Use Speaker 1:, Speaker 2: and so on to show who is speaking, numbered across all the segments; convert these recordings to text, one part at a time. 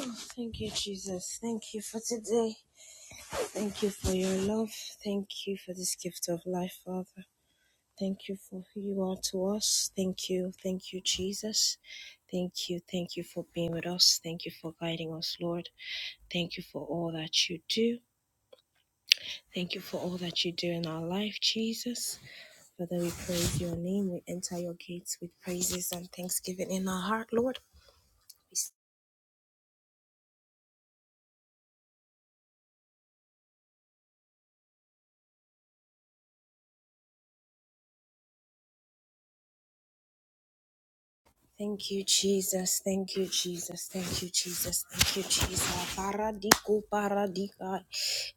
Speaker 1: Oh, Thank you, Jesus. Thank you for today. Thank you for your love. Thank you for this gift of life, Father. Thank you for who you are to us. Thank you. Thank you, Jesus. Thank you. Thank you for being with us. Thank you for guiding us, Lord. Thank you for all that you do. Thank you for all that you do in our life, Jesus. Father, we praise your name. We enter your gates with praises and thanksgiving in our heart, Lord. We Thank you, Jesus. Thank you, Jesus. Thank you, Jesus. Thank you, Jesus. Paradiko paradika.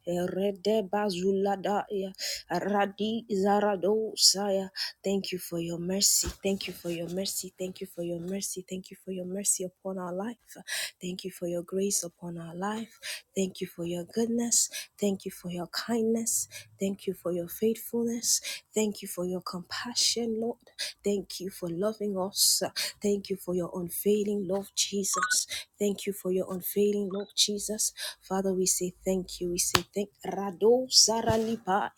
Speaker 1: Erede bazulada ya. Radi zarado saya. Thank you for your mercy. Thank you for your mercy. Thank you for your mercy. Thank you for your mercy upon our life. Thank you for your grace upon our life life. Thank you for your goodness. Thank you for your kindness. Thank you for your faithfulness. Thank you for your compassion, Lord. Thank you for loving us. Thank you for your unfailing love, Jesus. Thank you for your unfailing love, Jesus. Father, we say thank you. We say thank Rado Saralipa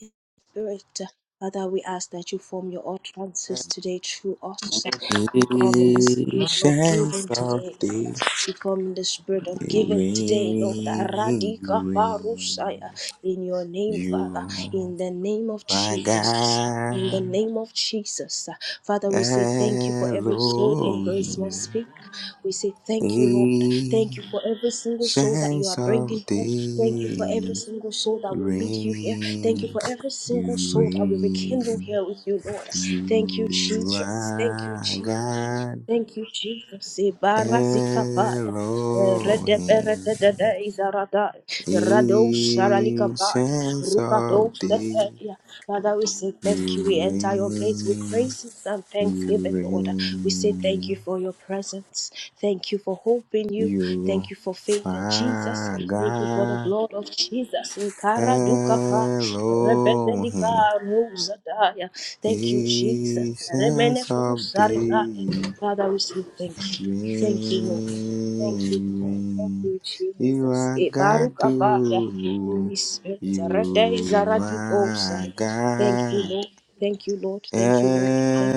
Speaker 1: Spirit. Father, we ask that you form your utterances today through us. We come in the
Speaker 2: It
Speaker 1: spirit of
Speaker 2: shines
Speaker 1: giving today.
Speaker 2: softly,
Speaker 1: We come in the spirit of
Speaker 2: it
Speaker 1: giving today, Lord.
Speaker 2: rain, you
Speaker 1: Aradika parusaya.
Speaker 2: ring,
Speaker 1: In your name, Father.
Speaker 2: you
Speaker 1: In the name of
Speaker 2: are my
Speaker 1: Jesus. In the
Speaker 2: God,
Speaker 1: name of Jesus. Father, we say thank you for every soul in Grace Must
Speaker 2: Elohim.
Speaker 1: Speak. We say thank you, Lord. Thank
Speaker 2: It
Speaker 1: you for every single soul that you
Speaker 2: shines
Speaker 1: are bringing here. Thank you for every
Speaker 2: softly,
Speaker 1: single soul that will meet you here. Thank you
Speaker 2: ring,
Speaker 1: for every single
Speaker 2: you
Speaker 1: soul that will rekindle
Speaker 2: rain,
Speaker 1: here with you, Lord. Thank you,
Speaker 2: you
Speaker 1: Jesus. Thank you,
Speaker 2: are
Speaker 1: Jesus.
Speaker 2: God,
Speaker 1: Thank you, Jesus. Ibarazikapaya.
Speaker 2: Elohim.
Speaker 1: Redeberedede izaradai. Rado sharalikabai.
Speaker 2: Ancients
Speaker 1: Rukado
Speaker 2: of days,
Speaker 1: seteia. Father, we say
Speaker 2: you
Speaker 1: thank you. We enter your gates with
Speaker 2: reign,
Speaker 1: praises and
Speaker 2: you
Speaker 1: thanksgiving, Lord. We say thank
Speaker 2: reign,
Speaker 1: you for your presence. Thank you for hope in you.
Speaker 2: you
Speaker 1: Thank you for faith in Jesus.
Speaker 2: are
Speaker 1: Thank you for the
Speaker 2: God
Speaker 1: blood of Jesus. Ekara dukapa.
Speaker 2: Elohim.
Speaker 1: Rebedelika ruzadaya. Thank you, Jesus. Remene
Speaker 2: Ancients of
Speaker 1: kusarikaya.
Speaker 2: days,
Speaker 1: Father, we say thank you.
Speaker 2: reign,
Speaker 1: Thank you, Lord. Thank you. Lord. Thank
Speaker 2: reign,
Speaker 1: you,
Speaker 2: you
Speaker 1: Jesus.
Speaker 2: are
Speaker 1: E
Speaker 2: God,
Speaker 1: baruka baya.
Speaker 2: oh,
Speaker 1: Holy Spirit. Rede
Speaker 2: you
Speaker 1: zaradi osa.
Speaker 2: are
Speaker 1: Thank you,
Speaker 2: God.
Speaker 1: Lord. Thank you, Lord. Thank you, Lord. Thank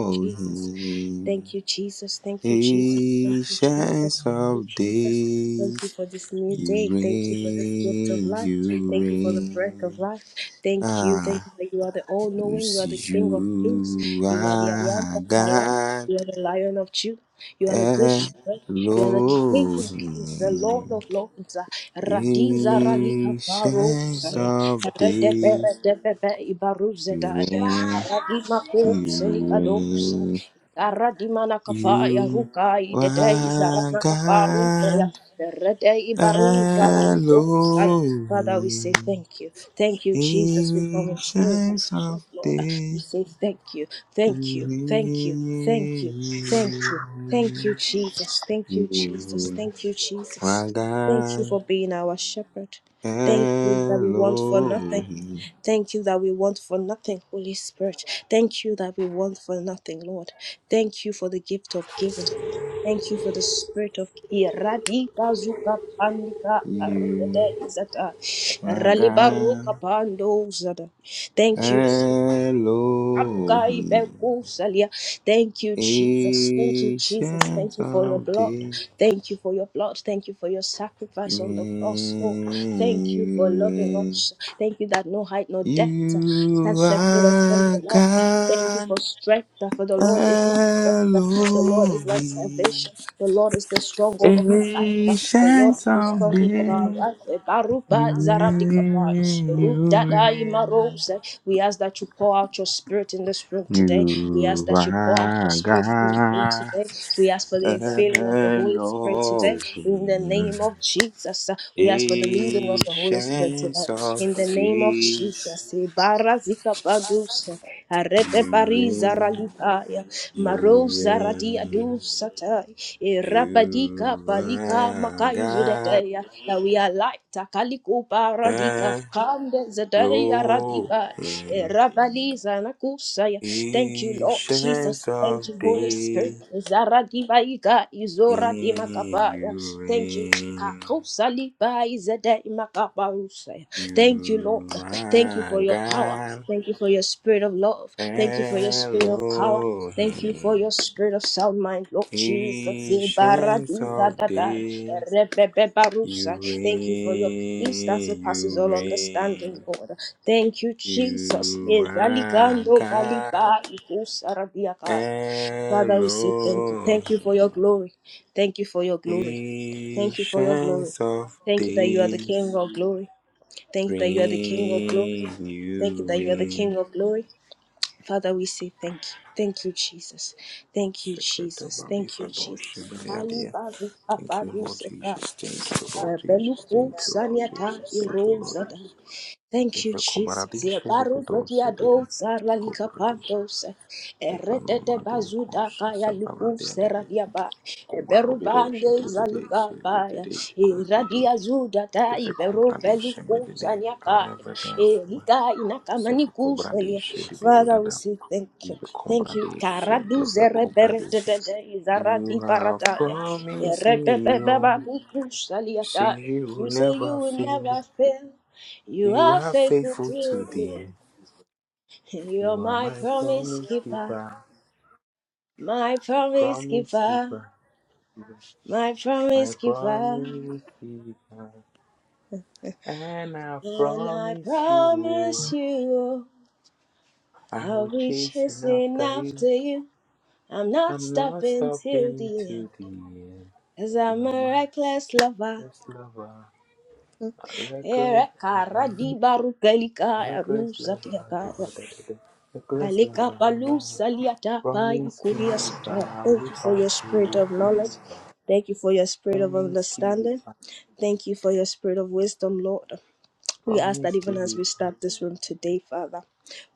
Speaker 1: you, Jesus. Thank you, Jesus. Thank you, Jesus. Thank you, Jesus.
Speaker 2: patience
Speaker 1: Thank you,
Speaker 2: of
Speaker 1: Jesus. Thank you
Speaker 2: days,
Speaker 1: for this new
Speaker 2: you
Speaker 1: day. Thank you for this gift of
Speaker 2: reign,
Speaker 1: life.
Speaker 2: you
Speaker 1: Thank you for the breath of
Speaker 2: reign.
Speaker 1: life. Thank you. Thank you
Speaker 2: Ah,
Speaker 1: that you are the all knowing. You are the King of kings.
Speaker 2: you
Speaker 1: You are the I am
Speaker 2: are
Speaker 1: that I am.
Speaker 2: God,
Speaker 1: You are the Lion of Judah. You are the good shepherd. You are the King of kings, the Lord
Speaker 2: Elohim,
Speaker 1: of lords. Radiza ralika
Speaker 2: patience
Speaker 1: parosaya.
Speaker 2: of
Speaker 1: Redebe
Speaker 2: days,
Speaker 1: redebe
Speaker 2: you
Speaker 1: ibaruzedaya.
Speaker 2: reign,
Speaker 1: Radima ko
Speaker 2: you reign.
Speaker 1: selikadosaya. Aradimana kapaya
Speaker 2: You
Speaker 1: rukai dedei
Speaker 2: are
Speaker 1: zarana kaparunteya
Speaker 2: God
Speaker 1: redei baru zarantosaya. Father, we say
Speaker 2: alone,
Speaker 1: thank you. Thank you, Jesus. We come in spirit and
Speaker 2: ancients
Speaker 1: truth,
Speaker 2: of
Speaker 1: Lord. We
Speaker 2: days.
Speaker 1: say thank you. Thank you. Thank you. Thank you. Thank you. Thank you, Jesus. Thank you, Jesus.
Speaker 2: You
Speaker 1: Thank you, Jesus.
Speaker 2: are
Speaker 1: Thank you
Speaker 2: God
Speaker 1: for being our shepherd. Thank you that we want for nothing.
Speaker 2: Elohim.
Speaker 1: Thank you that we want for nothing, Holy Spirit. Thank you that we want for nothing, Lord. Thank you for the gift of giving. Thank you for the spirit of Iradi Bazuka Pandika Arudada
Speaker 2: You
Speaker 1: Izata
Speaker 2: are God
Speaker 1: Ralibaruka Pando Zada. Thank you. Kapukai
Speaker 2: Elohim.
Speaker 1: beku salia. Thank you, Jesus. Thank you, Jesus. Thank
Speaker 2: Ancient
Speaker 1: you for your
Speaker 2: of
Speaker 1: blood.
Speaker 2: days.
Speaker 1: Thank you for your blood. Thank you for your sacrifice on the cross, Lord. Thank you for loving
Speaker 2: When
Speaker 1: us. Thank you that no height, no depth can
Speaker 2: you
Speaker 1: separate us from
Speaker 2: are
Speaker 1: your love. Thank you for
Speaker 2: God
Speaker 1: strength, for the Lord is not. The Lord is my
Speaker 2: Elohim,
Speaker 1: salvation. The Lord is the stronghold of my life. The Lord
Speaker 2: ancient
Speaker 1: is the
Speaker 2: of
Speaker 1: stronghold of our
Speaker 2: days,
Speaker 1: life. Baruba
Speaker 2: you
Speaker 1: zaradikapa.
Speaker 2: reign, you
Speaker 1: Rubdada
Speaker 2: reign.
Speaker 1: imarose. We ask that you pour out your spirit in this room today. We
Speaker 2: You
Speaker 1: ask that you pour out your
Speaker 2: are
Speaker 1: spirit in this room
Speaker 2: God
Speaker 1: today. We ask for the infilling of the Holy Spirit today. In the
Speaker 2: Elohim,
Speaker 1: name of Jesus, we ask for the leading of the Holy Spirit today.
Speaker 2: ancient of
Speaker 1: In the name of Jesus,
Speaker 2: days,
Speaker 1: Jesus, Ibarazika Paduse, Arete
Speaker 2: you
Speaker 1: Bariza
Speaker 2: reign.
Speaker 1: Ralitaya,
Speaker 2: You
Speaker 1: maroza Radia
Speaker 2: reign,
Speaker 1: Dusatai, Irabadika
Speaker 2: you
Speaker 1: Palika
Speaker 2: are
Speaker 1: Makayu
Speaker 2: God
Speaker 1: Zudeteya, that we are light, Akaliko Paradika,
Speaker 2: Elohim,
Speaker 1: Kande Zedeya Radika, Irabaliza Nakusaya. Thank you, Lord
Speaker 2: ancients
Speaker 1: Jesus. Thank
Speaker 2: of
Speaker 1: you, Holy Spirit.
Speaker 2: days,
Speaker 1: Zaradivaika Izora Dimakapaya.
Speaker 2: You
Speaker 1: Thank you.
Speaker 2: reign,
Speaker 1: Thank you, Lord.
Speaker 2: you
Speaker 1: Thank you
Speaker 2: are
Speaker 1: for your power.
Speaker 2: God
Speaker 1: Thank you for your spirit of love. Thank you for your spirit of power. Thank you for
Speaker 2: Elohim,
Speaker 1: your spirit of sound mind, Lord Jesus.
Speaker 2: ancients of
Speaker 1: Ibaraduzadadai,
Speaker 2: days. You
Speaker 1: erebebebarusai. Thank you for your peace that
Speaker 2: reign,
Speaker 1: surpasses
Speaker 2: you
Speaker 1: all
Speaker 2: reign.
Speaker 1: understanding, Lord. Thank you, Jesus. Ezaligando
Speaker 2: Uraga
Speaker 1: baliba ikusaradiakai. Father, we say thank you. Thank you for your
Speaker 2: Elohim,
Speaker 1: glory. Thank you for your glory. Thank you for your glory.
Speaker 2: patience of
Speaker 1: Thank you that you are the
Speaker 2: days,
Speaker 1: King of glory. Thank you
Speaker 2: bring
Speaker 1: that you are the King of glory. Thank you
Speaker 2: you
Speaker 1: that you are the
Speaker 2: rain.
Speaker 1: King of glory. Father, we say thank you. Thank you, Jesus. Thank you, Jesus. Thank you, Jesus. Kalibaru
Speaker 2: Thank you, Lord
Speaker 1: papaduseka.
Speaker 2: Jesus. Thank you, Lord Jesus.
Speaker 1: Beluko
Speaker 2: Thank you, Lord
Speaker 1: saniata
Speaker 2: Jesus. Thank you, Lord
Speaker 1: irozada.
Speaker 2: Jesus.
Speaker 1: Thank you,
Speaker 2: If a
Speaker 1: Jesus. Ye
Speaker 2: comradation, if a
Speaker 1: baru zeti
Speaker 2: dose,
Speaker 1: ya
Speaker 2: if a
Speaker 1: do sara lika
Speaker 2: comradation,
Speaker 1: pantos.
Speaker 2: if a
Speaker 1: Eretete
Speaker 2: nomadia
Speaker 1: bazuda
Speaker 2: conscious,
Speaker 1: kaya
Speaker 2: a
Speaker 1: luku sera
Speaker 2: baladia,
Speaker 1: diaba. Eberu
Speaker 2: Komarovero
Speaker 1: bande
Speaker 2: shedede
Speaker 1: zalika baya.
Speaker 2: shedede kotede
Speaker 1: Iradia zuda ta
Speaker 2: sefe
Speaker 1: iberu
Speaker 2: kobrali
Speaker 1: beluku
Speaker 2: shemedede
Speaker 1: sanya kaya.
Speaker 2: however dance ma
Speaker 1: Erika inakamani
Speaker 2: sefe kobrali
Speaker 1: kuselia.
Speaker 2: shedibidu
Speaker 1: Father, we
Speaker 2: dada
Speaker 1: say thank you.
Speaker 2: sefe
Speaker 1: Thank you.
Speaker 2: kobrali
Speaker 1: Karadu
Speaker 2: shedefe
Speaker 1: zere
Speaker 2: kobrali she- did
Speaker 1: beretete
Speaker 2: it,
Speaker 1: izara
Speaker 2: You
Speaker 1: di
Speaker 2: have
Speaker 1: parataya.
Speaker 2: promised me,
Speaker 1: Eretete
Speaker 2: oh,
Speaker 1: babu
Speaker 2: say
Speaker 1: kusaliata.
Speaker 2: you will
Speaker 1: You say you
Speaker 2: never
Speaker 1: will
Speaker 2: fail.
Speaker 1: never fail. You
Speaker 2: You
Speaker 1: are
Speaker 2: are
Speaker 1: faithful to
Speaker 2: faithful to the
Speaker 1: the
Speaker 2: end.
Speaker 1: end. You're
Speaker 2: You are
Speaker 1: my
Speaker 2: my
Speaker 1: promise
Speaker 2: promise
Speaker 1: keeper,
Speaker 2: keeper,
Speaker 1: my promise
Speaker 2: promise
Speaker 1: keeper,
Speaker 2: keeper,
Speaker 1: my
Speaker 2: my
Speaker 1: promise keeper.
Speaker 2: promise keeper. And I
Speaker 1: And I
Speaker 2: promise you.
Speaker 1: promise you,
Speaker 2: I
Speaker 1: I'll
Speaker 2: will
Speaker 1: be
Speaker 2: chasing
Speaker 1: chasing
Speaker 2: after
Speaker 1: after
Speaker 2: you.
Speaker 1: you. I'm not
Speaker 2: I'm not
Speaker 1: stopping till
Speaker 2: stopping
Speaker 1: the end,
Speaker 2: to the end.
Speaker 1: cause I'm
Speaker 2: You're
Speaker 1: a
Speaker 2: my
Speaker 1: reckless lover.
Speaker 2: first lover, a reckless lover, a
Speaker 1: Erekaradibarukelikaya
Speaker 2: reckless lover, da- da- da-
Speaker 1: rusatiakaya.
Speaker 2: da- da. reckless
Speaker 1: Kalika
Speaker 2: lover.
Speaker 1: palu saliata pa
Speaker 2: Promise
Speaker 1: yakuria sata.
Speaker 2: keeper,
Speaker 1: Thank
Speaker 2: we
Speaker 1: you for your
Speaker 2: pass you.
Speaker 1: spirit of knowledge. Thank you for your spirit of
Speaker 2: Promise
Speaker 1: understanding.
Speaker 2: keeper,
Speaker 1: Thank you for your spirit of wisdom, Lord. We ask that
Speaker 2: promise
Speaker 1: even as
Speaker 2: keeper.
Speaker 1: we start this room today, Father,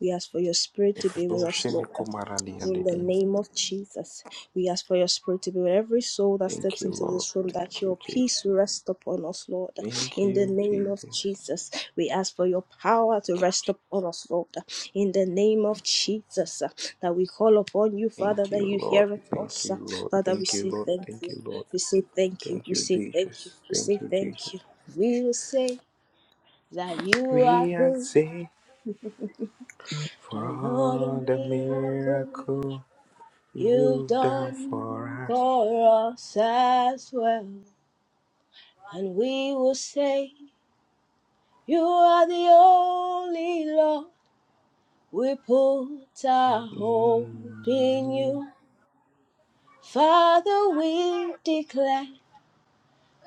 Speaker 1: we ask for your
Speaker 2: Oh, I do
Speaker 1: spirit to be with us,
Speaker 2: shame me,
Speaker 1: Lord.
Speaker 2: come around the other
Speaker 1: In the
Speaker 2: day.
Speaker 1: name of Jesus, we ask for your spirit to be with every soul that
Speaker 2: Thank
Speaker 1: steps
Speaker 2: you,
Speaker 1: into
Speaker 2: Lord.
Speaker 1: this room,
Speaker 2: Thank
Speaker 1: that
Speaker 2: you,
Speaker 1: your peace
Speaker 2: Jesus.
Speaker 1: will rest upon us, Lord.
Speaker 2: Thank
Speaker 1: In
Speaker 2: you,
Speaker 1: the name of
Speaker 2: Jesus.
Speaker 1: Jesus, we ask for your power to rest upon us, Lord. In the name of Jesus, uh, that we call upon you, Father,
Speaker 2: Thank
Speaker 1: that
Speaker 2: you,
Speaker 1: you
Speaker 2: Lord.
Speaker 1: hear
Speaker 2: Thank
Speaker 1: us.
Speaker 2: you,
Speaker 1: uh,
Speaker 2: Lord.
Speaker 1: Father, we
Speaker 2: Thank you,
Speaker 1: say
Speaker 2: Lord.
Speaker 1: thank
Speaker 2: Thank
Speaker 1: you.
Speaker 2: you, Lord.
Speaker 1: We say thank you.
Speaker 2: Thank
Speaker 1: We
Speaker 2: you,
Speaker 1: say thank you.
Speaker 2: Jesus.
Speaker 1: We
Speaker 2: Thank
Speaker 1: say
Speaker 2: you, Jesus.
Speaker 1: thank you. We will say that you are
Speaker 2: We are
Speaker 1: good.
Speaker 2: saved for
Speaker 1: Another
Speaker 2: all the
Speaker 1: miracle
Speaker 2: miracle
Speaker 1: you've
Speaker 2: you've done
Speaker 1: done
Speaker 2: for us.
Speaker 1: for us as well. And we will say, You are the only Lord. We put our hope in
Speaker 2: Mm.
Speaker 1: you. Father, we declare,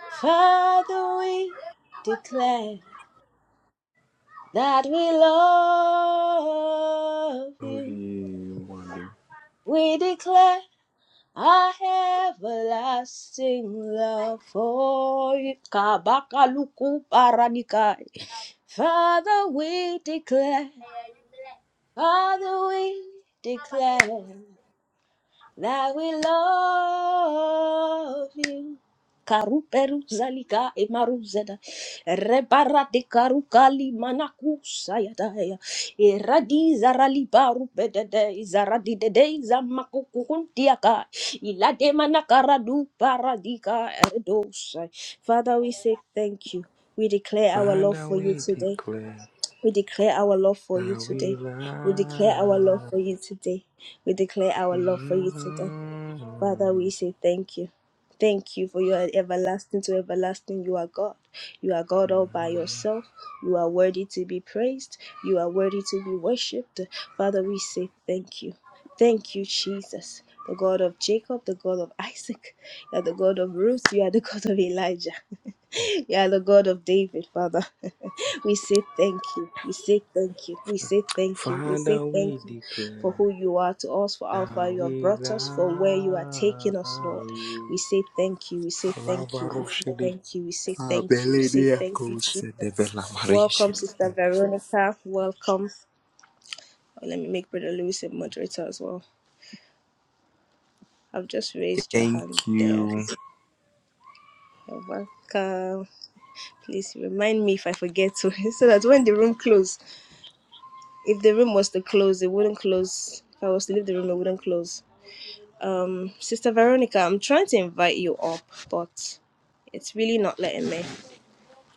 Speaker 1: Father, we declare that we love
Speaker 2: Oh,
Speaker 1: you.
Speaker 2: you wonder.
Speaker 1: We declare. I have a lasting love for you. Kabakaluku paranikai. Father, we declare, Father, we declare that we love you. Karuperu zalika emaruzeda rebarate karukali manakusa yadaya iradi zarali baru bedede zaradi dede zamakukuntiaka ilade manakaradu paradika edosa. Father, we say thank you. We declare our love
Speaker 2: Father,
Speaker 1: for you
Speaker 2: we
Speaker 1: today.
Speaker 2: declare
Speaker 1: We declare our love for you
Speaker 2: that we
Speaker 1: today. We declare our love
Speaker 2: love
Speaker 1: for you
Speaker 2: you.
Speaker 1: today. We declare our love for you today. Father, we
Speaker 2: Mm.
Speaker 1: say thank you. Thank you for your everlasting to everlasting. You are God. You are God all by yourself. You are worthy to be praised. You are worthy to be worshipped. Father, we say thank you. Thank you, Jesus, the God of Jacob, the God of Isaac. You are the God of Ruth. You are the God of Elijah. You are the God of David, Father. we say thank you. We say thank you. We say thank you. We say
Speaker 2: Father, we
Speaker 1: thank you for who
Speaker 2: declare
Speaker 1: you are to us, for how far
Speaker 2: that
Speaker 1: you have
Speaker 2: we
Speaker 1: brought us, for where you are
Speaker 2: love
Speaker 1: taking us, Lord.
Speaker 2: you.
Speaker 1: We say thank you. We say thank you. We say thank you. We say thank you. We say thank you, Jesus. Welcome, Sister Veronica. Welcome. Oh, let me make Brother Lewis a moderator as well. I've just raised your
Speaker 2: Thank
Speaker 1: hand there.
Speaker 2: you.
Speaker 1: You're welcome. Please remind me if I forget to, so that when the room closes, if the room was to close, it wouldn't close. If I was to leave the room, it wouldn't close. Um, Sister Veronica, I'm trying to invite you up, but it's really not letting me.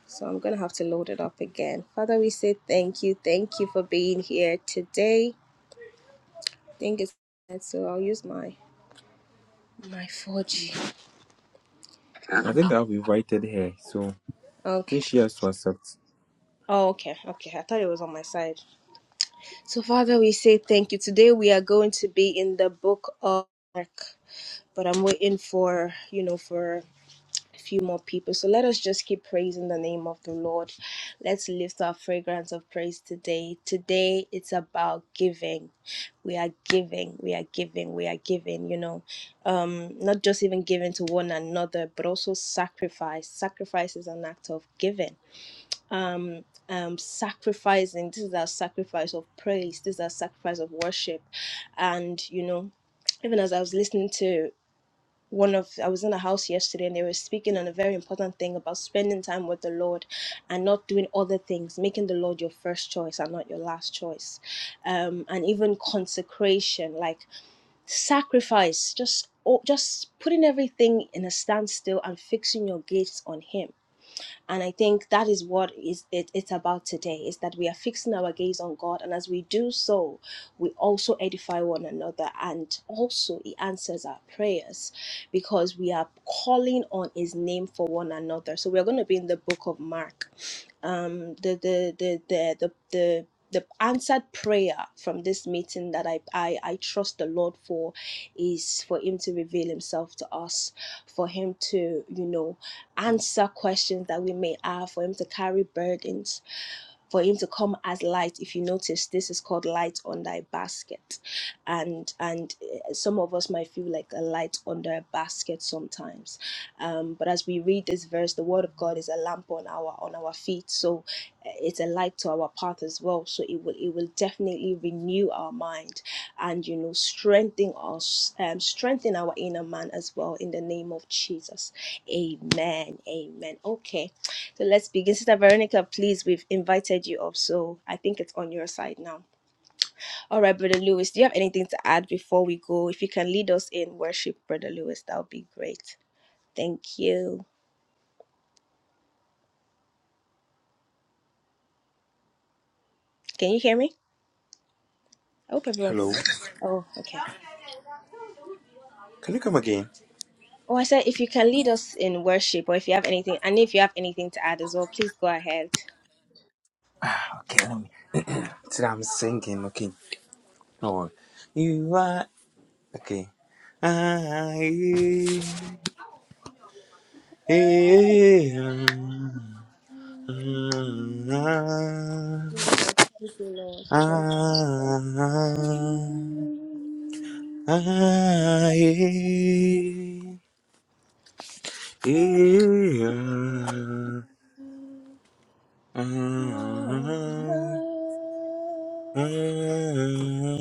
Speaker 1: So I'm going to have to load it up again. Father, we say thank you. Thank you for being here today. I think it's so I'll use my my 4G.
Speaker 2: I think I've invited her, so I
Speaker 1: Okay.
Speaker 2: think she has to accept.
Speaker 1: Oh, okay. Okay. I thought it was on my side. So Father, we say thank you. Today we are going to be in the book of Mark, but I'm waiting for, you know, for few more people. So let us just keep praising the name of the Lord. Let's lift our fragrance of praise today. Today it's about giving. We are giving, we are giving, we are giving, you know. Um, not just even giving to one another, but also sacrifice. Sacrifice is an act of giving. Um, um, sacrificing. This is our sacrifice of praise. This is our sacrifice of worship. And you know, even as I was listening to one of I was in a house yesterday and they were speaking on a very important thing about spending time with the Lord and not doing other things, making the Lord your first choice and not your last choice. Um and even consecration, like sacrifice, just oh, just putting everything in a standstill and fixing your gaze on him and i think that is what is it, it's about today is that we are fixing our gaze on god and as we do so we also edify one another and also he answers our prayers because we are calling on his name for one another so we're going to be in the book of mark um the the the the the, the the answered prayer from this meeting that I, I I trust the Lord for is for Him to reveal Himself to us, for Him to you know answer questions that we may have, for Him to carry burdens for him to come as light if you notice this is called light on thy basket and and eh, some of us might feel like a light under a basket sometimes um, but as we read this verse the word of god is a lamp on our on our feet so eh, it's a light to our path as well so it will it will definitely renew our mind and you know strengthen us um, strengthen our inner man as well in the name of jesus amen amen okay so let's begin. Sister Veronica, please, we've invited you up. So I think it's on your side now. All right, Brother Lewis, do you have anything to add before we go? If you can lead us in worship, Brother Lewis, that would be great. Thank you. Can you hear me? I hope everyone can
Speaker 2: Hello.
Speaker 1: hear. me. Oh, okay.
Speaker 2: Can you come again?
Speaker 1: Oh, I said if you can lead us in worship or if you have anything, and if you have anything to add as well, please go ahead.
Speaker 2: Okay, let me. Today I'm singing, okay. No. You are. Okay. I, am.
Speaker 1: Jesus, thank you, Lord. Thank
Speaker 2: I am. Yeah.
Speaker 1: you.
Speaker 2: Ah,
Speaker 1: Thank
Speaker 2: ah, ah, ah, yeah.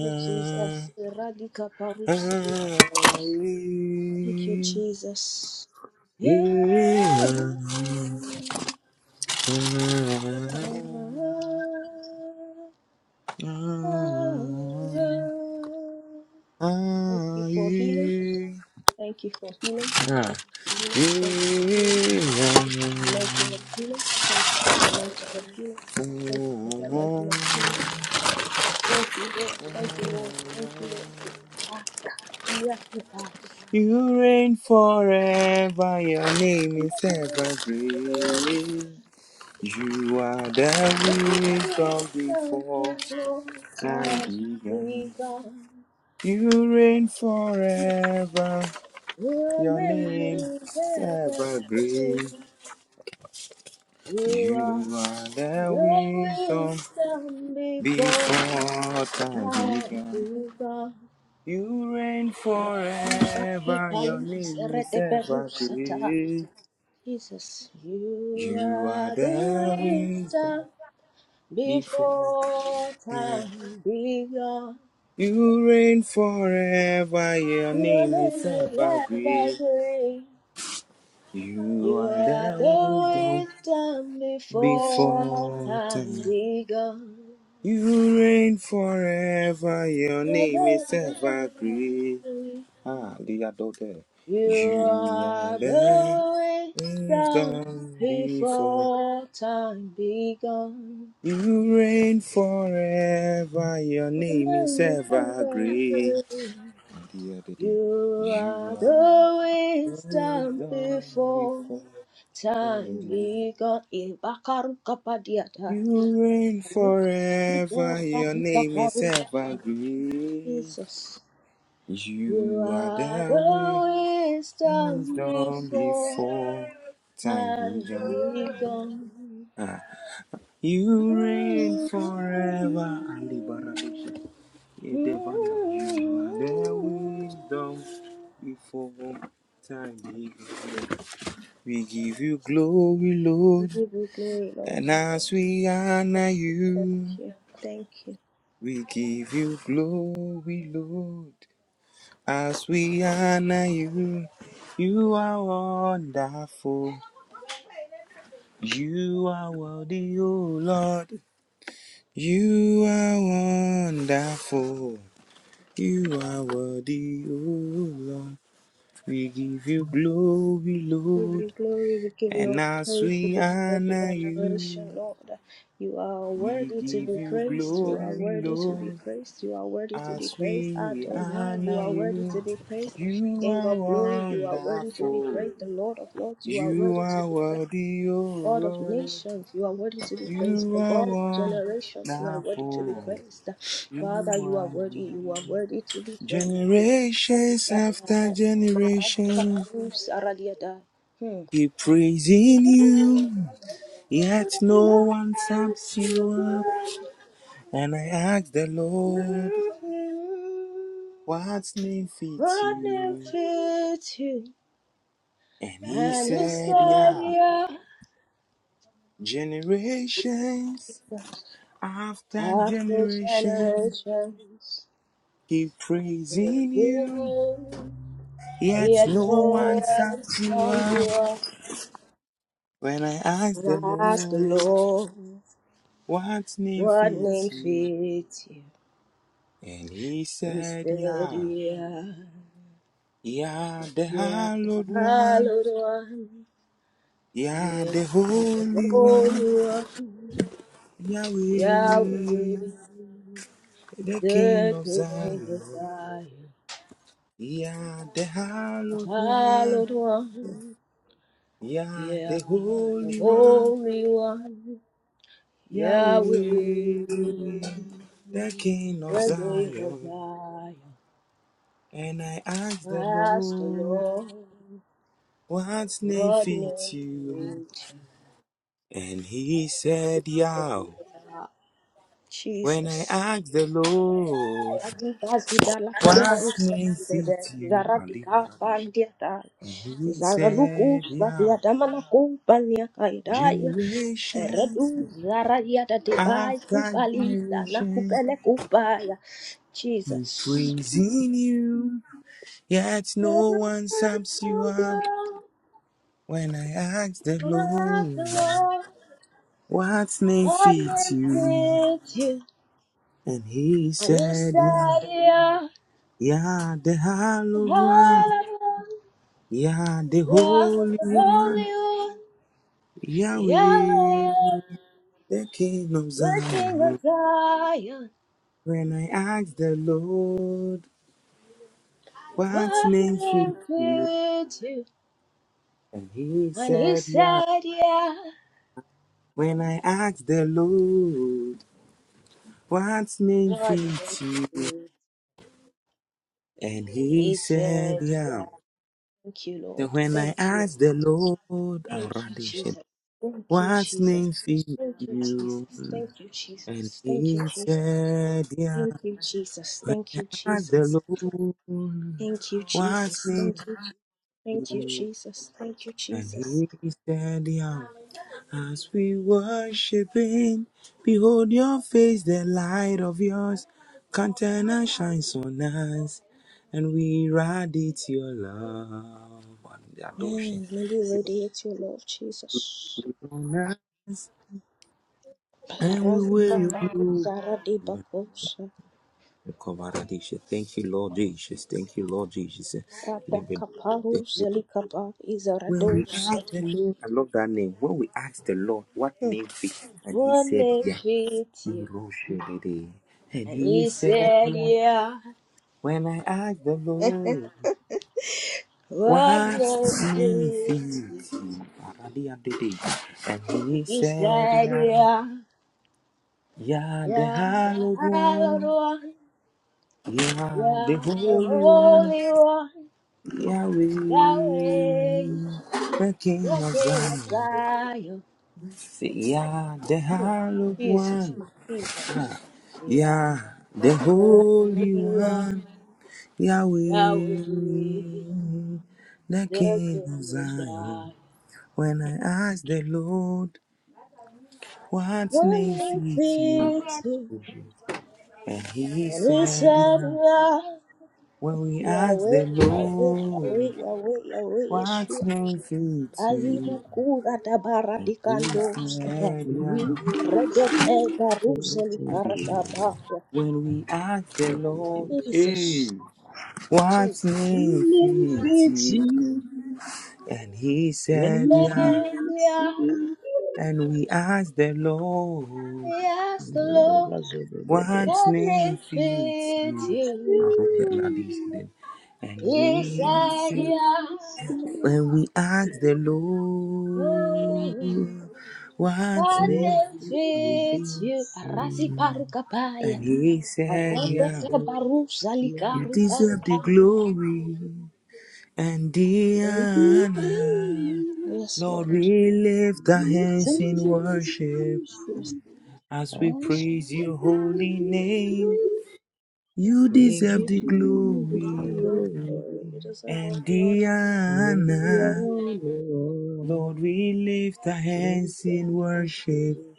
Speaker 1: you, Jesus. Radika paruse.
Speaker 2: ah, ah, ah.
Speaker 1: Thank you, Jesus. Yeah.
Speaker 2: yeah.
Speaker 1: Thank you
Speaker 2: Ah.
Speaker 1: for healing. Thank you for healing. Thank you for healing. Thank you for healing. Thank you for the anointing of healing. Thank you for the anointing of healing. Thank you for the anointing of healing. Thank you, Lord. Thank you, Lord. Thank you, Lord.
Speaker 2: Yeah.
Speaker 1: Ah, Yes, you are.
Speaker 2: You reign forever, your name is ever great. You are the wisdom
Speaker 1: Some
Speaker 2: before
Speaker 1: is long
Speaker 2: time
Speaker 1: Time
Speaker 2: began.
Speaker 1: begun.
Speaker 2: You reign forever,
Speaker 1: Your
Speaker 2: your name
Speaker 1: name is
Speaker 2: is ever great.
Speaker 1: evergreen. You
Speaker 2: You
Speaker 1: are
Speaker 2: are
Speaker 1: the
Speaker 2: the wisdom
Speaker 1: wisdom before
Speaker 2: before time
Speaker 1: time
Speaker 2: began.
Speaker 1: begun.
Speaker 2: You reign forever, your name is ever great.
Speaker 1: Jesus, you
Speaker 2: You are
Speaker 1: are
Speaker 2: the
Speaker 1: the
Speaker 2: wisdom
Speaker 1: wisdom
Speaker 2: before
Speaker 1: before
Speaker 2: time.
Speaker 1: time began.
Speaker 2: You reign forever. Your
Speaker 1: You are
Speaker 2: name
Speaker 1: the
Speaker 2: is ever
Speaker 1: life
Speaker 2: great. You
Speaker 1: You
Speaker 2: are
Speaker 1: are the
Speaker 2: the wisdom
Speaker 1: wisdom before
Speaker 2: before
Speaker 1: time
Speaker 2: time.
Speaker 1: begun.
Speaker 2: You reign forever. Your
Speaker 1: You are
Speaker 2: name
Speaker 1: the
Speaker 2: is
Speaker 1: life
Speaker 2: ever great. Ah, dear daughter.
Speaker 1: You
Speaker 2: You are
Speaker 1: are
Speaker 2: the
Speaker 1: the wisdom
Speaker 2: wisdom before.
Speaker 1: before time begun.
Speaker 2: You reign forever. Your
Speaker 1: You
Speaker 2: name is
Speaker 1: are the life
Speaker 2: ever great. the other day.
Speaker 1: You
Speaker 2: You
Speaker 1: are the
Speaker 2: are
Speaker 1: wisdom
Speaker 2: worthy
Speaker 1: before
Speaker 2: forever.
Speaker 1: time
Speaker 2: You
Speaker 1: begun. Ibakaru kapadiata.
Speaker 2: You reign forever. Your name is evergreen.
Speaker 1: Jesus. You
Speaker 2: You are
Speaker 1: are
Speaker 2: the way
Speaker 1: the wisdom
Speaker 2: wisdom
Speaker 1: before
Speaker 2: before time
Speaker 1: time
Speaker 2: began.
Speaker 1: begun.
Speaker 2: Ah, you reign forever.
Speaker 1: Mm-hmm.
Speaker 2: Ali Barabisha. Edevana. You are the wisdom before time began. We give you glory,
Speaker 1: We
Speaker 2: Lord,
Speaker 1: give you glory, Lord.
Speaker 2: and as we honor
Speaker 1: Thank
Speaker 2: you,
Speaker 1: you. Thank you.
Speaker 2: we give you glory, Lord, as we honor you. You are wonderful. You are worthy, O Lord. You are wonderful. You are worthy, O Lord. We give you glory,
Speaker 1: We give you
Speaker 2: Lord,
Speaker 1: glory, we give you all
Speaker 2: and
Speaker 1: the
Speaker 2: as
Speaker 1: praise, we
Speaker 2: we
Speaker 1: give you all the
Speaker 2: honor you.
Speaker 1: adoration, Lord. You are
Speaker 2: We
Speaker 1: worthy to
Speaker 2: give
Speaker 1: be
Speaker 2: you
Speaker 1: praised, you are
Speaker 2: glory,
Speaker 1: worthy to be
Speaker 2: Lord,
Speaker 1: praised, you are worthy to be
Speaker 2: as
Speaker 1: praised,
Speaker 2: we
Speaker 1: Adonai, you
Speaker 2: honor
Speaker 1: are worthy to
Speaker 2: you.
Speaker 1: be praised,
Speaker 2: You
Speaker 1: King
Speaker 2: are
Speaker 1: of glory, you are worthy to be
Speaker 2: wonderful.
Speaker 1: praised, the Lord of lords, you are
Speaker 2: You
Speaker 1: worthy to
Speaker 2: are
Speaker 1: be praised.
Speaker 2: worthy, O
Speaker 1: God of
Speaker 2: Lord.
Speaker 1: nations, you are worthy to be praised. The
Speaker 2: You
Speaker 1: God of
Speaker 2: are
Speaker 1: generations, you are worthy to be
Speaker 2: wonderful.
Speaker 1: praised.
Speaker 2: You
Speaker 1: Father,
Speaker 2: are
Speaker 1: you are worthy, you
Speaker 2: worthy.
Speaker 1: are worthy to be praised.
Speaker 2: Generations after generation
Speaker 1: Hmm.
Speaker 2: keep praising you, yet no one taps you up. And I ask the Lord, what name fits
Speaker 1: What name
Speaker 2: you?
Speaker 1: fits you
Speaker 2: And he
Speaker 1: and his
Speaker 2: said, Yeah,
Speaker 1: savior
Speaker 2: generations after
Speaker 1: after
Speaker 2: generation
Speaker 1: generations?
Speaker 2: keep
Speaker 1: Praise
Speaker 2: praising you,
Speaker 1: the name. He
Speaker 2: yet
Speaker 1: had
Speaker 2: no
Speaker 1: no
Speaker 2: one
Speaker 1: end
Speaker 2: sums you
Speaker 1: from
Speaker 2: up.
Speaker 1: the
Speaker 2: When I asked the
Speaker 1: earth. Ask the
Speaker 2: Lord,
Speaker 1: Lord,
Speaker 2: What name
Speaker 1: what name
Speaker 2: fits you?
Speaker 1: fits you?
Speaker 2: And he said,
Speaker 1: Instead,
Speaker 2: Yeah,
Speaker 1: yeah,
Speaker 2: yeah, the
Speaker 1: yeah, the
Speaker 2: hallowed one,
Speaker 1: hallowed one,
Speaker 2: yeah,
Speaker 1: yeah,
Speaker 2: the
Speaker 1: the
Speaker 2: holy one,
Speaker 1: holy one. Yahweh,
Speaker 2: Yahweh, the King
Speaker 1: the
Speaker 2: of
Speaker 1: King
Speaker 2: Zion,
Speaker 1: of Zion,
Speaker 2: yeah, the
Speaker 1: the
Speaker 2: hallowed one.
Speaker 1: Hallowed One,
Speaker 2: Yeah,
Speaker 1: yeah,
Speaker 2: the
Speaker 1: the
Speaker 2: Holy One,
Speaker 1: Holy One, Yahweh,
Speaker 2: Yahweh, the King of
Speaker 1: the King of
Speaker 2: Zion.
Speaker 1: Zion,
Speaker 2: And I asked the
Speaker 1: Master
Speaker 2: Lord,
Speaker 1: Lord,
Speaker 2: what name
Speaker 1: what name
Speaker 2: fits
Speaker 1: to
Speaker 2: you?
Speaker 1: meet
Speaker 2: And he said, Yah.
Speaker 1: you?
Speaker 2: When I
Speaker 1: Jesus.
Speaker 2: asked the Lord,
Speaker 1: Radika zudala
Speaker 2: what
Speaker 1: kaparusa
Speaker 2: name fits you? I'll leave
Speaker 1: zaradika
Speaker 2: out of this.
Speaker 1: bandiata
Speaker 2: And he
Speaker 1: zaraluku
Speaker 2: said, Yah.
Speaker 1: saviadamana kumpania kaidaya redu
Speaker 2: Generations
Speaker 1: zaradiata debai
Speaker 2: after
Speaker 1: kupalisa na
Speaker 2: generations,
Speaker 1: kupele kupaya
Speaker 2: we
Speaker 1: Jesus.
Speaker 2: praising you. Yet
Speaker 1: Let
Speaker 2: no
Speaker 1: us
Speaker 2: one sums you
Speaker 1: come
Speaker 2: up
Speaker 1: down
Speaker 2: when I ask the
Speaker 1: and ask the
Speaker 2: Lord,
Speaker 1: Lord
Speaker 2: what name
Speaker 1: what
Speaker 2: fits
Speaker 1: name
Speaker 2: you?
Speaker 1: fits you
Speaker 2: And he
Speaker 1: and who
Speaker 2: said, Yeah,
Speaker 1: said yeah,
Speaker 2: yeah, the hallowed one,
Speaker 1: hallelujah,
Speaker 2: yeah, the holy
Speaker 1: the
Speaker 2: one,
Speaker 1: Holy One. Yahweh,
Speaker 2: Yahweh, the King of
Speaker 1: the King of
Speaker 2: Zion.
Speaker 1: Zion,
Speaker 2: When I asked the Lord, what
Speaker 1: what
Speaker 2: name
Speaker 1: name
Speaker 2: fits you?
Speaker 1: fits you?
Speaker 2: And he
Speaker 1: And he
Speaker 2: said, Yeah.
Speaker 1: said, Yeah,
Speaker 2: When I asked the Lord, what name
Speaker 1: Lord, thank
Speaker 2: fits you?
Speaker 1: you.
Speaker 2: And
Speaker 1: And
Speaker 2: he
Speaker 1: he
Speaker 2: said,
Speaker 1: said, Yeah,
Speaker 2: Yeah.
Speaker 1: thank you,
Speaker 2: So
Speaker 1: Lord.
Speaker 2: when I
Speaker 1: Thank you.
Speaker 2: asked the Lord, I'll
Speaker 1: Thank you,
Speaker 2: Aradish,
Speaker 1: Jesus. Thank you,
Speaker 2: what
Speaker 1: Jesus.
Speaker 2: name fit
Speaker 1: Thank you, Jesus.
Speaker 2: you?
Speaker 1: Thank you,
Speaker 2: And
Speaker 1: Jesus. Thank
Speaker 2: he
Speaker 1: you, Jesus.
Speaker 2: said, Yeah.
Speaker 1: Thank you, Jesus.
Speaker 2: When
Speaker 1: Thank you,
Speaker 2: I asked the
Speaker 1: Jesus.
Speaker 2: Lord,
Speaker 1: Thank you,
Speaker 2: what
Speaker 1: Jesus.
Speaker 2: name
Speaker 1: Thank you.
Speaker 2: fit
Speaker 1: Thank you,
Speaker 2: you?
Speaker 1: Jesus. Thank you,
Speaker 2: And
Speaker 1: Jesus.
Speaker 2: he said, Yeah. As we worship him, behold your face, the light of yours, countenance shines on us, and we radiate your love.
Speaker 1: Man, maybe we radiate your love, Jesus.
Speaker 2: And we wear
Speaker 1: Parazika
Speaker 2: your
Speaker 1: paru
Speaker 2: glory.
Speaker 1: zaradi bakosha.
Speaker 2: Kovaradisha. Thank you, Lord Jesus. Thank you, Lord Jesus.
Speaker 1: Rada
Speaker 2: Libido.
Speaker 1: kaparu
Speaker 2: Thank you.
Speaker 1: zelikapa
Speaker 2: When we ask
Speaker 1: izaradosata.
Speaker 2: the Lord, I love that name. When we ask the Lord, what name fit? And he
Speaker 1: One
Speaker 2: said,
Speaker 1: name
Speaker 2: Yeah.
Speaker 1: fits you.
Speaker 2: Uroshelede. And
Speaker 1: And
Speaker 2: he
Speaker 1: he
Speaker 2: said,
Speaker 1: said,
Speaker 2: Yeah.
Speaker 1: yeah.
Speaker 2: When I ask the Lord,
Speaker 1: One
Speaker 2: what
Speaker 1: name
Speaker 2: name
Speaker 1: fits
Speaker 2: fit? Aradiadede. And
Speaker 1: you.
Speaker 2: he
Speaker 1: He
Speaker 2: said,
Speaker 1: said,
Speaker 2: Yeah.
Speaker 1: yeah.
Speaker 2: Yeah, the
Speaker 1: Yeah, the
Speaker 2: hallowed
Speaker 1: hallowed
Speaker 2: one.
Speaker 1: one.
Speaker 2: Yeah, the
Speaker 1: Yeah, the
Speaker 2: holy one.
Speaker 1: holy one.
Speaker 2: Yahweh,
Speaker 1: Yahweh,
Speaker 2: the King
Speaker 1: the
Speaker 2: of
Speaker 1: king of
Speaker 2: Zion.
Speaker 1: Zion.
Speaker 2: Yah, the hallowed
Speaker 1: Jesus,
Speaker 2: one.
Speaker 1: Jesus. yeah.
Speaker 2: Yah,
Speaker 1: The
Speaker 2: the
Speaker 1: whole
Speaker 2: holy
Speaker 1: you are
Speaker 2: one. Yahweh,
Speaker 1: Yahweh,
Speaker 2: the
Speaker 1: the
Speaker 2: King of
Speaker 1: goodness
Speaker 2: Zion.
Speaker 1: God.
Speaker 2: When I asked the Lord, what name
Speaker 1: One
Speaker 2: fits you?
Speaker 1: fits
Speaker 2: And he
Speaker 1: on his
Speaker 2: said, Yah.
Speaker 1: Yahweh,
Speaker 2: When we asked
Speaker 1: Yahweh,
Speaker 2: the
Speaker 1: Yahweh,
Speaker 2: Lord,
Speaker 1: Yahweh, Yahweh,
Speaker 2: what
Speaker 1: Yeshua.
Speaker 2: name fits
Speaker 1: Azilu
Speaker 2: you?
Speaker 1: kura tabara
Speaker 2: And he
Speaker 1: dikando saka.
Speaker 2: said,
Speaker 3: We'll
Speaker 2: Yah.
Speaker 1: Redet
Speaker 3: see.
Speaker 1: ega
Speaker 3: We'll
Speaker 1: ruzeli
Speaker 3: take you.
Speaker 1: karatabaya.
Speaker 2: When we ask the
Speaker 3: Thank you,
Speaker 2: Lord,
Speaker 3: Jesus.
Speaker 1: Jesus,
Speaker 2: hey, what
Speaker 1: Jesus.
Speaker 2: name
Speaker 3: We'll
Speaker 2: fits
Speaker 3: fit
Speaker 2: you?
Speaker 3: you.
Speaker 2: And he
Speaker 3: When
Speaker 2: said,
Speaker 3: you
Speaker 2: yeah.
Speaker 3: feel
Speaker 1: There we
Speaker 3: us,
Speaker 1: are,
Speaker 3: you
Speaker 2: And we asked the Lord,
Speaker 1: we ask the
Speaker 3: will
Speaker 1: Lord,
Speaker 3: bless you the day.
Speaker 2: what
Speaker 1: what name
Speaker 2: name fits you?
Speaker 1: fits you?
Speaker 2: I wrote that
Speaker 3: When
Speaker 2: ladies then. And
Speaker 1: He
Speaker 2: we
Speaker 3: you
Speaker 1: said,
Speaker 3: see,
Speaker 2: said,
Speaker 1: yeah.
Speaker 3: us, you
Speaker 2: when we asked the
Speaker 1: No
Speaker 2: Lord, what
Speaker 1: one
Speaker 3: will
Speaker 2: name?
Speaker 1: else
Speaker 3: fit
Speaker 1: fits you.
Speaker 3: you.
Speaker 1: Arasi parukapaya.
Speaker 2: And he
Speaker 3: And
Speaker 2: said,
Speaker 3: he
Speaker 2: yeah,
Speaker 1: Arapeke
Speaker 3: says, you
Speaker 1: barusa
Speaker 2: you
Speaker 1: likaru
Speaker 2: deserve the
Speaker 1: parukante.
Speaker 2: glory. and the
Speaker 3: will be happy.
Speaker 2: honor.
Speaker 1: Yes,
Speaker 2: Lord,
Speaker 1: Lord.
Speaker 2: we lift our
Speaker 3: You
Speaker 2: hands in
Speaker 3: tell us,
Speaker 2: worship
Speaker 1: Yes,
Speaker 2: as we praise your
Speaker 3: you
Speaker 2: holy name.
Speaker 3: shall
Speaker 2: You
Speaker 3: We
Speaker 2: deserve
Speaker 3: give
Speaker 2: the
Speaker 3: you the
Speaker 1: you
Speaker 2: glory
Speaker 1: deserve
Speaker 3: glory,
Speaker 1: all the glory. You deserve all
Speaker 2: and
Speaker 1: the
Speaker 2: the
Speaker 1: honor.
Speaker 3: all the
Speaker 2: honor.
Speaker 3: honor,
Speaker 2: Lord, we lift our
Speaker 3: lift
Speaker 2: hands
Speaker 3: up
Speaker 2: in
Speaker 3: the
Speaker 2: worship
Speaker 3: soul,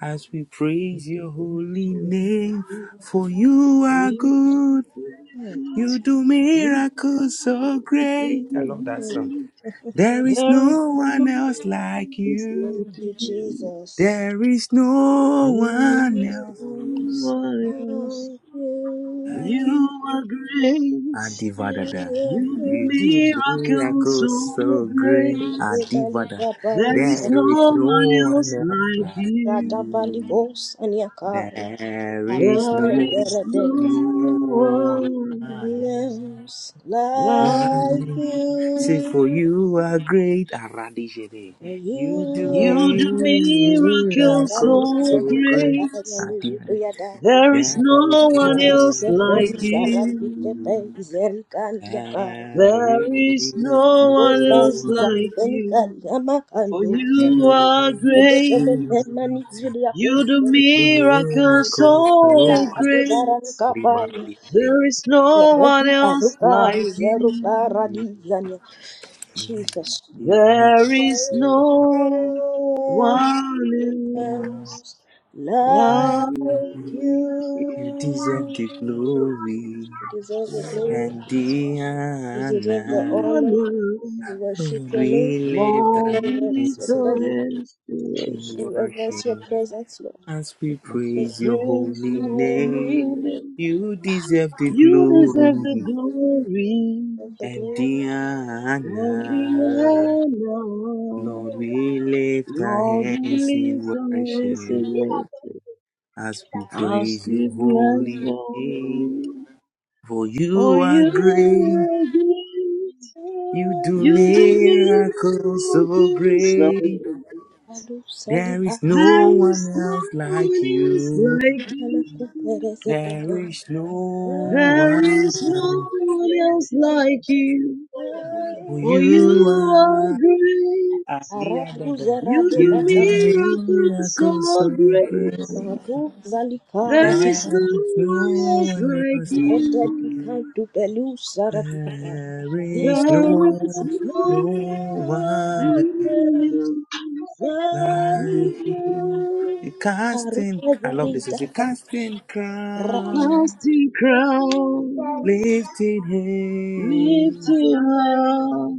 Speaker 2: as we
Speaker 3: this
Speaker 2: praise
Speaker 3: is
Speaker 2: your
Speaker 3: the
Speaker 2: holy
Speaker 3: soul.
Speaker 2: name.
Speaker 3: We
Speaker 2: For you are
Speaker 3: praise
Speaker 2: good,
Speaker 3: you, there is
Speaker 1: Mm,
Speaker 3: no one
Speaker 2: you
Speaker 3: like
Speaker 2: do
Speaker 3: you,
Speaker 2: miracles so great. I love that
Speaker 1: mm,
Speaker 2: song. There is
Speaker 3: there is
Speaker 2: no
Speaker 3: no
Speaker 2: one
Speaker 3: one
Speaker 2: else like you.
Speaker 1: Thank you, Jesus.
Speaker 2: There is no one else
Speaker 1: Yes,
Speaker 3: else.
Speaker 1: Thank
Speaker 2: like
Speaker 1: you.
Speaker 3: You
Speaker 2: you.
Speaker 3: are great,
Speaker 2: Adivadada.
Speaker 3: you do
Speaker 2: You do
Speaker 3: miracles
Speaker 2: miracles
Speaker 3: so
Speaker 2: so great.
Speaker 3: great.
Speaker 2: Adivada.
Speaker 1: Adebalika
Speaker 3: There is
Speaker 1: barusa.
Speaker 2: There is
Speaker 3: no
Speaker 2: no
Speaker 3: one else
Speaker 2: one else
Speaker 3: like
Speaker 2: like
Speaker 3: you.
Speaker 2: you.
Speaker 1: Ratabalikos aniakaya.
Speaker 2: There is
Speaker 3: There
Speaker 1: Arepe
Speaker 2: no,
Speaker 3: is
Speaker 1: verede.
Speaker 3: no
Speaker 2: no one
Speaker 3: one
Speaker 2: else.
Speaker 1: Names like
Speaker 3: like
Speaker 2: Life,
Speaker 3: you.
Speaker 2: say for
Speaker 1: you,
Speaker 2: you are great, Aradijede. You do
Speaker 1: you
Speaker 3: You
Speaker 1: are
Speaker 2: me
Speaker 3: do
Speaker 1: the
Speaker 3: miracles
Speaker 2: miracles
Speaker 3: so
Speaker 2: so
Speaker 1: Marapizanga,
Speaker 2: great,
Speaker 3: great.
Speaker 2: Adiade.
Speaker 1: Yalizubriadana,
Speaker 3: There is
Speaker 2: There is
Speaker 3: no
Speaker 2: no
Speaker 3: one else
Speaker 1: Mariske
Speaker 2: one
Speaker 3: like
Speaker 1: Pesa,
Speaker 2: like
Speaker 1: Rapite
Speaker 2: you.
Speaker 1: Pe,
Speaker 3: you.
Speaker 1: Izerikandia Kai,
Speaker 2: There
Speaker 3: There is
Speaker 2: is
Speaker 3: no
Speaker 2: no
Speaker 3: one else
Speaker 1: Ofanza,
Speaker 2: one
Speaker 3: like you.
Speaker 1: Benicanda,
Speaker 3: For
Speaker 1: Macandosa,
Speaker 3: you
Speaker 2: you.
Speaker 3: are
Speaker 1: the
Speaker 3: great.
Speaker 1: Debate Mani
Speaker 3: You do
Speaker 1: Zuliacusa,
Speaker 2: You do
Speaker 3: miracles
Speaker 2: miracles
Speaker 3: so
Speaker 2: so great,
Speaker 1: Rabudaran
Speaker 3: great.
Speaker 1: Kapaya,
Speaker 2: Libaradijede.
Speaker 3: There is no one
Speaker 1: Redi
Speaker 3: else
Speaker 1: Aruka,
Speaker 3: like
Speaker 1: Zerupa
Speaker 3: you.
Speaker 2: You
Speaker 1: Radizania, Jesus.
Speaker 3: There is no one else like
Speaker 1: like
Speaker 3: you.
Speaker 2: you deserve the
Speaker 1: you.
Speaker 2: glory.
Speaker 1: You deserve the glory,
Speaker 2: and
Speaker 1: you
Speaker 2: Diana,
Speaker 1: deserve the honor. We worship
Speaker 2: Lord,
Speaker 1: your name,
Speaker 2: we lift
Speaker 3: Lord,
Speaker 1: we
Speaker 2: our
Speaker 3: we
Speaker 1: reverence your
Speaker 3: lift
Speaker 2: hands
Speaker 3: our
Speaker 2: in
Speaker 1: presence,
Speaker 2: wo-
Speaker 3: hands to
Speaker 1: we
Speaker 2: in
Speaker 3: worship
Speaker 1: reverence your
Speaker 2: worship
Speaker 1: presence, Lord.
Speaker 2: as we
Speaker 3: as you
Speaker 1: Thank
Speaker 2: praise your
Speaker 1: you
Speaker 3: praise your
Speaker 2: holy
Speaker 3: holy
Speaker 2: name.
Speaker 3: name.
Speaker 2: You deserve the
Speaker 3: You deserve the
Speaker 2: glory
Speaker 3: glory
Speaker 1: for the
Speaker 2: and the
Speaker 1: glory,
Speaker 3: and
Speaker 1: honor, Lord.
Speaker 2: honor.
Speaker 3: the honor.
Speaker 2: Lord, we lift our
Speaker 3: Lord, we
Speaker 2: hands
Speaker 3: lift
Speaker 2: in
Speaker 3: and
Speaker 2: worship
Speaker 3: listen
Speaker 2: as we
Speaker 3: as
Speaker 2: praise your
Speaker 3: we bless
Speaker 2: holy
Speaker 3: the
Speaker 2: name.
Speaker 3: holy.
Speaker 2: For
Speaker 3: For
Speaker 2: you are
Speaker 3: you
Speaker 2: great,
Speaker 3: are great,
Speaker 2: you do
Speaker 3: you
Speaker 2: miracles
Speaker 3: do
Speaker 2: so
Speaker 3: miracles so
Speaker 2: great.
Speaker 1: Alu
Speaker 2: There is
Speaker 1: saliba
Speaker 2: no
Speaker 3: There
Speaker 2: one
Speaker 3: is no
Speaker 2: else
Speaker 3: one
Speaker 2: like
Speaker 3: else
Speaker 2: you.
Speaker 3: like
Speaker 1: na
Speaker 3: you.
Speaker 1: kupere zedede.
Speaker 2: There is no
Speaker 3: There
Speaker 2: one
Speaker 3: is no
Speaker 2: else.
Speaker 3: one else like you.
Speaker 2: Oh,
Speaker 3: For
Speaker 2: you
Speaker 3: you are
Speaker 2: are
Speaker 3: great,
Speaker 2: Aliyah
Speaker 1: Arabu
Speaker 2: Dada.
Speaker 3: you
Speaker 1: zarade
Speaker 2: You
Speaker 3: do
Speaker 1: baka,
Speaker 2: do
Speaker 3: miracles
Speaker 2: miracles
Speaker 3: so
Speaker 2: so
Speaker 3: great.
Speaker 2: great.
Speaker 1: maru
Speaker 3: There
Speaker 1: zalikara
Speaker 3: is
Speaker 2: There is
Speaker 3: no
Speaker 2: no
Speaker 3: one else
Speaker 2: one
Speaker 3: like
Speaker 2: else
Speaker 1: There's
Speaker 2: like
Speaker 1: no
Speaker 2: you.
Speaker 1: one
Speaker 3: you.
Speaker 1: else
Speaker 2: There
Speaker 3: There
Speaker 2: is
Speaker 3: is
Speaker 2: no, no one else
Speaker 3: no one else.
Speaker 1: like
Speaker 2: like
Speaker 1: you.
Speaker 2: you. The casting, I love this. It's the
Speaker 1: Karugazarigata.
Speaker 2: casting
Speaker 1: Ra-
Speaker 3: Cast
Speaker 2: crown,
Speaker 3: your crowns,
Speaker 2: lifted
Speaker 3: lift
Speaker 2: hand.
Speaker 3: up,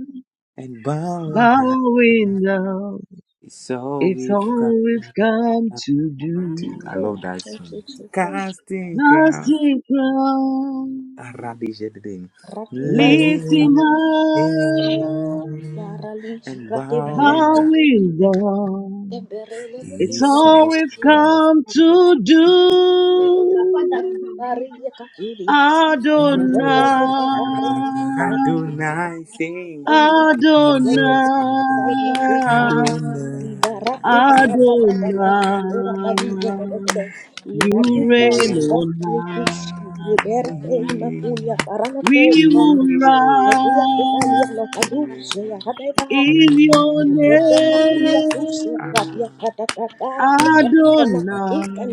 Speaker 2: and bound high.
Speaker 3: bowing down.
Speaker 2: So
Speaker 3: It's
Speaker 2: we've got
Speaker 3: all we've come to do.
Speaker 2: to. I
Speaker 1: Oh,
Speaker 2: love that
Speaker 1: Thank you,
Speaker 2: song.
Speaker 1: Jesus.
Speaker 2: Casting
Speaker 3: Cast
Speaker 2: crowns.
Speaker 3: your crowns,
Speaker 2: Arabijedidim.
Speaker 1: Ratibar-
Speaker 3: lift
Speaker 2: Lay-
Speaker 3: up,
Speaker 1: Sarali-
Speaker 2: And
Speaker 1: Ratibar-
Speaker 2: bowing high.
Speaker 3: bowing down.
Speaker 1: Emberele-
Speaker 3: It's
Speaker 2: Is
Speaker 3: all
Speaker 2: so
Speaker 3: we've
Speaker 1: Ratibarila-
Speaker 2: we've
Speaker 3: come to do.
Speaker 1: Ratibariya- Katiria. Ratibariya-
Speaker 3: Adonai,
Speaker 1: Barali-
Speaker 2: Adonai sing.
Speaker 1: Jesus,
Speaker 3: Adonai,
Speaker 2: Adonai. Adonai. Adonai,
Speaker 3: Adonai. You
Speaker 2: You
Speaker 3: reign on high.
Speaker 2: reign. For
Speaker 3: We will rise in your name, Adonai.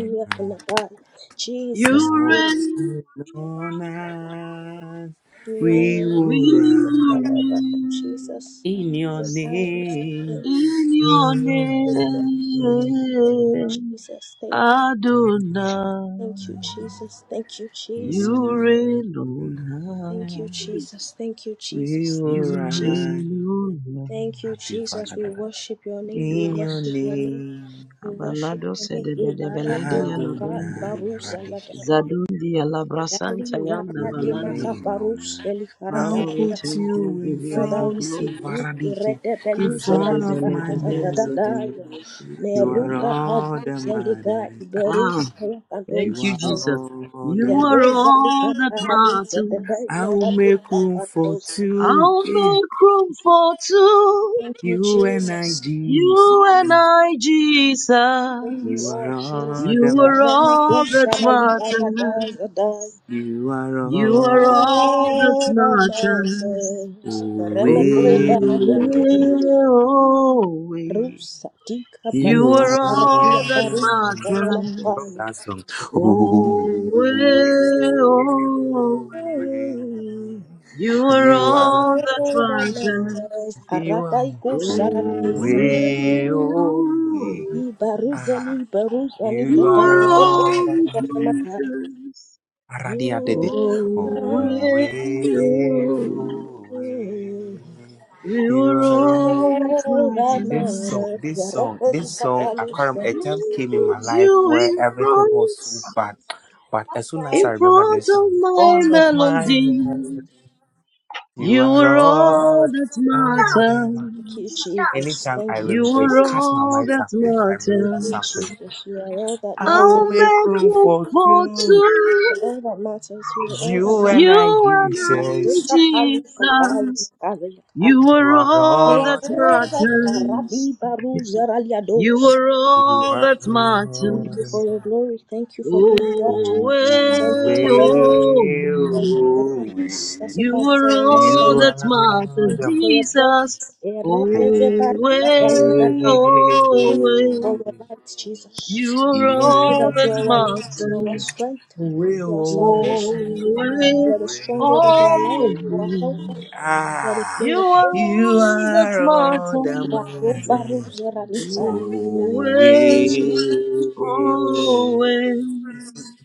Speaker 3: You reign,
Speaker 2: all night We will
Speaker 3: we will
Speaker 2: run
Speaker 1: Jesus, Jesus.
Speaker 2: in your
Speaker 3: rise
Speaker 2: name.
Speaker 1: Amen.
Speaker 3: in
Speaker 2: We
Speaker 3: your
Speaker 2: will
Speaker 1: Thank you,
Speaker 3: name,
Speaker 1: Jesus. Thank you.
Speaker 3: Adonai.
Speaker 1: Thank you, Jesus. Thank you, Jesus.
Speaker 3: You reign on
Speaker 1: Thank you,
Speaker 3: high,
Speaker 1: Jesus. Thank you, Jesus. Thank you,
Speaker 3: you
Speaker 1: Jesus.
Speaker 2: run
Speaker 3: reign on high,
Speaker 1: Thank you, Jesus. We
Speaker 2: in
Speaker 1: worship your name.
Speaker 3: you
Speaker 1: We
Speaker 2: your
Speaker 3: Lord.
Speaker 1: worship your name.
Speaker 2: name.
Speaker 1: We worship
Speaker 3: Abalado
Speaker 1: your name.
Speaker 3: sede bede
Speaker 1: Ibara
Speaker 3: beledi
Speaker 1: de baka
Speaker 3: alabunda,
Speaker 1: barusa
Speaker 2: Adonai
Speaker 1: lada.
Speaker 3: zadundi alabrasanta
Speaker 1: Dali
Speaker 3: yanda
Speaker 1: zara
Speaker 2: You
Speaker 1: de
Speaker 3: balando.
Speaker 1: maka
Speaker 2: rain on
Speaker 1: barus
Speaker 2: high. I'll
Speaker 1: elikarada.
Speaker 3: Father, we
Speaker 2: put
Speaker 3: thank you, we
Speaker 2: you
Speaker 3: give
Speaker 2: in
Speaker 3: you all
Speaker 1: Father,
Speaker 3: the
Speaker 1: we
Speaker 2: front of
Speaker 1: say
Speaker 3: glory.
Speaker 1: thank you.
Speaker 2: Varadiche,
Speaker 1: Rede
Speaker 2: in
Speaker 1: belusa
Speaker 2: front of
Speaker 1: rada
Speaker 2: my
Speaker 1: da da da
Speaker 2: melody.
Speaker 1: da.
Speaker 2: You are
Speaker 3: Azodebelebedezedebeliakelakianda.
Speaker 1: Meruka padu
Speaker 2: all that
Speaker 1: zeliga
Speaker 2: matters.
Speaker 3: Ah,
Speaker 2: Akapa.
Speaker 1: iberusa
Speaker 3: thank
Speaker 2: You
Speaker 3: you,
Speaker 2: are
Speaker 1: yakandos.
Speaker 3: Jesus.
Speaker 2: all
Speaker 3: You
Speaker 2: that
Speaker 1: Thank
Speaker 3: are
Speaker 2: matters.
Speaker 3: all that matters.
Speaker 2: I will make room for two.
Speaker 3: I'll
Speaker 2: eh.
Speaker 3: make room for two.
Speaker 1: you,
Speaker 2: You and I,
Speaker 1: Jesus.
Speaker 2: Jesus.
Speaker 3: You and I,
Speaker 1: Thank you,
Speaker 2: You
Speaker 3: Jesus.
Speaker 2: are
Speaker 1: Lord Jesus.
Speaker 2: all that
Speaker 3: You
Speaker 1: You
Speaker 3: are
Speaker 1: are
Speaker 2: matters.
Speaker 3: all that matters.
Speaker 2: You are
Speaker 3: You
Speaker 2: all
Speaker 3: are
Speaker 2: that matters.
Speaker 3: all that
Speaker 1: all that
Speaker 3: matters.
Speaker 2: Oh,
Speaker 3: Oh,
Speaker 1: Remeko
Speaker 2: eh,
Speaker 3: oh,
Speaker 2: oh,
Speaker 1: barada.
Speaker 2: eh.
Speaker 3: Oh,
Speaker 1: Rusa tika
Speaker 3: you
Speaker 2: You
Speaker 3: are
Speaker 2: are. I
Speaker 1: palusa rakia
Speaker 3: all that
Speaker 1: parusa yana
Speaker 2: love
Speaker 3: matters.
Speaker 1: fire.
Speaker 2: that song.
Speaker 3: Always,
Speaker 2: Ooh, eh,
Speaker 3: always, you are
Speaker 2: you are.
Speaker 1: You
Speaker 3: all
Speaker 1: are
Speaker 3: that
Speaker 1: all that
Speaker 3: matters.
Speaker 2: You are.
Speaker 1: Arabai kusa
Speaker 2: Ooh,
Speaker 3: Always,
Speaker 2: eh,
Speaker 3: well,
Speaker 2: oh,
Speaker 3: oh,
Speaker 2: eh.
Speaker 1: Ibaruzeli,
Speaker 2: Ah,
Speaker 1: baruzani
Speaker 2: you
Speaker 3: you
Speaker 1: kapa,
Speaker 2: are.
Speaker 3: are
Speaker 1: ndebeli
Speaker 3: all
Speaker 2: all.
Speaker 3: that
Speaker 1: kara yamaka.
Speaker 3: matters.
Speaker 1: You
Speaker 2: Aradia dede.
Speaker 3: Always,
Speaker 1: are
Speaker 2: Ooh,
Speaker 3: well,
Speaker 2: eh,
Speaker 3: oh,
Speaker 2: oh, eh.
Speaker 1: good.
Speaker 3: you
Speaker 2: You
Speaker 3: are
Speaker 2: are. all.
Speaker 3: all that
Speaker 1: Oh, that
Speaker 2: This
Speaker 3: matters.
Speaker 2: song,
Speaker 1: matters.
Speaker 2: this song,
Speaker 1: Yarafesi
Speaker 2: this song, I can't remember.
Speaker 1: kapalusa.
Speaker 2: A time
Speaker 3: I
Speaker 2: came in my
Speaker 3: put
Speaker 2: life
Speaker 3: you
Speaker 2: where
Speaker 3: in
Speaker 2: everything was
Speaker 3: front,
Speaker 2: so bad. But as soon as I
Speaker 3: in
Speaker 2: remember
Speaker 3: front
Speaker 2: this
Speaker 3: of
Speaker 2: song, all
Speaker 3: my
Speaker 2: of my
Speaker 3: melody.
Speaker 2: life, you
Speaker 3: You
Speaker 2: are
Speaker 3: are all
Speaker 2: all,
Speaker 3: that
Speaker 2: all of my.
Speaker 1: Thank
Speaker 3: matters.
Speaker 1: you, Jesus.
Speaker 2: Anytime
Speaker 1: Thank
Speaker 2: I
Speaker 1: you,
Speaker 3: You
Speaker 2: rem- I
Speaker 3: are
Speaker 1: Jesus.
Speaker 2: cast my
Speaker 3: all
Speaker 2: mind
Speaker 3: that
Speaker 2: something, I remember
Speaker 1: Thank you,
Speaker 3: matters.
Speaker 2: something.
Speaker 1: Jesus. You are all that
Speaker 2: I
Speaker 3: I'll
Speaker 2: will
Speaker 1: matters.
Speaker 2: make
Speaker 3: make
Speaker 2: room
Speaker 3: room
Speaker 2: for
Speaker 3: for
Speaker 2: you,
Speaker 1: You are
Speaker 3: two.
Speaker 1: All that matters. You are all that
Speaker 2: you
Speaker 1: matters.
Speaker 2: and I,
Speaker 3: You and I,
Speaker 2: Jesus.
Speaker 1: Radika palu kapalu
Speaker 3: Jesus.
Speaker 1: kaza yaka.
Speaker 3: You
Speaker 2: You
Speaker 3: are
Speaker 2: are
Speaker 1: You
Speaker 3: all
Speaker 1: are
Speaker 3: that
Speaker 2: all that
Speaker 1: all that
Speaker 2: I-
Speaker 3: matters.
Speaker 1: karadi baruza
Speaker 3: You
Speaker 1: raliados.
Speaker 3: are
Speaker 2: you
Speaker 3: all
Speaker 2: are
Speaker 3: that
Speaker 1: Thank
Speaker 2: all
Speaker 1: you
Speaker 2: that
Speaker 3: matters.
Speaker 1: for your glory. Thank you for who you are. Jesus.
Speaker 3: Oh,
Speaker 2: Oh,
Speaker 3: eh,
Speaker 1: Thank you for loving us.
Speaker 3: oh.
Speaker 2: way,
Speaker 1: Thank you for your
Speaker 2: oh,
Speaker 1: peace that
Speaker 2: way,
Speaker 3: You
Speaker 1: surpasses
Speaker 3: are
Speaker 1: our
Speaker 3: all
Speaker 2: you
Speaker 1: understanding.
Speaker 3: that
Speaker 2: are
Speaker 3: matters,
Speaker 1: Thank you
Speaker 2: the
Speaker 1: for your
Speaker 2: man.
Speaker 3: Jesus.
Speaker 1: presence.
Speaker 2: Oh,
Speaker 3: Oh, eh,
Speaker 1: Eredezebarikatalizata.
Speaker 2: way,
Speaker 3: oh,
Speaker 1: Thank you
Speaker 2: oh, way,
Speaker 1: for
Speaker 3: eh.
Speaker 1: your light, Jesus.
Speaker 3: You are
Speaker 1: Thank you
Speaker 2: you
Speaker 3: all
Speaker 1: that
Speaker 3: that
Speaker 1: you are our light, you are our
Speaker 3: matters.
Speaker 1: strength,
Speaker 2: are way,
Speaker 1: you are salvation,
Speaker 3: Holy,
Speaker 1: you
Speaker 2: oh,
Speaker 1: are the stronghold of our life, you are
Speaker 2: way.
Speaker 3: holy,
Speaker 1: helper, you are the
Speaker 2: Ah,
Speaker 1: King
Speaker 3: you
Speaker 1: of
Speaker 3: are
Speaker 1: kings,
Speaker 2: you
Speaker 3: all that's
Speaker 2: are all the
Speaker 1: you
Speaker 3: Martin.
Speaker 1: are
Speaker 2: man.
Speaker 1: Robaruzerarika.
Speaker 3: Holy,
Speaker 2: Oh,
Speaker 1: This is
Speaker 2: way, oh.
Speaker 3: holy,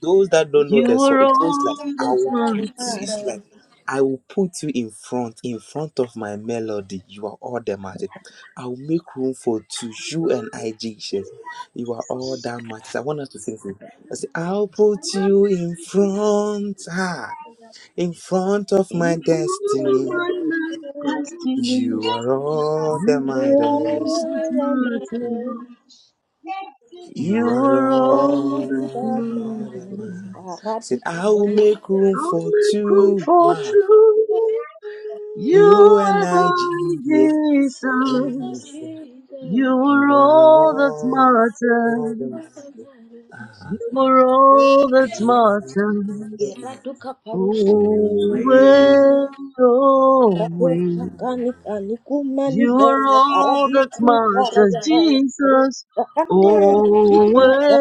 Speaker 2: Those that don't know
Speaker 3: you
Speaker 2: the song,
Speaker 3: are
Speaker 2: it goes like,
Speaker 3: all
Speaker 2: I
Speaker 3: that's
Speaker 2: will put,
Speaker 3: Martin.
Speaker 2: it's like, I will put you in front, in front of my melody. You are all that matters. I will make room for two, you and I, Jesus. You are all that matters. I want us to sing this. I say, I'll put you in front, ah, in front of my
Speaker 3: In front of
Speaker 2: destiny.
Speaker 3: my life
Speaker 1: Jesus.
Speaker 3: destiny,
Speaker 2: You are all
Speaker 3: you
Speaker 2: that
Speaker 3: are
Speaker 1: You
Speaker 3: all
Speaker 2: matters.
Speaker 3: that's
Speaker 1: are the
Speaker 3: Martin.
Speaker 1: asking
Speaker 3: You
Speaker 2: You are
Speaker 3: are
Speaker 1: that
Speaker 3: all that
Speaker 2: all
Speaker 3: matters.
Speaker 2: that
Speaker 1: man
Speaker 2: matters.
Speaker 1: is
Speaker 3: I'm
Speaker 2: Said,
Speaker 1: Baradika
Speaker 2: I will
Speaker 1: Paris.
Speaker 2: make room for
Speaker 3: a
Speaker 2: two.
Speaker 3: comfort too.
Speaker 2: You
Speaker 3: You
Speaker 2: and
Speaker 3: and
Speaker 2: I,
Speaker 3: I,
Speaker 2: Jesus,
Speaker 3: Jesus. You
Speaker 1: Jesus,
Speaker 3: were
Speaker 2: you are
Speaker 3: all that
Speaker 2: all, all the ones
Speaker 1: the
Speaker 3: matters.
Speaker 1: master.
Speaker 2: I-
Speaker 3: You
Speaker 2: have.
Speaker 3: were all that
Speaker 2: you are the
Speaker 3: matters.
Speaker 1: Iraduka
Speaker 2: one.
Speaker 1: Parus.
Speaker 2: Oh, we,
Speaker 3: Always,
Speaker 1: Raduka
Speaker 3: always.
Speaker 1: Kanika
Speaker 3: You
Speaker 1: Nikumanika
Speaker 3: were all that
Speaker 1: Arabiku
Speaker 3: matters,
Speaker 1: Parayakaya.
Speaker 3: Jesus.
Speaker 1: Kande
Speaker 2: oh,
Speaker 3: Always,
Speaker 1: Nikuka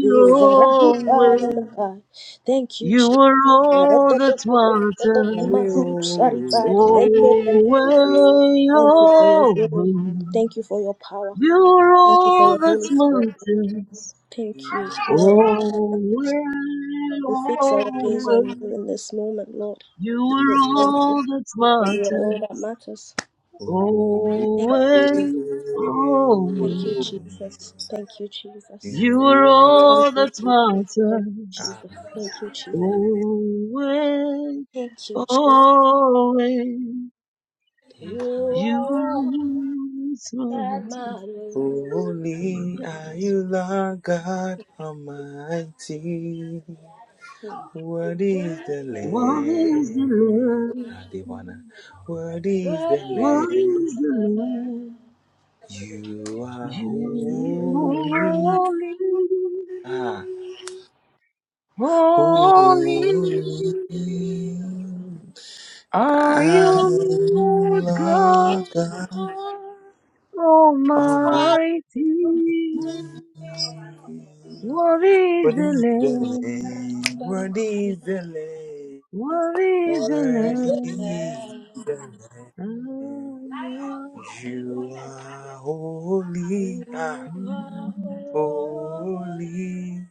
Speaker 1: is Arabuka
Speaker 3: always.
Speaker 1: Yanaka. Thank you,
Speaker 3: You
Speaker 1: Jesus.
Speaker 3: were
Speaker 1: Thank
Speaker 3: all
Speaker 1: you
Speaker 3: that
Speaker 1: for your
Speaker 2: oh, we,
Speaker 3: matters.
Speaker 1: glory.
Speaker 2: oh, oh, we.
Speaker 3: Always, always.
Speaker 1: Thank you for your power.
Speaker 3: You're
Speaker 1: Thank you for
Speaker 3: all
Speaker 1: your
Speaker 3: that's
Speaker 1: Holy Spirit, Lord.
Speaker 3: matters,
Speaker 1: Thank you. You are right
Speaker 3: Always,
Speaker 1: that now. We fix our gaze on you
Speaker 3: always.
Speaker 1: in this moment, Lord.
Speaker 3: You
Speaker 1: We say
Speaker 3: are
Speaker 2: You
Speaker 1: thank
Speaker 2: are,
Speaker 1: you.
Speaker 3: all that
Speaker 1: That you are all that
Speaker 3: matters.
Speaker 1: matters.
Speaker 2: oh, we, oh, we.
Speaker 1: Thank you, Jesus.
Speaker 3: Always,
Speaker 1: Thank
Speaker 3: always.
Speaker 1: you, Jesus. Thank you, Jesus.
Speaker 3: You are
Speaker 2: You are all,
Speaker 3: all
Speaker 1: Thank you,
Speaker 3: that
Speaker 1: Jesus. Thank you,
Speaker 3: matters.
Speaker 2: I-
Speaker 1: Jesus. Thank you, Jesus.
Speaker 2: oh,
Speaker 3: Always,
Speaker 1: Thank you, Jesus.
Speaker 3: always. You are
Speaker 1: All
Speaker 3: all that
Speaker 1: that
Speaker 3: matters.
Speaker 1: matters.
Speaker 2: holy are you, Lord God Almighty.
Speaker 1: Hmm.
Speaker 2: What is the
Speaker 3: What is
Speaker 2: land?
Speaker 3: the love?
Speaker 2: Adivana. What is the land?
Speaker 3: What is the love?
Speaker 2: You are
Speaker 3: You
Speaker 1: You
Speaker 2: holy.
Speaker 3: holy,
Speaker 2: Ah,
Speaker 3: holy
Speaker 2: holy.
Speaker 3: are
Speaker 1: are
Speaker 2: I
Speaker 3: you, Lord
Speaker 2: love
Speaker 3: God
Speaker 2: God
Speaker 1: all
Speaker 2: Almighty.
Speaker 3: Almighty. Worthy is
Speaker 2: What
Speaker 3: the
Speaker 2: is the
Speaker 3: Lamb,
Speaker 2: land?
Speaker 1: that
Speaker 2: What
Speaker 1: matters.
Speaker 2: is the land?
Speaker 1: You
Speaker 3: worthy is the
Speaker 1: are
Speaker 2: What is
Speaker 3: Lamb.
Speaker 2: the land? You are holy, ah,
Speaker 1: holy,
Speaker 2: holy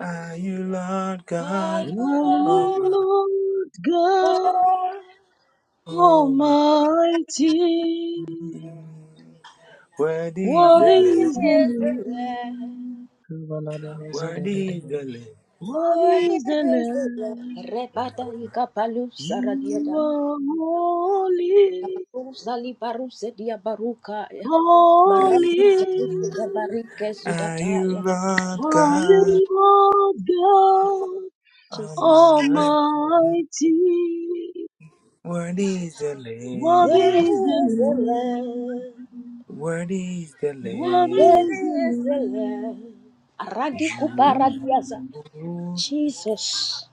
Speaker 2: are you, Lord
Speaker 1: are
Speaker 2: God
Speaker 3: Are
Speaker 1: you
Speaker 2: of
Speaker 1: Lord?
Speaker 3: you,
Speaker 2: my
Speaker 3: Lord God
Speaker 2: Almighty.
Speaker 3: Almighty.
Speaker 2: Worthy is
Speaker 3: Worthy
Speaker 2: the
Speaker 1: Worthy
Speaker 3: is the
Speaker 2: Lamb,
Speaker 1: the Lamb,
Speaker 3: Lamb.
Speaker 2: worthy is
Speaker 3: Kabaladabazodevedeve.
Speaker 2: the Lamb.
Speaker 3: Worthy is the Lamb.
Speaker 1: Rebada ikapalu
Speaker 3: You
Speaker 1: saradiada.
Speaker 3: are holy,
Speaker 1: Uzali baruse dia barukaya. Maradi
Speaker 3: holy.
Speaker 1: zarude kabarike
Speaker 2: Are you,
Speaker 1: zudataya.
Speaker 2: Lord
Speaker 3: I am
Speaker 2: God
Speaker 3: Lord God
Speaker 1: Jesus,
Speaker 2: Almighty?
Speaker 3: Almighty.
Speaker 2: Worthy is
Speaker 1: Jesus.
Speaker 2: the
Speaker 3: Worthy
Speaker 2: Lamb,
Speaker 1: Worthy
Speaker 3: is the
Speaker 1: is the Lamb,
Speaker 3: Lamb.
Speaker 2: worthy is the
Speaker 3: Worthy
Speaker 2: Lamb.
Speaker 3: is
Speaker 1: worthy
Speaker 3: the
Speaker 1: is the Lamb.
Speaker 3: Lamb.
Speaker 1: Aradi kupara kuparadiaza.
Speaker 2: You.
Speaker 1: Jesus.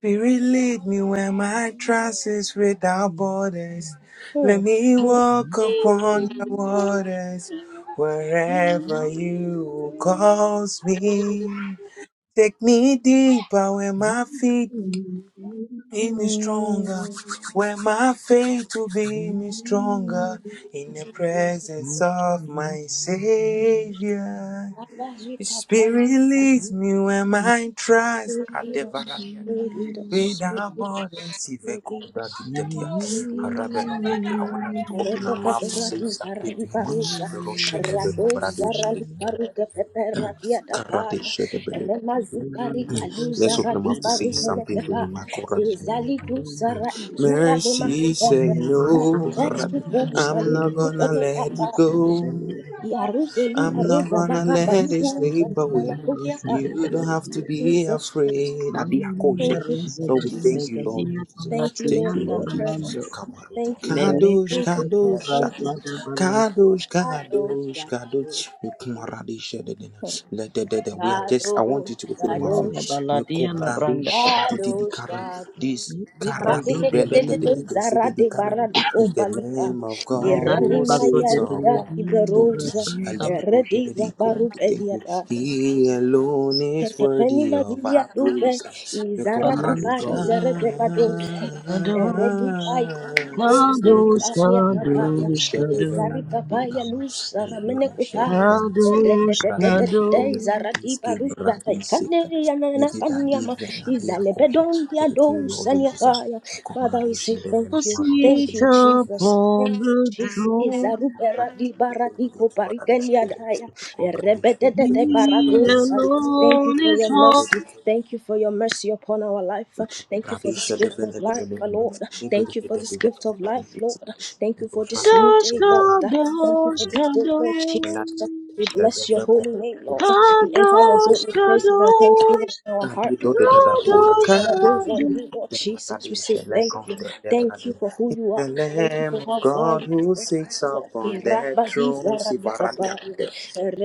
Speaker 2: Spirit, lead me where my trust is without borders. Let
Speaker 1: Hmm.
Speaker 2: me walk upon the waters wherever you calls me. Take me deeper where my feet be me stronger, where my faith will be me stronger in the
Speaker 1: Jesus,
Speaker 2: presence of my Savior.
Speaker 1: Father, we can
Speaker 2: Spirit
Speaker 1: police and
Speaker 2: leads me where my trust.
Speaker 1: Spirit lead us, Spirit lead us,
Speaker 2: We
Speaker 1: Spirit
Speaker 2: now
Speaker 1: lead
Speaker 2: board and
Speaker 1: us,
Speaker 2: See, the
Speaker 1: Spirit
Speaker 2: cook
Speaker 1: lead us,
Speaker 2: that did the dear.
Speaker 1: Spirit
Speaker 2: A
Speaker 1: lead
Speaker 2: Rabbi,
Speaker 1: us, Spirit lead
Speaker 2: I
Speaker 1: us.
Speaker 2: want us to open our
Speaker 1: Rete
Speaker 2: mouth
Speaker 1: pepe
Speaker 2: to say
Speaker 1: rati
Speaker 2: something
Speaker 1: zarali
Speaker 2: to him.
Speaker 1: paruza,
Speaker 2: Roshe de
Speaker 1: rado
Speaker 2: Becobrade Shede,
Speaker 1: zarali paruke pepe radia da
Speaker 2: Karate
Speaker 1: pada,
Speaker 2: Shede Bele.
Speaker 1: remazi pari alu
Speaker 2: Let's
Speaker 3: Said
Speaker 2: open
Speaker 3: the
Speaker 2: our
Speaker 1: zarali
Speaker 2: mouth to say
Speaker 1: paru mele
Speaker 2: something to
Speaker 1: pepa,
Speaker 2: him. Makoradi.
Speaker 1: ezali du
Speaker 3: Thank
Speaker 1: zara
Speaker 3: you.
Speaker 1: izura de
Speaker 3: Meleke
Speaker 2: Mercy, say
Speaker 1: makubere,
Speaker 3: kote brazada
Speaker 2: no.
Speaker 1: esu
Speaker 2: Rabbi.
Speaker 1: du
Speaker 2: I'm
Speaker 1: sali
Speaker 2: not
Speaker 1: alu de
Speaker 2: gonna let you
Speaker 1: mekaba,
Speaker 2: go.
Speaker 1: Yaruzeli
Speaker 2: I'm not
Speaker 1: aroza
Speaker 2: gonna
Speaker 1: vakamba
Speaker 2: let it slip
Speaker 1: muzhalida
Speaker 2: away.
Speaker 1: la kari.
Speaker 2: You don't have to be
Speaker 1: Jesus Christ.
Speaker 2: afraid. Adiakoshe.
Speaker 1: Thank you, Lord
Speaker 2: Lord, we thank
Speaker 1: Jesus.
Speaker 2: you, Lord Jesus.
Speaker 1: Thank you,
Speaker 2: Thank
Speaker 1: Lord,
Speaker 2: you,
Speaker 1: for your
Speaker 2: Lord Jesus.
Speaker 1: presence.
Speaker 2: Kamaru.
Speaker 1: Thank you, Lord.
Speaker 2: Kadosh,
Speaker 1: Thank you, Lord. Thank you.
Speaker 2: Kadosh.
Speaker 3: balataya
Speaker 2: Kadosh,
Speaker 1: Kadosh
Speaker 2: Kadosh,
Speaker 1: God.
Speaker 2: Kadosh. Mekumaradisha dedena.
Speaker 1: Lord.
Speaker 2: Lededede. We are just, I want you
Speaker 1: Kadosh,
Speaker 2: to open your mouth.
Speaker 3: da
Speaker 1: Kadosh,
Speaker 3: baladia la branda.
Speaker 2: Mekobradisha dididi
Speaker 1: Kadosh
Speaker 2: karan.
Speaker 1: God.
Speaker 2: This
Speaker 3: Mete kazo
Speaker 2: karadi
Speaker 3: de
Speaker 2: bele
Speaker 1: Radedededede
Speaker 3: belia.
Speaker 2: dededede sididi
Speaker 1: zarade
Speaker 2: karan
Speaker 1: baradiko
Speaker 2: is the
Speaker 1: balika.
Speaker 2: name of God
Speaker 3: Manada
Speaker 1: Erani
Speaker 2: who
Speaker 3: baso
Speaker 1: maya
Speaker 2: sits
Speaker 3: de
Speaker 1: rika
Speaker 2: upon
Speaker 3: beledia,
Speaker 2: the
Speaker 3: la
Speaker 2: throne.
Speaker 1: iberoza.
Speaker 3: brasanda
Speaker 2: Aleberosha
Speaker 1: Eredi
Speaker 2: dediko.
Speaker 1: zabaru
Speaker 2: Thank you. He alone is
Speaker 1: Ketepeni
Speaker 2: worthy of
Speaker 1: mazilia
Speaker 2: our
Speaker 1: dupe
Speaker 2: praise.
Speaker 1: izara dupa
Speaker 2: Mekumaradisha.
Speaker 3: balantron.
Speaker 1: izere beba dosa ere dupa ose
Speaker 3: Kadosh,
Speaker 1: ibania kapaya
Speaker 3: Kadosh,
Speaker 2: Radisha devena
Speaker 1: izari kapaya
Speaker 3: Kadosh,
Speaker 2: nadikama
Speaker 1: lusa ramene
Speaker 2: eliberasha
Speaker 1: kupaya
Speaker 2: devena
Speaker 1: ere de
Speaker 3: Kadosh,
Speaker 1: de de de
Speaker 2: radisha
Speaker 1: de
Speaker 2: devena
Speaker 3: Kadosh,
Speaker 1: izara dipa
Speaker 2: iski
Speaker 1: rupa taikane
Speaker 2: radisika
Speaker 1: yanana
Speaker 2: mitita
Speaker 1: kanyama
Speaker 2: divena
Speaker 1: izale
Speaker 2: diakosha
Speaker 1: bedondi
Speaker 2: tete
Speaker 1: adosa
Speaker 2: lord jesus
Speaker 1: niakaya Father we
Speaker 2: komradisha
Speaker 1: say thank
Speaker 2: devena
Speaker 1: you
Speaker 2: marodisha
Speaker 1: thank you
Speaker 3: sit
Speaker 1: Jesus thank
Speaker 3: upon
Speaker 1: you
Speaker 3: the
Speaker 1: Jesus Izaru
Speaker 3: throne.
Speaker 1: pera di dibara diko
Speaker 2: komradisha
Speaker 1: parikenia
Speaker 2: devena komradisha devena
Speaker 3: He
Speaker 2: radisha
Speaker 1: Erebedededebaradosa.
Speaker 2: dikata
Speaker 1: Thank you
Speaker 3: alone
Speaker 1: for
Speaker 3: is
Speaker 1: your
Speaker 3: one.
Speaker 1: mercy. Thank you for your mercy upon our life. Thank you for this
Speaker 2: radisha
Speaker 1: gift of
Speaker 2: devena
Speaker 1: life,
Speaker 2: devena
Speaker 1: Lord. Thank you for
Speaker 2: ibirite
Speaker 1: this
Speaker 2: devena
Speaker 1: gift of life, Lord. Thank you for this new
Speaker 3: Kadosh,
Speaker 1: day, Lord. Thank you for
Speaker 3: Kadosh,
Speaker 1: this day, Lord
Speaker 3: Kadosh,
Speaker 2: In
Speaker 1: Jesus.
Speaker 2: the
Speaker 1: We bless your
Speaker 2: Debra
Speaker 1: holy name, Lord.
Speaker 2: conversation
Speaker 1: We enter your
Speaker 2: this
Speaker 3: Kadosh,
Speaker 1: gate
Speaker 2: morning.
Speaker 1: with praises and thanksgiving
Speaker 3: Kadosh,
Speaker 1: in our
Speaker 2: And
Speaker 1: heart,
Speaker 2: you know
Speaker 1: Lord.
Speaker 2: the Dada
Speaker 1: We fix our
Speaker 2: Horaka,
Speaker 1: gaze on
Speaker 3: Kadosh,
Speaker 1: you, Lord
Speaker 2: the
Speaker 1: Jesus. We
Speaker 2: Baradi,
Speaker 1: say thank
Speaker 2: Shelekon,
Speaker 1: you.
Speaker 2: the
Speaker 1: Thank you
Speaker 2: Debradi.
Speaker 1: for who
Speaker 2: It's
Speaker 1: you are.
Speaker 2: the
Speaker 1: Thank you for
Speaker 2: Lamb of
Speaker 1: how far
Speaker 2: God
Speaker 1: you have
Speaker 2: who
Speaker 1: brought us.
Speaker 2: sits
Speaker 1: Lord. We
Speaker 2: upon the
Speaker 1: rabba these
Speaker 2: throne,
Speaker 1: are the kabaya.
Speaker 2: Sivaratyakunde.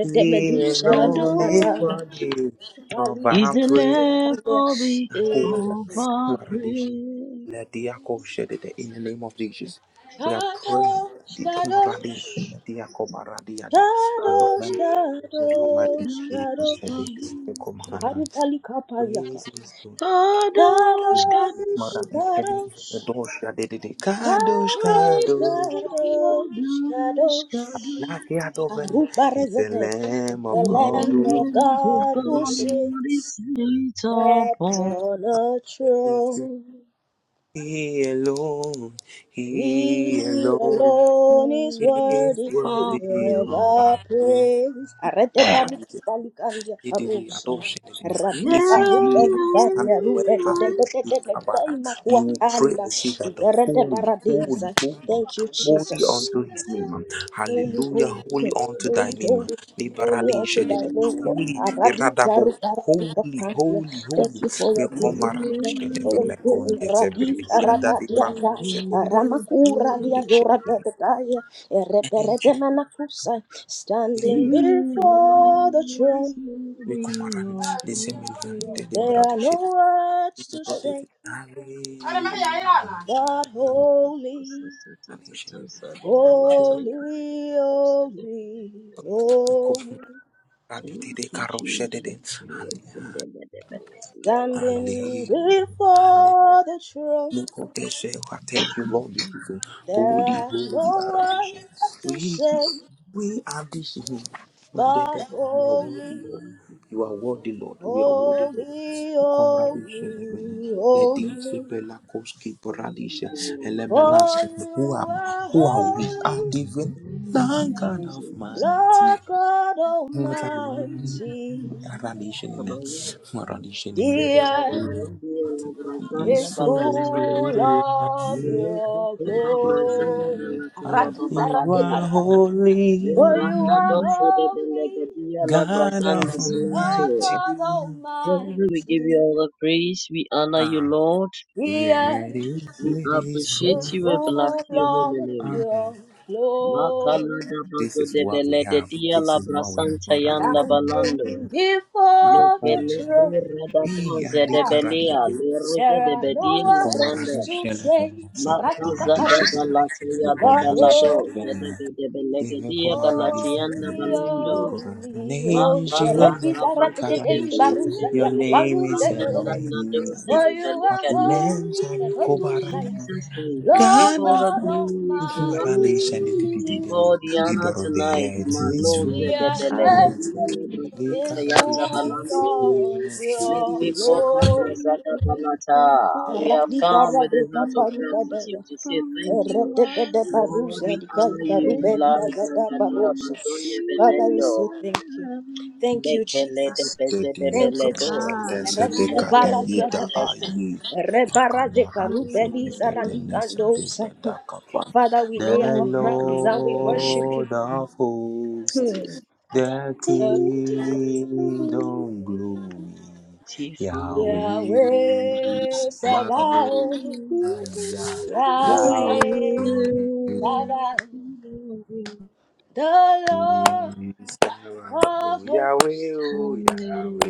Speaker 2: He
Speaker 3: Kadosh,
Speaker 2: alone is
Speaker 3: Kadosh,
Speaker 2: worthy of
Speaker 3: is
Speaker 2: our
Speaker 3: the
Speaker 2: praise.
Speaker 3: lamp
Speaker 1: Baliakusadabada.
Speaker 3: of the
Speaker 1: Eh,
Speaker 2: Akuwada,
Speaker 3: of our
Speaker 2: Maradish,
Speaker 3: praise.
Speaker 2: Lediako, Shedede. In the name of Jesus, we are praying.
Speaker 1: Shadow,
Speaker 2: Did
Speaker 1: shadow,
Speaker 2: Maradish, Lediako,
Speaker 3: Kadosh,
Speaker 1: shadow,
Speaker 2: Maradiade. Oh,
Speaker 3: Kadosh,
Speaker 2: somebody
Speaker 1: shadow,
Speaker 2: is being of
Speaker 1: shadow.
Speaker 2: shedding. You come Hanan.
Speaker 1: Akarubali kapariaka.
Speaker 2: Praise his good
Speaker 3: Kadosh. Kadosh,
Speaker 2: name.
Speaker 1: Shadow,
Speaker 3: Kadosh,
Speaker 2: Maran is shedding.
Speaker 1: shadow,
Speaker 2: The
Speaker 1: shadow,
Speaker 2: door shedding. Kadosh, Kadosh.
Speaker 1: shadow, shadow.
Speaker 3: Kadosh, Kadosh,
Speaker 2: Lakia Dovene is the
Speaker 1: Karubarezete,
Speaker 2: Lamb
Speaker 1: The
Speaker 2: of
Speaker 3: The
Speaker 2: God
Speaker 1: Lamb of
Speaker 2: who
Speaker 1: God who
Speaker 2: is shedding.
Speaker 3: God
Speaker 1: sits
Speaker 3: is lit upon
Speaker 1: upon a throne.
Speaker 2: He alone, he
Speaker 1: He
Speaker 2: alone
Speaker 1: alone is
Speaker 2: is
Speaker 1: worthy
Speaker 3: for
Speaker 2: worthy
Speaker 1: of
Speaker 2: of
Speaker 3: prayer.
Speaker 2: our
Speaker 1: our praise. Arete paru
Speaker 2: praise.
Speaker 1: balikandia parusa. Rati
Speaker 2: If you
Speaker 1: paru
Speaker 2: really
Speaker 1: balikandia
Speaker 2: understand the word
Speaker 1: rube de de de de de de de de
Speaker 2: Kadosh,
Speaker 1: ima
Speaker 2: you will pray
Speaker 1: kuatanda.
Speaker 2: and say that the
Speaker 1: Iberede
Speaker 2: holy,
Speaker 1: paradisa.
Speaker 2: holy, holy,
Speaker 1: Thank you,
Speaker 2: holy
Speaker 1: Jesus.
Speaker 2: unto his name.
Speaker 1: Holy,
Speaker 2: Hallelujah,
Speaker 1: holy,
Speaker 2: holy
Speaker 1: holy,
Speaker 2: unto thy
Speaker 1: holy,
Speaker 2: name.
Speaker 1: holy holy,
Speaker 2: Liberade
Speaker 1: unto thy
Speaker 2: shede.
Speaker 1: name, Lord.
Speaker 2: Holy,
Speaker 1: Aradi
Speaker 2: iradabo.
Speaker 1: zaru parapika
Speaker 2: Holy,
Speaker 1: pandia.
Speaker 2: holy, holy.
Speaker 1: Thank you for
Speaker 2: Me
Speaker 1: your
Speaker 3: He's the
Speaker 1: glory.
Speaker 2: komara
Speaker 1: Thank you
Speaker 2: shede
Speaker 1: for
Speaker 3: man who
Speaker 1: your
Speaker 2: vele
Speaker 1: glory.
Speaker 3: can
Speaker 2: konde
Speaker 1: Radis
Speaker 2: zebele
Speaker 3: see
Speaker 2: yada
Speaker 1: arabadia
Speaker 3: through
Speaker 2: divano
Speaker 1: zai.
Speaker 2: shede.
Speaker 3: the
Speaker 1: Aramakura
Speaker 3: truth.
Speaker 1: lia
Speaker 2: Orade
Speaker 1: zora
Speaker 2: shede.
Speaker 1: dadadaya. Ereberede
Speaker 2: Angel,
Speaker 1: manakusai.
Speaker 3: He is
Speaker 1: Standing
Speaker 2: me
Speaker 1: before the throne,
Speaker 3: worthy
Speaker 2: komara.
Speaker 3: of all
Speaker 2: Listen, me
Speaker 3: praise.
Speaker 1: there are no
Speaker 2: they
Speaker 1: words to
Speaker 2: Ali,
Speaker 1: say, but holy, holy, holy, holy.
Speaker 3: Thank you, Jesus. Thank you,
Speaker 1: Standing
Speaker 2: Ali, Ali,
Speaker 1: before the throne,
Speaker 2: I Thank you, Lord. this is a
Speaker 1: there
Speaker 2: Holy,
Speaker 1: are no
Speaker 2: holy adoration.
Speaker 1: words to
Speaker 2: We,
Speaker 1: say
Speaker 2: we are this him. And then
Speaker 1: but
Speaker 2: that you are worthy,
Speaker 1: holy,
Speaker 2: Lord. You are
Speaker 3: Father.
Speaker 2: worthy, Lord. We are worthy, Lord.
Speaker 1: holy,
Speaker 2: Mukomra
Speaker 3: Thank
Speaker 2: Deshe
Speaker 3: you,
Speaker 2: Lebene.
Speaker 1: holy,
Speaker 3: Jesus.
Speaker 2: Let the
Speaker 1: holy.
Speaker 2: Isabella Koski Paradisha
Speaker 3: Hallelujah.
Speaker 1: For
Speaker 2: Elemenas. Who
Speaker 1: you
Speaker 2: am
Speaker 1: are
Speaker 2: who are we? Are
Speaker 1: holy,
Speaker 2: even
Speaker 3: Thank you,
Speaker 2: thank God of
Speaker 3: Jesus.
Speaker 2: mighty.
Speaker 1: Lord God
Speaker 2: What a mighty
Speaker 1: Almighty.
Speaker 2: adoration in
Speaker 3: Kabayo,
Speaker 2: it. Adoration in
Speaker 1: The
Speaker 3: Zede
Speaker 2: it.
Speaker 3: Bede
Speaker 1: earth
Speaker 3: Belundi,
Speaker 2: Is
Speaker 3: Labrazanda
Speaker 1: is
Speaker 3: Balanto,
Speaker 1: full
Speaker 2: full.
Speaker 1: of
Speaker 3: Meleke
Speaker 1: your
Speaker 2: Ah,
Speaker 3: Teka Brazanda
Speaker 1: glory.
Speaker 3: Belataya da
Speaker 1: Ragiza
Speaker 2: you
Speaker 3: Baladia,
Speaker 2: are
Speaker 1: For
Speaker 2: holy,
Speaker 1: you
Speaker 3: Veranda
Speaker 1: are
Speaker 3: Dose de
Speaker 1: holy.
Speaker 3: Belegadia
Speaker 2: God
Speaker 3: Labrazanda
Speaker 1: Lord
Speaker 2: Almighty.
Speaker 3: Belanto.
Speaker 1: God
Speaker 3: Father, we give
Speaker 1: Almighty,
Speaker 3: you all the praise, we honor you,
Speaker 2: Ah,
Speaker 3: Lord,
Speaker 1: the
Speaker 2: here it
Speaker 1: earth
Speaker 2: is,
Speaker 3: we
Speaker 2: it is
Speaker 3: appreciate
Speaker 2: full.
Speaker 1: is
Speaker 3: you, we bless
Speaker 1: full
Speaker 3: your holy
Speaker 1: of
Speaker 2: Ah,
Speaker 3: name.
Speaker 1: your glory.
Speaker 3: Makala da
Speaker 2: this
Speaker 3: Bazo
Speaker 2: is
Speaker 3: de
Speaker 2: what we have.
Speaker 3: Belegadia
Speaker 2: This is what we have.
Speaker 3: Labrasanta
Speaker 2: Maradi,
Speaker 3: Yanda Balando.
Speaker 1: Standing before
Speaker 2: Arapon.
Speaker 1: your throne,
Speaker 2: Hey,
Speaker 3: Levelocoradadoze
Speaker 2: Adi
Speaker 3: de
Speaker 1: God,
Speaker 2: Karadi,
Speaker 3: Belia,
Speaker 2: Adi.
Speaker 3: Lerose
Speaker 1: there
Speaker 3: de
Speaker 1: are no
Speaker 3: Bedia
Speaker 1: words
Speaker 3: Legrande,
Speaker 1: to say.
Speaker 2: Shelevena, Sepe,
Speaker 1: Aratika
Speaker 3: Macaza
Speaker 2: Maradi,
Speaker 3: da
Speaker 2: Shelevena.
Speaker 1: parusi,
Speaker 2: You
Speaker 3: Balatia da
Speaker 1: the
Speaker 3: Balado,
Speaker 1: holy
Speaker 2: Shelevena.
Speaker 3: Zedebe de Belegadia
Speaker 2: Irokomaradisaka.
Speaker 3: Galatiana
Speaker 1: Holy,
Speaker 3: Balando,
Speaker 2: Because Your
Speaker 1: holy,
Speaker 2: name is
Speaker 1: holy.
Speaker 3: Macala
Speaker 2: Jehovah
Speaker 1: Rekisa
Speaker 2: the
Speaker 3: Rabasa
Speaker 1: rakitete
Speaker 3: de
Speaker 2: Karabeshan.
Speaker 1: barusa
Speaker 2: Your
Speaker 1: dia
Speaker 3: Belegadia,
Speaker 2: name
Speaker 1: kaparusa.
Speaker 2: is
Speaker 3: Randana
Speaker 2: Elohim.
Speaker 3: Dose
Speaker 1: For
Speaker 3: de
Speaker 1: you are
Speaker 3: Belicadia.
Speaker 1: holy
Speaker 2: Abimensa di
Speaker 1: and
Speaker 2: Kobaradi.
Speaker 1: Adusaya,
Speaker 3: Jesus, thank you. Take
Speaker 1: Lord
Speaker 3: all
Speaker 2: Ghana.
Speaker 3: the
Speaker 1: God
Speaker 2: for
Speaker 3: glory tonight.
Speaker 2: Maradishan
Speaker 1: Almighty.
Speaker 2: di di di di
Speaker 3: Take all
Speaker 2: di.
Speaker 3: the
Speaker 2: The
Speaker 3: honor
Speaker 2: door of the
Speaker 3: tonight.
Speaker 2: earth
Speaker 3: My
Speaker 2: is
Speaker 3: Lord,
Speaker 1: The
Speaker 2: full.
Speaker 3: Zedebele de
Speaker 2: You will
Speaker 1: earth
Speaker 3: Belegadia
Speaker 2: take the
Speaker 3: Legrosanta
Speaker 1: is
Speaker 3: Yanda
Speaker 1: full
Speaker 2: Karabeshan.
Speaker 3: Balando.
Speaker 1: of
Speaker 2: Lebanon should be
Speaker 1: your
Speaker 2: this.
Speaker 3: Mikiko Kabrazada
Speaker 1: glory.
Speaker 3: Balata. We have
Speaker 1: Radi
Speaker 3: come
Speaker 1: dara
Speaker 3: with
Speaker 1: de
Speaker 3: a heart of
Speaker 1: kaparu
Speaker 3: gratitude to say thank you.
Speaker 1: Erededede
Speaker 3: Lord,
Speaker 1: baruza
Speaker 3: we honor
Speaker 1: dikaika
Speaker 3: you, blood
Speaker 1: rubelia zada
Speaker 3: Nagada
Speaker 1: baruza.
Speaker 3: Bazonde
Speaker 1: Father, we
Speaker 3: Belendo.
Speaker 1: say thank you. Thank you,
Speaker 3: Mekele de
Speaker 1: Jesus.
Speaker 2: de
Speaker 3: Beze de
Speaker 2: dia
Speaker 1: Thank you,
Speaker 3: Beledo.
Speaker 2: camara
Speaker 1: Jesus.
Speaker 2: desa de
Speaker 3: Lerunda
Speaker 1: Eradiku
Speaker 3: Doze
Speaker 1: barazia
Speaker 2: cadita
Speaker 3: de
Speaker 1: zada.
Speaker 2: aí a
Speaker 1: Rebaraze
Speaker 2: camara de gente
Speaker 1: karubeli
Speaker 2: de nessa
Speaker 1: zaradikando
Speaker 2: de da
Speaker 1: se.
Speaker 2: da capa
Speaker 1: Father, we
Speaker 2: the
Speaker 1: lay our crowns and we worship you.
Speaker 2: Lord of hosts
Speaker 1: Hmm.
Speaker 2: the
Speaker 1: Lord,
Speaker 2: kingdom glory Yahweh
Speaker 1: Yahweh
Speaker 2: Sabaoth
Speaker 1: Sabaoth,
Speaker 2: Yahweh
Speaker 1: Yahweh
Speaker 3: Beleti
Speaker 1: Sabaoth,
Speaker 3: Father.
Speaker 1: the Lord
Speaker 2: Sabaoth,
Speaker 1: of hosts.
Speaker 2: Yahweh, oh,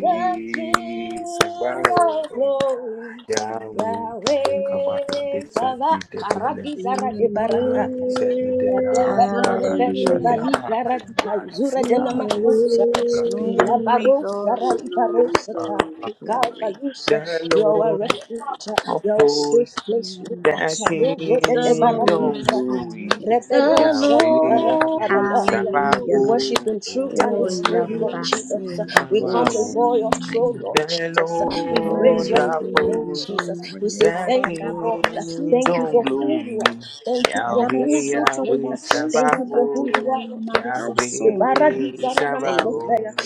Speaker 1: the King
Speaker 2: Sabaoth,
Speaker 1: of
Speaker 2: oh,
Speaker 1: glory,
Speaker 2: Yahweh, the Kabata, the
Speaker 1: Yahweh, Sava,
Speaker 2: Sadi, the Bele,
Speaker 1: Karadi Zara de Barataya.
Speaker 2: the Sadi, the
Speaker 3: Yahweh,
Speaker 2: Kadi, Kara, the
Speaker 3: Sabaoth,
Speaker 2: Shada,
Speaker 1: Revegali garadika
Speaker 2: Ayan,
Speaker 1: zura dena
Speaker 2: Ades,
Speaker 1: makusa
Speaker 2: the
Speaker 1: ila
Speaker 2: Yada,
Speaker 3: Yahweh.
Speaker 1: barosa ra ibarosa ta kika balusa you
Speaker 2: the
Speaker 1: are our
Speaker 2: Lord
Speaker 1: refuge you are a
Speaker 2: of
Speaker 1: safe place with the
Speaker 2: Thy
Speaker 1: karuza de de
Speaker 2: kingdom
Speaker 1: baradiza
Speaker 3: Sabaoth,
Speaker 2: glory,
Speaker 3: the
Speaker 1: Reberosa di
Speaker 2: Yahweh
Speaker 1: baradi
Speaker 3: Lord
Speaker 2: Yahweh
Speaker 3: of
Speaker 1: baradaya. We
Speaker 3: glory,
Speaker 2: Sabaoth,
Speaker 1: worship in truth and in
Speaker 3: the
Speaker 1: spirit,
Speaker 2: Yahweh
Speaker 1: Lord
Speaker 3: Lord
Speaker 1: Jesus. We come
Speaker 2: Sabaoth.
Speaker 1: before your throne,
Speaker 3: Sabaoth,
Speaker 1: Lord
Speaker 2: The
Speaker 1: Jesus. We praise
Speaker 2: Lord
Speaker 1: your
Speaker 2: of
Speaker 1: holy
Speaker 3: Yahweh,
Speaker 1: name,
Speaker 2: hosts,
Speaker 1: Jesus. We say
Speaker 2: Thy
Speaker 1: thank you, Lord.
Speaker 2: kingdom
Speaker 1: Thank you for who you
Speaker 2: glory,
Speaker 1: are. Thank you for who
Speaker 2: Yahweh
Speaker 1: you are, Lord.
Speaker 2: Yahweh
Speaker 1: Thank you for who you
Speaker 2: Sabaoth,
Speaker 1: are, Lord Jesus. Ibaradi
Speaker 2: Yahweh
Speaker 1: zarana makupaya.
Speaker 2: Sabaoth.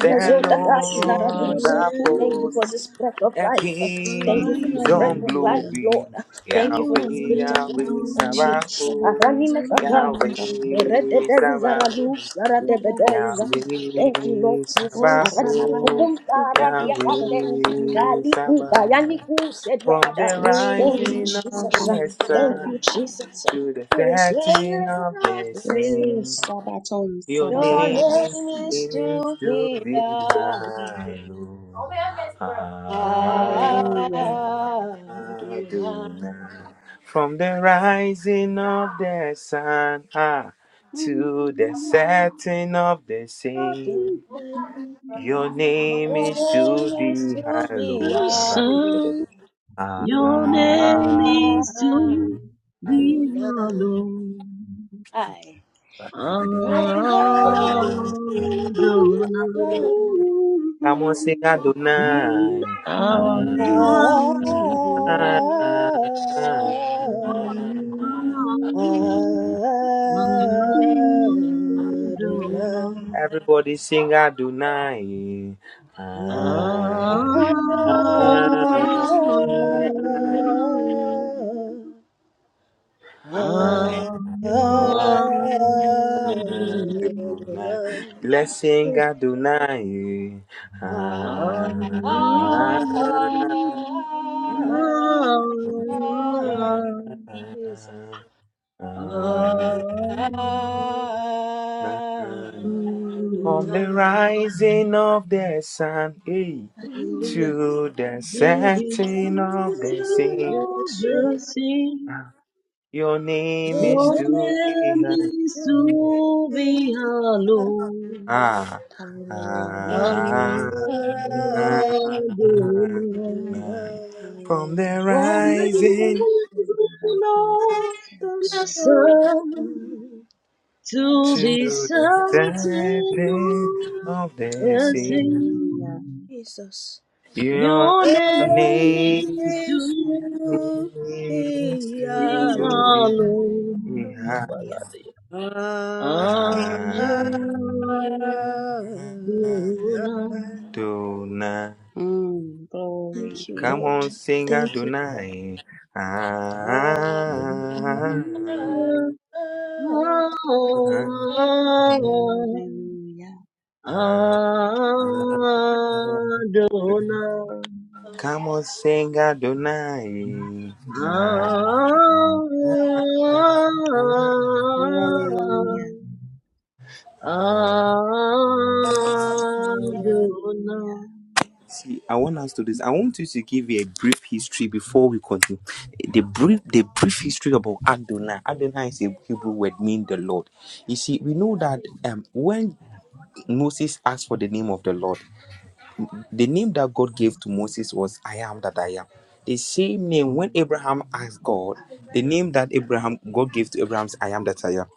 Speaker 2: The
Speaker 1: dakai
Speaker 2: Lord
Speaker 1: zaradusa.
Speaker 2: of
Speaker 1: Thank you
Speaker 3: Yahweh,
Speaker 2: hosts,
Speaker 1: for this breath of
Speaker 2: a
Speaker 1: life. Thank you for this breath
Speaker 2: kingdom
Speaker 3: Sabaoth,
Speaker 1: of life,
Speaker 2: glory.
Speaker 1: Lord. Thank you for this
Speaker 2: Yahweh,
Speaker 1: gift
Speaker 3: Yahweh,
Speaker 1: of life.
Speaker 2: Yahweh,
Speaker 1: Oh Jesus,
Speaker 2: Sabaoth.
Speaker 1: Arani makapaya.
Speaker 2: Yahweh,
Speaker 1: Rededei
Speaker 2: Sabaoth.
Speaker 1: zaradusa. Radebedei za- Thank you, Lord
Speaker 2: Yahweh,
Speaker 1: Jesus. Aradi
Speaker 2: Sabaoth.
Speaker 1: kukumta, aradi akande.
Speaker 2: Yahweh,
Speaker 1: Galiku
Speaker 2: Sabaoth.
Speaker 1: bayaniku said
Speaker 2: From
Speaker 1: Yakada.
Speaker 2: the
Speaker 1: Thank you,
Speaker 2: rising of
Speaker 1: Jesus.
Speaker 2: the
Speaker 1: Thank you,
Speaker 2: sun
Speaker 1: Jesus.
Speaker 2: to the
Speaker 1: This
Speaker 2: setting
Speaker 1: name
Speaker 2: of the
Speaker 1: is
Speaker 2: same, your
Speaker 1: your
Speaker 2: name
Speaker 1: name is
Speaker 2: is
Speaker 1: to
Speaker 2: to
Speaker 1: be
Speaker 2: be
Speaker 1: Adonai.
Speaker 2: hallowed. Adonai. From the rising of the sun ah, to the setting of the same, your name
Speaker 1: Your
Speaker 2: is to
Speaker 1: name is
Speaker 2: be
Speaker 1: to be
Speaker 2: hallowed.
Speaker 3: the
Speaker 1: Adonai.
Speaker 3: Son,
Speaker 2: Radishadada.
Speaker 3: your name
Speaker 2: Adonai.
Speaker 3: is to be hallowed.
Speaker 1: I. And
Speaker 3: Adonai.
Speaker 1: I
Speaker 2: Adonai.
Speaker 1: love
Speaker 2: Come on, sing
Speaker 1: the
Speaker 3: Thank you, Jesus.
Speaker 2: Adonai. Adonai. Everybody sing Adonai. Ah, ah, ah, ah, Adonai. Let's sing Adonai.
Speaker 3: Ah,
Speaker 2: Ah, ah, ah, ah, ah.
Speaker 3: ah,
Speaker 1: Ah,
Speaker 3: ah, ah,
Speaker 1: Adonai.
Speaker 3: ah. To be
Speaker 2: From the
Speaker 3: certain of
Speaker 2: rising of the sun, hey.
Speaker 1: Hallelujah.
Speaker 2: To the
Speaker 1: Let
Speaker 2: setting of
Speaker 1: the
Speaker 2: the
Speaker 1: Lord,
Speaker 2: sun,
Speaker 1: you
Speaker 3: the
Speaker 1: strength,
Speaker 3: thing,
Speaker 2: ah, your name
Speaker 1: your
Speaker 2: is
Speaker 3: your
Speaker 2: to
Speaker 1: name
Speaker 2: be heard.
Speaker 3: name is
Speaker 1: to
Speaker 3: to
Speaker 1: be
Speaker 3: be hallowed.
Speaker 1: hallowed.
Speaker 2: Ah, ah,
Speaker 3: Adonai.
Speaker 2: ah,
Speaker 1: Adonai.
Speaker 2: ah. From the
Speaker 3: From the
Speaker 2: rising
Speaker 3: rising
Speaker 1: The
Speaker 3: of the
Speaker 1: Son,
Speaker 3: sun
Speaker 1: of
Speaker 3: to
Speaker 2: to
Speaker 3: the
Speaker 2: the
Speaker 3: setting
Speaker 2: setting
Speaker 3: of
Speaker 2: of the
Speaker 3: the
Speaker 2: sea,
Speaker 3: sea.
Speaker 1: Jesus.
Speaker 2: your
Speaker 3: Your
Speaker 1: your
Speaker 3: name
Speaker 1: name
Speaker 2: name
Speaker 3: is
Speaker 1: is
Speaker 3: to
Speaker 1: to
Speaker 2: is
Speaker 1: be
Speaker 3: be
Speaker 2: to be heard.
Speaker 3: hallowed.
Speaker 2: Ah,
Speaker 3: Kumbaladia.
Speaker 1: Adonai.
Speaker 2: ah,
Speaker 1: Thank
Speaker 2: ah. Tonight.
Speaker 1: you,
Speaker 2: Come
Speaker 1: Lord.
Speaker 2: on, sing
Speaker 1: Thank you, Lord.
Speaker 2: Adonai. Ah, ah, ah, ah.
Speaker 3: Adonai.
Speaker 2: Come on, sing Adonai. Ah.
Speaker 3: Adonai,
Speaker 2: See, I want us to this. I want you to give you a brief history before we continue. The brief, the brief history about Adonai. Adonai is a Hebrew word meaning the Lord. You see, we know that um, when Moses asked for the name of the Lord, The name that God gave to Moses was I am that I am. The same name when Abraham asked God, the name that Abraham God gave to Abraham is I am that I am.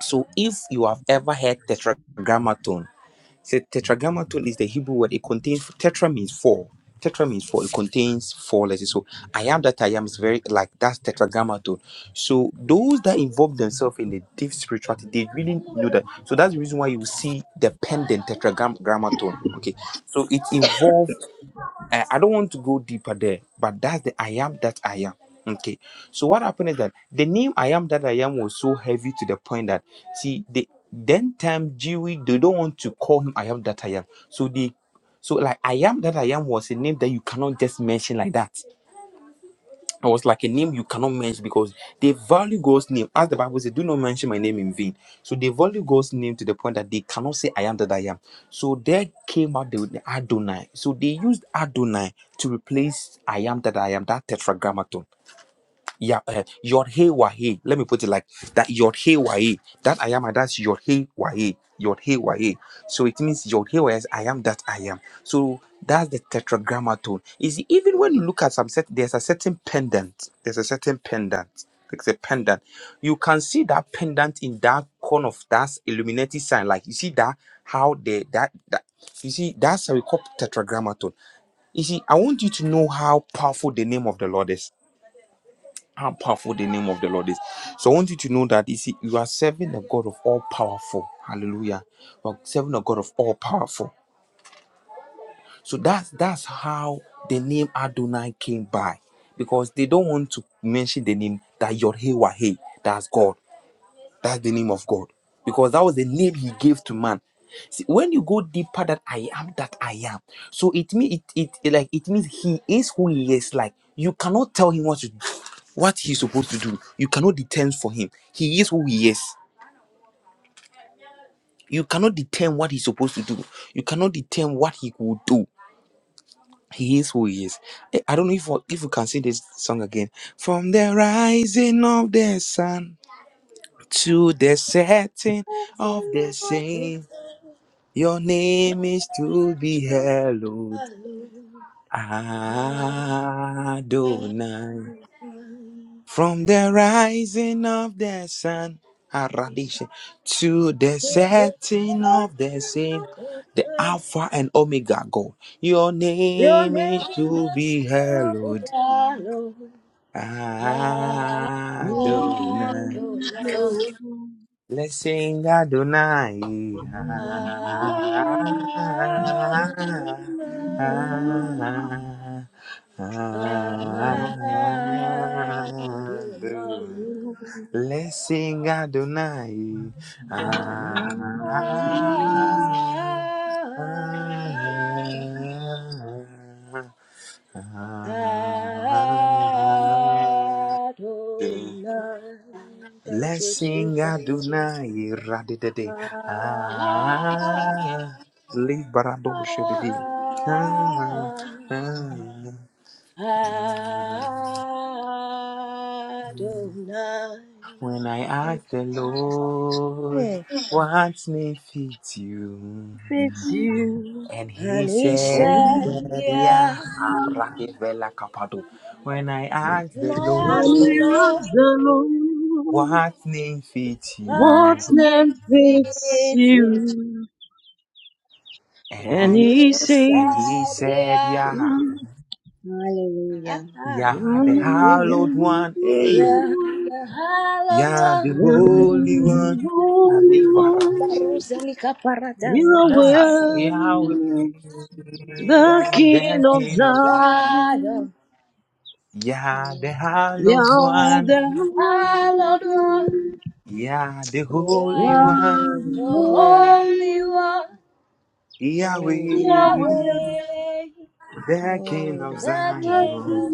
Speaker 2: So if you have ever heard tetragrammaton, so tetragrammaton is the Hebrew word. It contains tetra means four. Tetra means four. It contains four letters. So I am that I am is very like that's tetragrammaton. So those that involve themselves in the deep spirituality, they really know that. So that's the reason why you see the pendant tetragrammaton. Okay. So it involves I, I don't want to go deeper there, but that's the I am that I am. Okay. So what happened is that the name I am that I am was so heavy to the point that see the then time Jewy they don't want to call him I am that I am. So they so like I am that I am was a name that you cannot just mention like that. I was like a name you cannot mention because they value God's name. As the Bible says, do not mention my name in vain. So they value God's name to the point that they cannot say I am that I am. So there came out the the Adonai. So they used Adonai to replace I am that I am, that tetragrammaton yeah, uh, Yod Hey Wahe. Let me put it like that. Yod Hey Wahe. That I am, and that's Yod Hey Wahe. Yod Hey Wahe. So it means Yod Hey Wahe is I am that I am. So that's the tetragrammaton. Is even when you look at some set, there's a certain pendant. There's a certain pendant. There's a pendant. You can see that pendant in that corner of that illuminated sign. Like you see that how the that that you see that's how we call tetragrammaton. You see, I want you to know how powerful the name of the Lord is how powerful the name of the Lord is. So I want you to know that you see, you are serving a God of all powerful. Hallelujah. You are serving a God of all powerful. So that's that's how the name Adonai came by. Because they don't want to mention the name that Yod Hey That's God. That's the name of God. Because that was the name he gave to man. See, when you go deeper that I am that I am. So it means it, it like it means he is who he is. Like you cannot tell him what to do, what he's supposed to do. You cannot determine for him. He is who he is. You cannot determine what he's supposed to do. You cannot determine what he will do. He is who he is. Eh, I don't know if if you can sing this song again. From the rising of the sun to the setting of the same. Your name is to be hallowed, Adonai. From the rising of the sun, Aradisha, to the setting of the same, the Alpha and Omega God. Your
Speaker 1: Your
Speaker 2: name
Speaker 1: name
Speaker 2: is to
Speaker 1: is
Speaker 2: be
Speaker 1: to
Speaker 2: hallowed,
Speaker 1: be honored. Adonai.
Speaker 2: Adonai.
Speaker 3: Adonai,
Speaker 2: Blessing Adonai. Ah, ah, ah, ah, ah, do.
Speaker 1: Adonai.
Speaker 2: Blessing Adonai. Ah,
Speaker 1: Adonai.
Speaker 2: ah, ah, ah, ah, ah, ah.
Speaker 1: Thank
Speaker 2: Let's
Speaker 1: you,
Speaker 2: sing
Speaker 1: Jesus.
Speaker 2: Adonai Radidede.
Speaker 1: Thank
Speaker 2: Ah, Librado Shedidi. Ah, ah. When I ask the Lord, what may fit you?
Speaker 3: fits you,
Speaker 2: And he said,
Speaker 3: and we
Speaker 2: that,
Speaker 1: you.
Speaker 2: yeah, Aragivela Kapado. When I asked
Speaker 1: When
Speaker 2: the
Speaker 1: I asked
Speaker 3: and
Speaker 1: the
Speaker 2: Lord,
Speaker 1: Lord,
Speaker 3: the Lord,
Speaker 2: what name fits
Speaker 1: what
Speaker 3: what
Speaker 2: you?
Speaker 1: if
Speaker 3: name fits
Speaker 1: it is?
Speaker 3: you?
Speaker 2: And
Speaker 3: And
Speaker 1: And
Speaker 2: we,
Speaker 1: he
Speaker 3: he
Speaker 2: and he
Speaker 1: said,
Speaker 3: says,
Speaker 2: said,
Speaker 1: yeah.
Speaker 2: yeah.
Speaker 3: "I
Speaker 2: Yah, the
Speaker 3: am
Speaker 1: Hallelujah.
Speaker 2: hallowed
Speaker 3: the
Speaker 2: one. Hey.
Speaker 3: Holy
Speaker 1: Yeah,
Speaker 3: One,
Speaker 1: hallowed
Speaker 2: Yah, the
Speaker 1: one.
Speaker 3: I
Speaker 2: holy
Speaker 3: am
Speaker 2: one.
Speaker 3: the Holy
Speaker 2: Alibaration.
Speaker 3: One, We are
Speaker 1: Kaparataza.
Speaker 2: Ah, Yahweh,
Speaker 3: worthy, the King
Speaker 2: the
Speaker 3: of
Speaker 2: King of God.
Speaker 3: Zion.
Speaker 2: Yah, the hallowed
Speaker 3: are
Speaker 2: one.
Speaker 3: the
Speaker 1: Hallelujah,
Speaker 2: Yah, the
Speaker 1: you
Speaker 2: holy
Speaker 1: are
Speaker 2: one.
Speaker 1: the Holy One.
Speaker 2: Yahweh,
Speaker 1: Hallelujah,
Speaker 2: the King of
Speaker 1: praise
Speaker 2: Zion.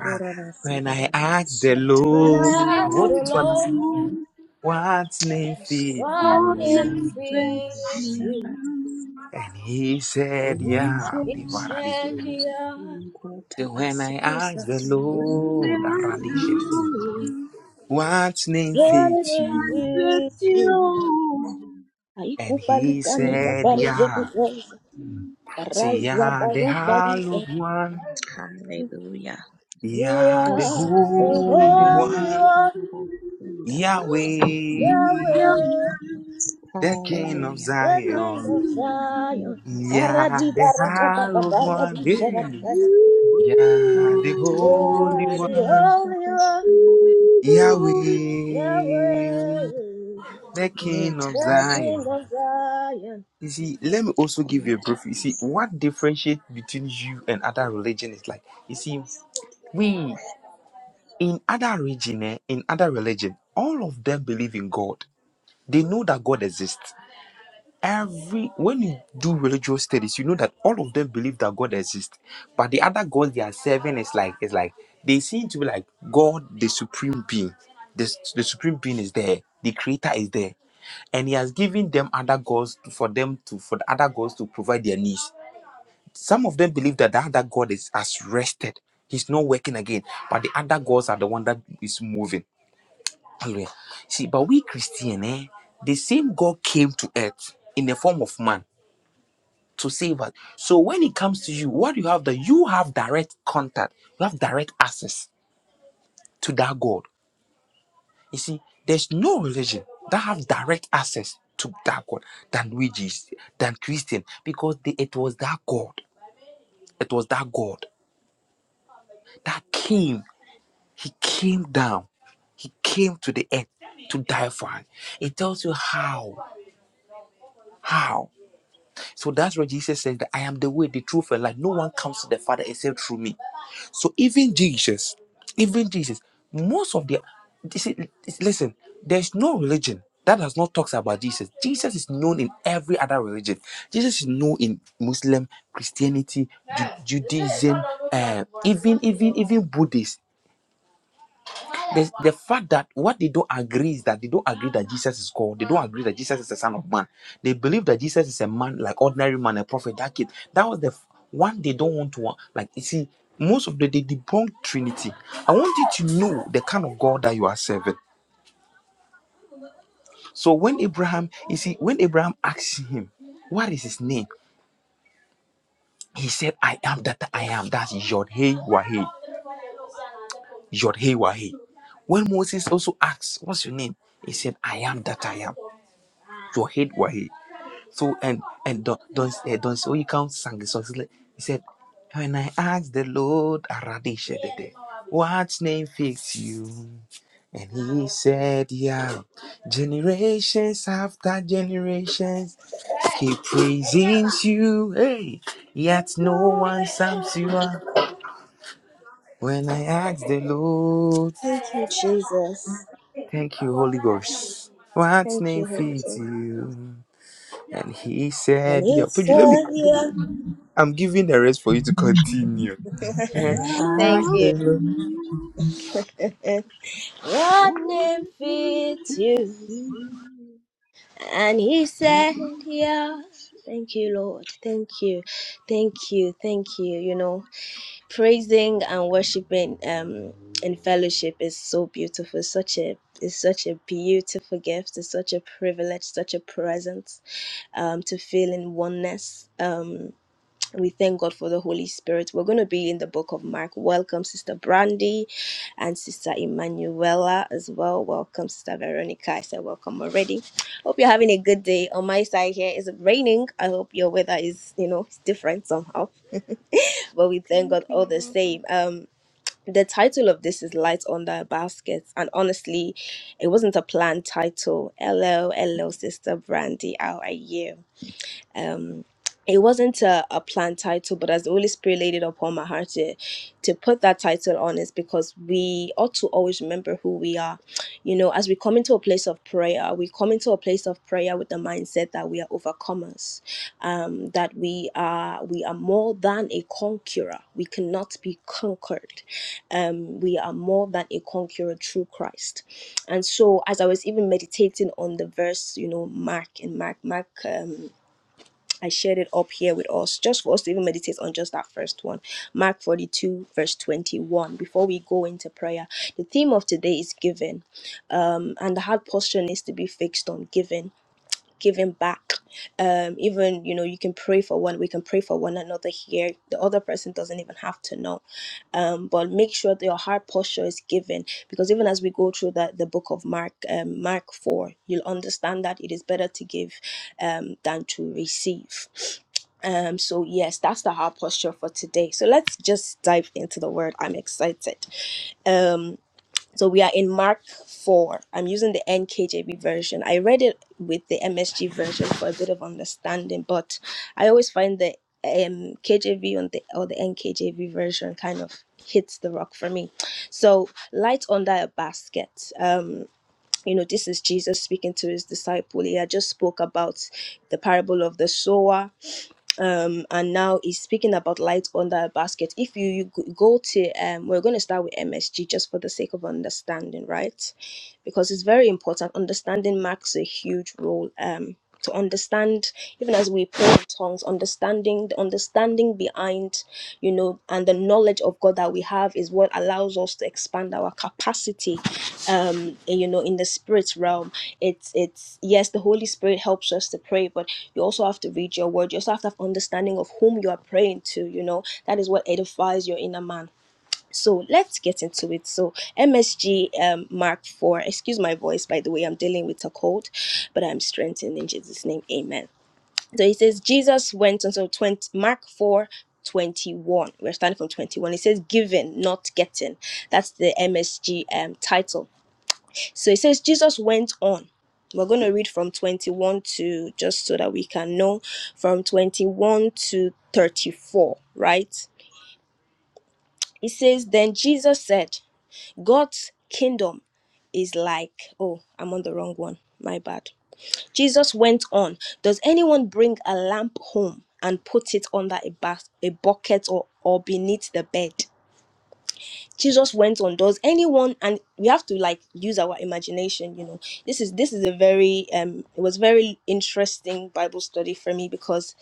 Speaker 2: Ah, when I ask the Lord, I want you to understand. What name fit you? And he said, Yeah, Divaradi. So when I asked the Lord, Aradisha, what name
Speaker 1: God
Speaker 2: fits
Speaker 1: and
Speaker 2: you?
Speaker 1: praise you.
Speaker 2: And he
Speaker 1: Haikubalikanika
Speaker 2: said, Yeah.
Speaker 1: parizeketeza,
Speaker 2: See,
Speaker 1: karaiza
Speaker 2: yeah, the
Speaker 1: barubariza.
Speaker 2: hallowed one.
Speaker 1: You
Speaker 2: Yeah, the
Speaker 1: are the
Speaker 2: holy
Speaker 1: Holy
Speaker 2: one.
Speaker 1: One,
Speaker 2: Yahweh,
Speaker 1: Yahweh,
Speaker 2: the king of
Speaker 1: the King
Speaker 2: Zion.
Speaker 1: of Zion. Ikaradi
Speaker 2: Yeah, the
Speaker 1: baraka
Speaker 2: hallowed
Speaker 1: bababaya
Speaker 2: one. Hey.
Speaker 1: dusharaka.
Speaker 2: Yeah, the
Speaker 1: You
Speaker 2: holy
Speaker 1: are the
Speaker 2: one.
Speaker 1: Holy One.
Speaker 2: Yahweh.
Speaker 1: Yahweh,
Speaker 2: the king of
Speaker 1: the King
Speaker 2: Zion.
Speaker 1: of Zion.
Speaker 2: You see, let me also give you a brief. You see, what differentiates between you and other religion is like, you see, we in other region, eh, in other religion, all of them believe in God. They know that God exists. Every when you do religious studies, you know that all of them believe that God exists, but the other gods they are serving is like it's like they seem to be like God, the supreme being. The, the supreme being is there, the creator is there, and he has given them other gods to- for them to for the other gods to provide their needs. Some of them believe that the other god is has rested, he's not working again, but the other gods are the one that is moving. Hallelujah. See, but we Christian, eh, the same God came to earth in the form of man to save us. So when it comes to you, what you have that you have direct contact, you have direct access to that God. You see, there's no religion that have direct access to that God than we Jesus, than Christian, because they, it was that God, it was that God that came. He came down. He came to the earth to die for us. It tells you how, how. So that's what Jesus says that I am the way, the truth, and life. No one comes to the Father except through me. So even Jesus, even Jesus, most of the you see, listen, there's no religion that does not talks about Jesus. Jesus is known in every other religion. Jesus is known in Muslim, Christianity, Ju- Judaism, uh, even even even Buddhist the, the fact that what they don't agree is that they don't agree that Jesus is God. They don't agree that Jesus is the Son of Man. They believe that Jesus is a man, like ordinary man, a prophet, that kid. That was the f- one they don't want to want. Like, you see, most of the they debunk Trinity. I want you to know the kind of God that you are serving. So when Abraham, you see, when Abraham asked him, what is his name? He said, I am that I am. That's Yod Hey Wahe. Yod Hey Wahe. When Moses also asked, What's your name? He said, I am that I am. your head wahi. So and and Don Don eh, Don Soyikam sang the song. He said, he said, "When I asked the Lord, Aradisha Dede, what name fits you?" And he said, "Yeah, generations after generations keep praising you. Hey,
Speaker 1: You
Speaker 2: yet no
Speaker 1: know
Speaker 2: one
Speaker 1: it's
Speaker 2: sums you
Speaker 1: something.
Speaker 2: up." When I asked the Lord,
Speaker 1: Thank you, Jesus.
Speaker 2: "Thank you, Holy Ghost, what
Speaker 1: Thank
Speaker 2: name
Speaker 1: you, Holy
Speaker 2: fits
Speaker 1: Ghost.
Speaker 2: you?" And he
Speaker 1: And
Speaker 2: said, "Yeah,
Speaker 1: it's
Speaker 2: Puju, let me."
Speaker 1: here.
Speaker 2: I'm giving the rest for you to continue. And I
Speaker 1: Thank
Speaker 2: ask
Speaker 1: you. what name fits you? And he said, Yeah. Thank you, Lord. Thank you. Thank you. Thank you. You know. praising and worshiping um in fellowship is so beautiful It's such a it's such a beautiful gift it's such a privilege such a presence um to feel in oneness um we thank God for the Holy Spirit. We're going to be in the book of Mark. Welcome, Sister Brandy and Sister Emanuela as well. Welcome, Sister Veronica. I said welcome already. Hope you're having a good day. On my side here, it's raining. I hope your weather is, you know, it's different somehow. But we thank
Speaker 4: Thank
Speaker 1: God all the
Speaker 4: you.
Speaker 1: same. Um, the title of this is Light Under a Basket, and honestly, it wasn't a planned title. LL, LL, sister Brandy, how are you? um it wasn't a, a planned title but as the holy spirit laid it upon my heart to, to put that title on is because we ought to always remember who we are you know as we come into a place of prayer we come into a place of prayer with the mindset that we are overcomers um, that we are we are more than a conqueror we cannot be conquered um, we are more than a conqueror through christ and so as i was even meditating on the verse you know mark in mark mark um, I shared it up here with us just for us to even meditate on just that first one. Mark 42, verse 21. Before we go into prayer, the theme of today is giving. Um, and the heart posture needs to be fixed on giving giving back um even you know you can pray for one we can pray for one another here the other person doesn't even have to know um but make sure that your heart posture is given because even as we go through that, the book of mark um, mark 4 you'll understand that it is better to give um than to receive um so yes that's the heart posture for today so let's just dive into the word i'm excited um so we are in Mark 4. I'm using the NKJV version. I read it with the MSG version for a bit of understanding, but I always find the um, KJV on the, or the NKJV version kind of hits the rock for me. So, light under a basket. Um, you know, this is Jesus speaking to his disciple. He had just spoke about the parable of the sower um and now he's speaking about light under a basket if you, you g- go to um we're going to start with msg just for the sake of understanding right because it's very important understanding marks a huge role um to understand even as we pray in tongues understanding the understanding behind you know and the knowledge of god that we have is what allows us to expand our capacity um you know in the spirit realm it's it's yes the holy spirit helps us to pray but you also have to read your word you also have to have understanding of whom you are praying to you know that is what edifies your inner man so let's get into it so msg um, mark 4 excuse my voice by the way i'm dealing with a cold but i'm strengthened in jesus name amen so it says jesus went until 20 mark four twenty-one. we're starting from 21 it says given not getting that's the msg um, title so it says Jesus went on. We're going to read from 21 to just so that we can know from 21 to 34, right? It says, Then Jesus said, God's kingdom is like, oh, I'm on the wrong one. My bad. Jesus went on, Does anyone bring a lamp home and put it under a, bas- a bucket or, or beneath the bed? Jesus went on does anyone and we have to like use our imagination you know this is this is a very um it was very interesting bible study for me because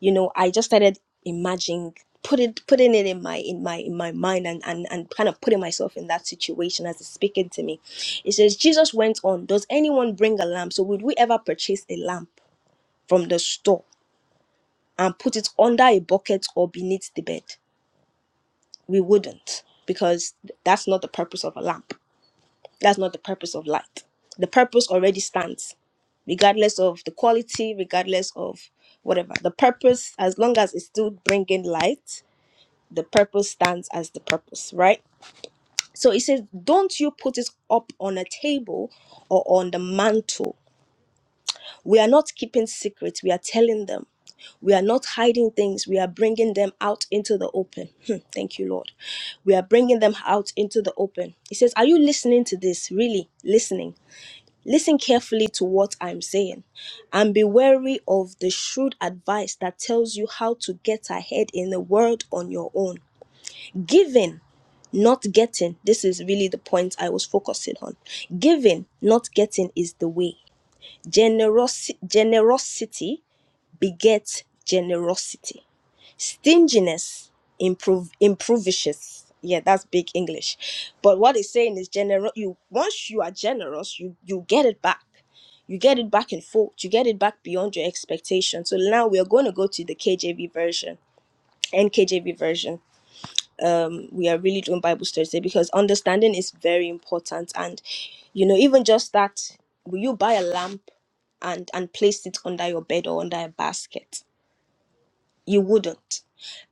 Speaker 1: you know I just started imagining put it putting it in my in my in my mind and and and kind of putting myself in that situation as it's speaking to me it says Jesus went on does anyone bring a lamp so would we ever purchase a lamp from the store and put it under a bucket or beneath the bed we wouldn't because that's not the purpose of a lamp That's not the purpose of light. The purpose already stands, regardless of the quality, regardless of whatever. The purpose, as long as it's still bringing light, the purpose stands as the purpose, right? So it says, Don't you put it up on a table or on the mantle. We are not keeping secrets, we are telling them. We are not hiding things. We are bringing them out into the open. Hmm, Thank you, Lord. We are bringing them out into the open. He says, Are you listening to this? Really listening? Listen carefully to what I'm saying and be wary of the shrewd advice that tells you how to get ahead in the world on your own. Giving, not getting, this is really the point I was focusing on. Giving, not getting is the way. Generosi- generosity begets generosity stinginess improve improvicious yeah that's big english but what it's saying is general you once you are generous you you get it back you get it back in full you get it back beyond your expectation so now we are going to go to the kjv version NKJV version um we are really doing bible studies today because understanding is very important and you know even just that will you buy a lamp and and place it under your bed or under a basket you wouldn't.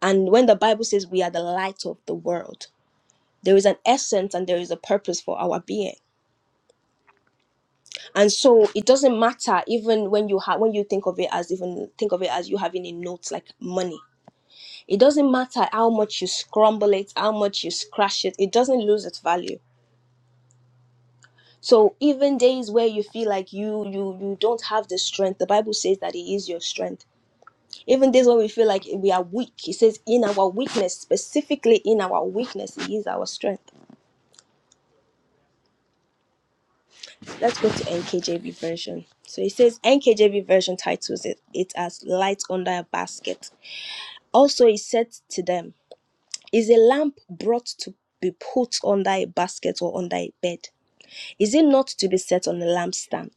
Speaker 1: And when the Bible says we are the light of the world, there is an essence and there is a purpose for our being. And so it doesn't matter even when you have when you think of it as even think of it as you having a note like money. It doesn't matter how much you scramble it, how much you scratch it, it doesn't lose its value. So even days where you feel like you you you don't have the strength, the Bible says that it is your strength. Even days when we feel like we are weak, He says in our weakness, specifically in our weakness, it is our strength. Let's go to NKJV version. So it says NKJV version titles it, it as Light Under a Basket. Also, he said to them, Is a lamp brought to be put under a basket or under a bed? Is it not to be set on a lampstand?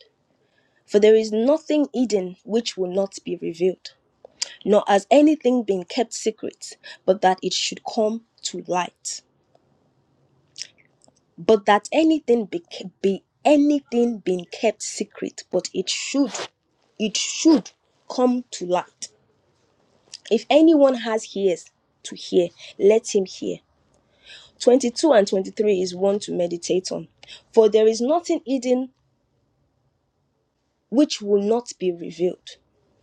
Speaker 1: For there is nothing hidden which will not be revealed, nor has anything been kept secret, but that it should come to light. but that anything be, be anything being kept secret but it should it should come to light if anyone has ears to hear let him hear 22 and 23 is one to meditate on for there is nothing hidden which will not be revealed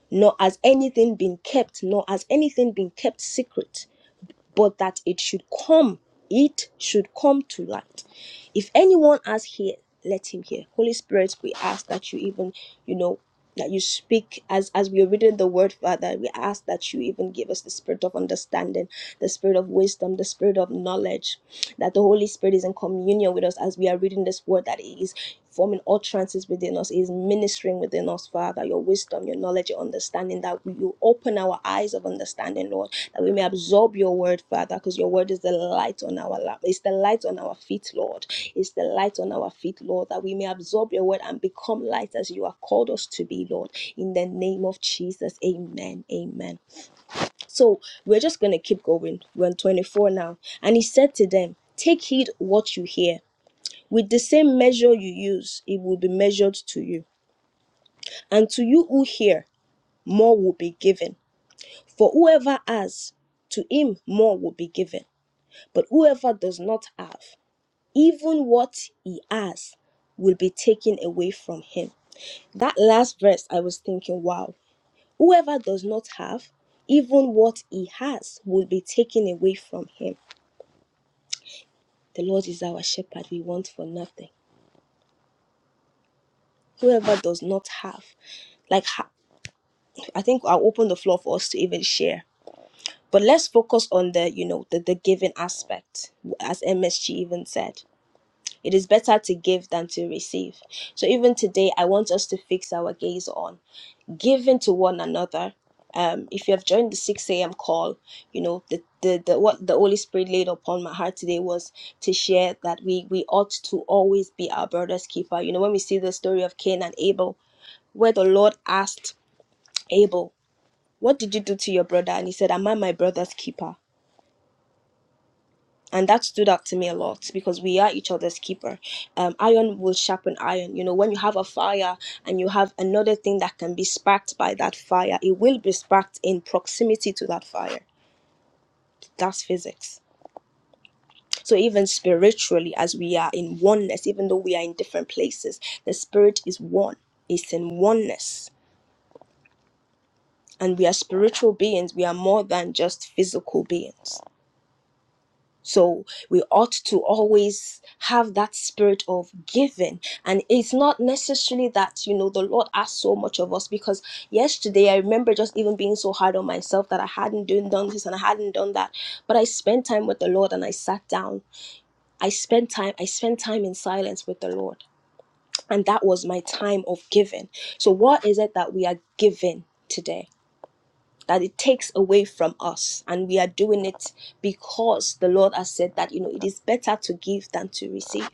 Speaker 1: nor has anything been kept nor has anything been kept secret but that it should come, it should come to light. If anyone has here, let him hear. Holy Spirit, we ask that you even, you know, that you speak as as we are reading the word, Father. We ask that you even give us the spirit of understanding, the spirit of wisdom, the spirit of knowledge, that the Holy Spirit is in communion with us as we are reading this word, that He is forming utterances within us, He is ministering within us, Father, your wisdom, your knowledge, your understanding, that we, you open our eyes of understanding, Lord that we may absorb your word, Father, because your word is the light on our lap. It's the light on our feet, Lord. It's the light on our feet, Lord, that we may absorb your word and become light as you have called us to be, Lord. In the name of Jesus, amen. Amen. So we're just going to keep going. We're on 24 now. And he said to them, Take heed what you hear. With the same measure you use, it will be measured to you. And to you who hear, more will be given. For whoever has, to him more will be given But whoever does not have, even what he has, will be taken away from him. That last verse, I was thinking, wow, whoever does not have, even what he has, will be taken away from him. The Lord is our shepherd, we want for nothing. Whoever does not have, like, I think I'll open the floor for us to even share. But let's focus on the, you know, the, the giving aspect, as MSG even said. It is better to give than to receive. So even today, I want us to fix our gaze on giving to one another. Um, if you have joined the 6 a.m. call, you know the, the, the what the Holy Spirit laid upon my heart today was to share that we we ought to always be our brother's keeper. You know when we see the story of Cain and Abel, where the Lord asked Abel, "What did you do to your brother?" and he said, "Am I my brother's keeper?" and that stood out to me a lot because we are each other's keeper. Um, iron will sharpen iron. You know, when you have a fire and you have another thing that can be sparked by that fire, it will be sparked in proximity to that fire. That's physics. So even spiritually, as we are in oneness, even though we are in different places, the spirit is one. It's in oneness, and we are spiritual beings. We are more than just physical beings. So we ought to always have that spirit of giving. And it's not necessarily that, you know, the Lord asks so much of us because yesterday I remember just even being so hard on myself that I hadn't done, done this and I hadn't done that. But I spent time with the Lord and I sat down. I spent time, I spent time in silence with the Lord. And that was my time of giving. So what is it that we are giving today? that it takes away from us and we are doing it because the lord has said that you know it is better to give than to receive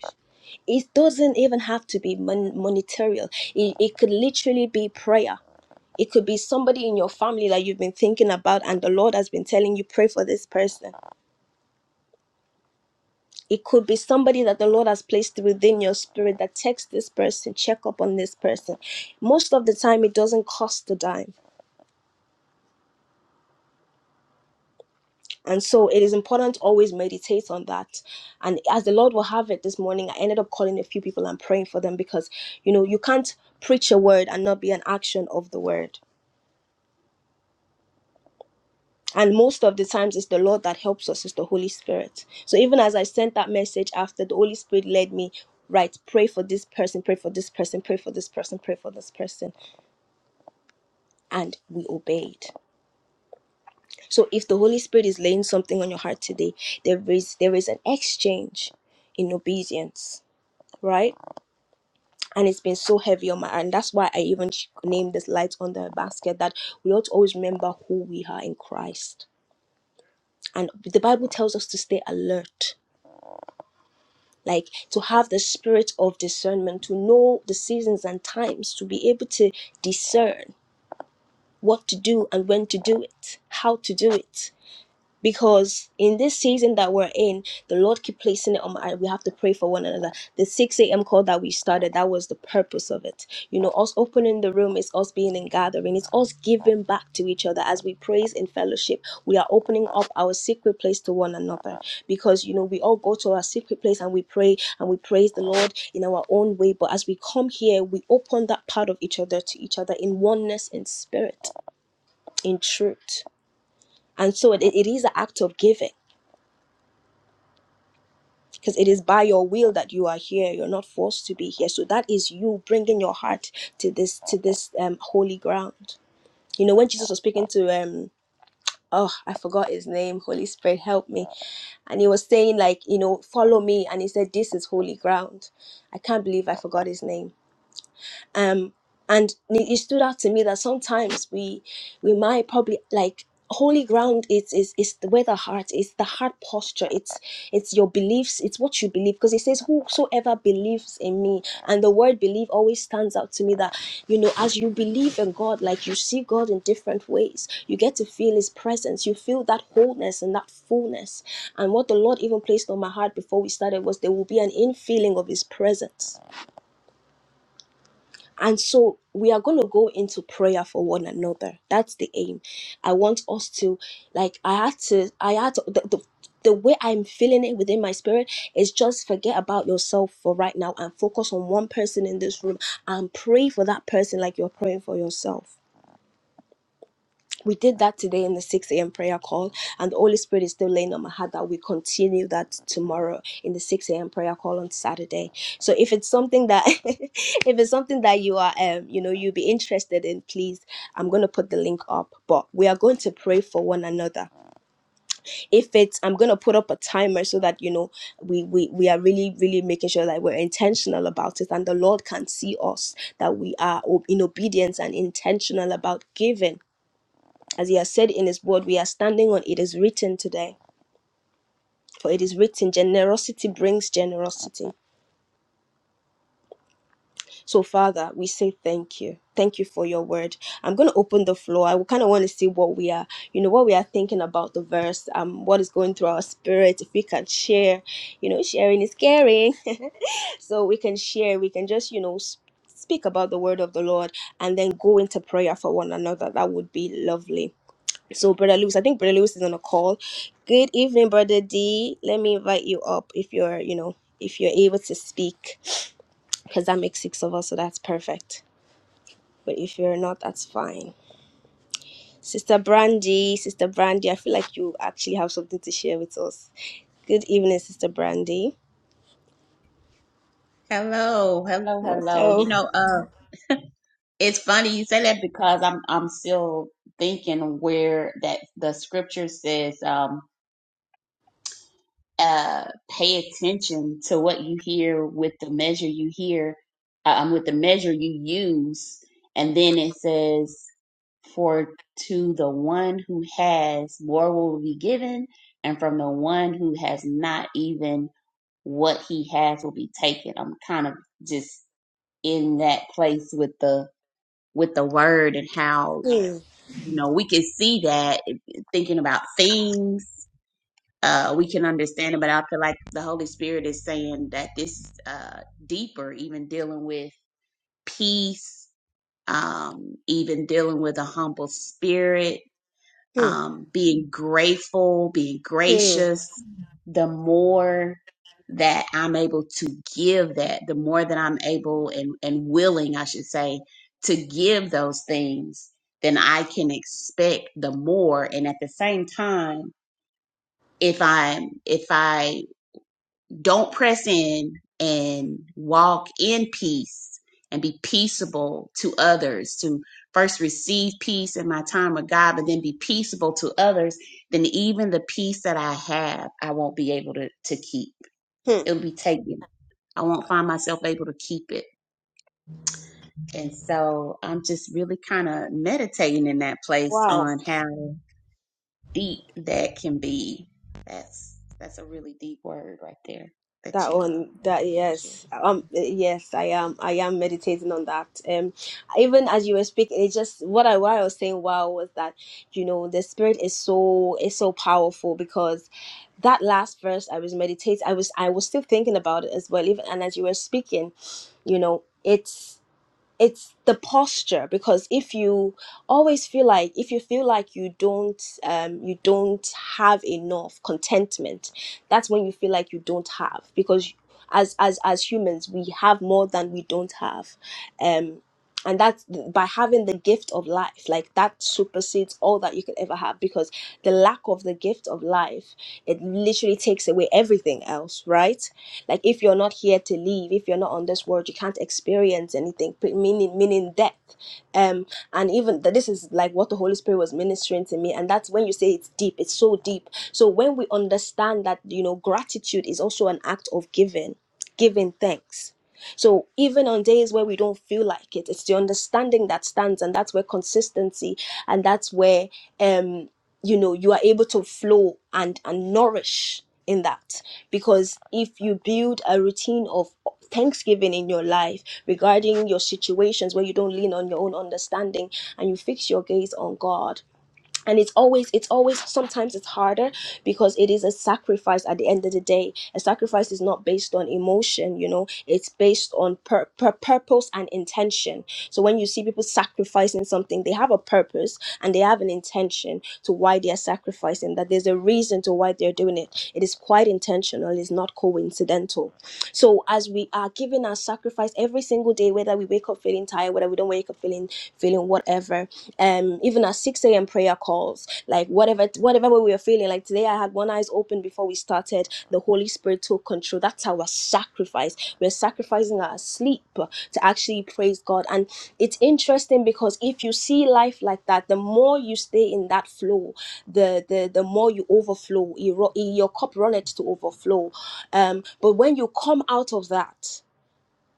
Speaker 1: it doesn't even have to be mon- monetary it, it could literally be prayer it could be somebody in your family that you've been thinking about and the lord has been telling you pray for this person it could be somebody that the lord has placed within your spirit that text this person check up on this person most of the time it doesn't cost a dime And so it is important to always meditate on that. And as the Lord will have it this morning, I ended up calling a few people and praying for them because, you know, you can't preach a word and not be an action of the word. And most of the times, it's the Lord that helps us, it's the Holy Spirit. So even as I sent that message after, the Holy Spirit led me, right, pray for this person, pray for this person, pray for this person, pray for this person. And we obeyed. So if the Holy Spirit is laying something on your heart today, there is there is an exchange in obedience, right? and it's been so heavy on my heart. and that's why i even ch- named this light on the basket that we ought to always remember who we are in christ and the bible tells us to stay alert like to have the spirit of discernment to know the seasons and times to be able to discern what to do and when to do it how to do it because in this season that we're in, the Lord keep placing it on my. We have to pray for one another. The six a.m. call that we started, that was the purpose of it. You know, us opening the room is us being in gathering. It's us giving back to each other as we praise in fellowship. We are opening up our secret place to one another because you know we all go to our secret place and we pray and we praise the Lord in our own way. But as we come here, we open that part of each other to each other in oneness in spirit, in truth. And so it, it is an act of giving because it is by your will that you are here you're not forced to be here so that is you bringing your heart to this to this um holy ground you know when jesus was speaking to um oh i forgot his name holy spirit help me and he was saying like you know follow me and he said this is holy ground i can't believe i forgot his name um and it stood out to me that sometimes we we might probably like holy ground is is is the where the heart is the heart posture it's it's your beliefs it's what you believe because it says whosoever believes in me and the word believe always stands out to me that you know as you believe in god like you see god in different ways you get to feel his presence you feel that wholeness and that fullness and what the lord even placed on my heart before we started was there will be an infilling of his presence and so we are going to go into prayer for one another. That's the aim. I want us to, like, I had to, I had to, the, the, the way I'm feeling it within my spirit is just forget about yourself for right now and focus on one person in this room and pray for that person like you're praying for yourself we did that today in the 6 a.m. prayer call, and the Holy Spirit is still laying on my heart that we continue that tomorrow in the 6 a.m. prayer call on Saturday. So if it's something that, if it's something that you are, um, you know, you'll be interested in, please, I'm gonna put the link up. But we are going to pray for one another. If it's, I'm gonna put up a timer so that you know we we we are really really making sure that we're intentional about it, and the Lord can see us that we are ob- in obedience and intentional about giving as he has said in his word, we are standing on it is written today. For it is written, generosity brings generosity. So, Father, we say thank you. Thank you for your word. I'm going to open the floor. I kind of want to see what we are, you know, what we are thinking about the verse, um, what is going through our spirit. If we can share, you know, sharing is caring. so we can share, we can just, you know, s- speak about the word of the Lord and then go into prayer for one another. That would be lovely. So, Brother Lewis, I think Brother Lewis is on a call. Good evening, Brother D. Let me invite you up if you're, you know, if you're able to speak, because that makes six of us, so that's perfect. But if you're not, that's fine. Sister Brandy, Sister Brandy, I feel like you actually have something to share with us. Good evening, Sister Brandy.
Speaker 5: Hello, hello, hello. You
Speaker 1: Oh,
Speaker 5: know, uh, it's funny you say that because I'm I'm still thinking where that the scripture says, um, uh, pay attention to what you hear with the measure you hear, uh, um, with the measure you use, and then it says, for to the one who has more will be given, and from the one who has not even what he has will be taken. I'm kind of just in that place with the with the word and how you know we can see that eh, thinking about things uh we can understand it but i feel like the holy spirit is saying that this is uh deeper even dealing with peace um even dealing with a humble spirit
Speaker 1: hmm,
Speaker 5: um, being grateful, being
Speaker 1: hmm,
Speaker 5: gracious, the more that I'm able to give that, the more that I'm able and, and willing, I should say, to give those things, then I can expect the more. And at the same time, if I if I don't press in and walk in peace and be peaceable to others, to first receive peace in my time with God, but then be peaceable to others, then even the peace that I have, I won't be able to, to keep.
Speaker 1: hmm.
Speaker 5: It'll be taken. I won't find myself able to keep it. And so I'm just really kind of meditating in that place
Speaker 1: wow.
Speaker 5: on how deep that can be. That's that's a really deep word right there.
Speaker 1: That one, that yes, um, yes, I am. I am meditating on that. Um, even as you were speaking, it just what I what I was saying. Wow, was that you know the spirit is so is so powerful because that last verse I was meditating. I was I was still thinking about it as well. Even and as you were speaking, you know, it's it's the posture because if you always feel like if you feel like you don't um you don't have enough contentment that's when you feel like you don't have because as as as humans we have more than we don't have um and that's by having the gift of life like that supersedes all that you could ever have because the lack of the gift of life it literally takes away everything else right like if you're not here to leave, if you're not on this world, you can't experience anything. p- Meaning, meaning death. Um, and even that this is like what the Holy Spirit was ministering to me, and that's when you say it's deep. It's so deep. So when we understand that, you know, gratitude is also an act of giving, giving thanks. So even on days where we don't feel like it, it's the understanding that stands, and that's where consistency, and that's where um you know you are able to flow and and nourish in that because if you build a routine of thanksgiving in your life regarding your situations where you don't lean on your own understanding and you fix your gaze on god and it's always it's always sometimes it's harder because it is a sacrifice at the end of the day a sacrifice is not based on emotion you know it's based on pur- pur- purpose and intention so when you see people sacrificing something they have a purpose and they have an intention to why they are sacrificing that there's a reason to why they're doing it it is quite intentional it's not coincidental so as we are giving our sacrifice every single day whether we wake up feeling tired whether we don't wake up feeling feeling whatever um even at 6 a.m prayer calls like whatever whatever way we were feeling like today i had one eyes open before we started the holy spirit took control that's our sacrifice we're sacrificing our sleep to actually praise god and it's interesting because if you see life like that the more you stay in that flow the the, the more you overflow you ru- your cup runneth to overflow um but when you come out of that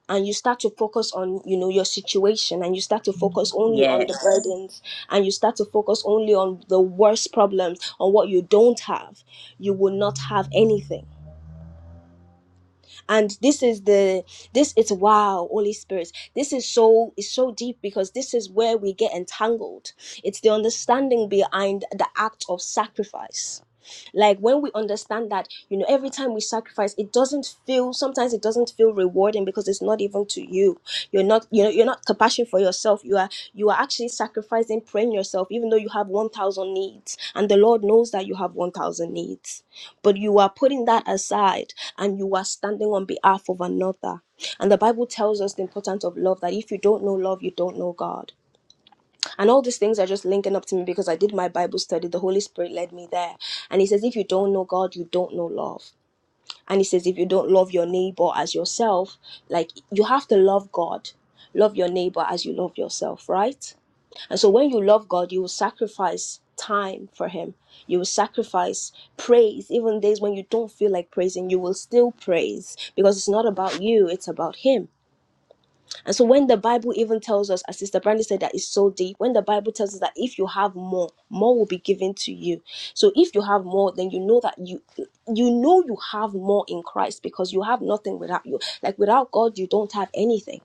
Speaker 1: and you start to focus on you know your situation and you start to focus only on the
Speaker 5: Yes.
Speaker 1: burdens and you start to focus only on the worst problems on what you don't have you will not have anything and this is the this is wow holy spirit this is so is so deep because this is where we get entangled it's the understanding behind the act of sacrifice like when we understand that you know every time we sacrifice it doesn't feel sometimes it doesn't feel rewarding because it's not even to you you're not you know you're not compassion for yourself you are you are actually sacrificing praying yourself even though you have 1000 needs and the lord knows that you have 1000 needs but you are putting that aside and you are standing on behalf of another and the bible tells us the importance of love that if you don't know love you don't know god and all these things are just linking up to me because I did my Bible study. The Holy Spirit led me there. And He says, if you don't know God, you don't know love. And He says, if you don't love your neighbor as yourself, like you have to love God, love your neighbor as you love yourself, right? And so when you love God, you will sacrifice time for Him. You will sacrifice praise. Even days when you don't feel like praising, you will still praise because it's not about you, it's about Him. And so when the Bible even tells us, as Sister Brandy said, that it's so deep, when the Bible tells us that if you have more, more will be given to you. So if you have more, then you know that you you know you have more in Christ because you have nothing without you. Like without God, you don't have anything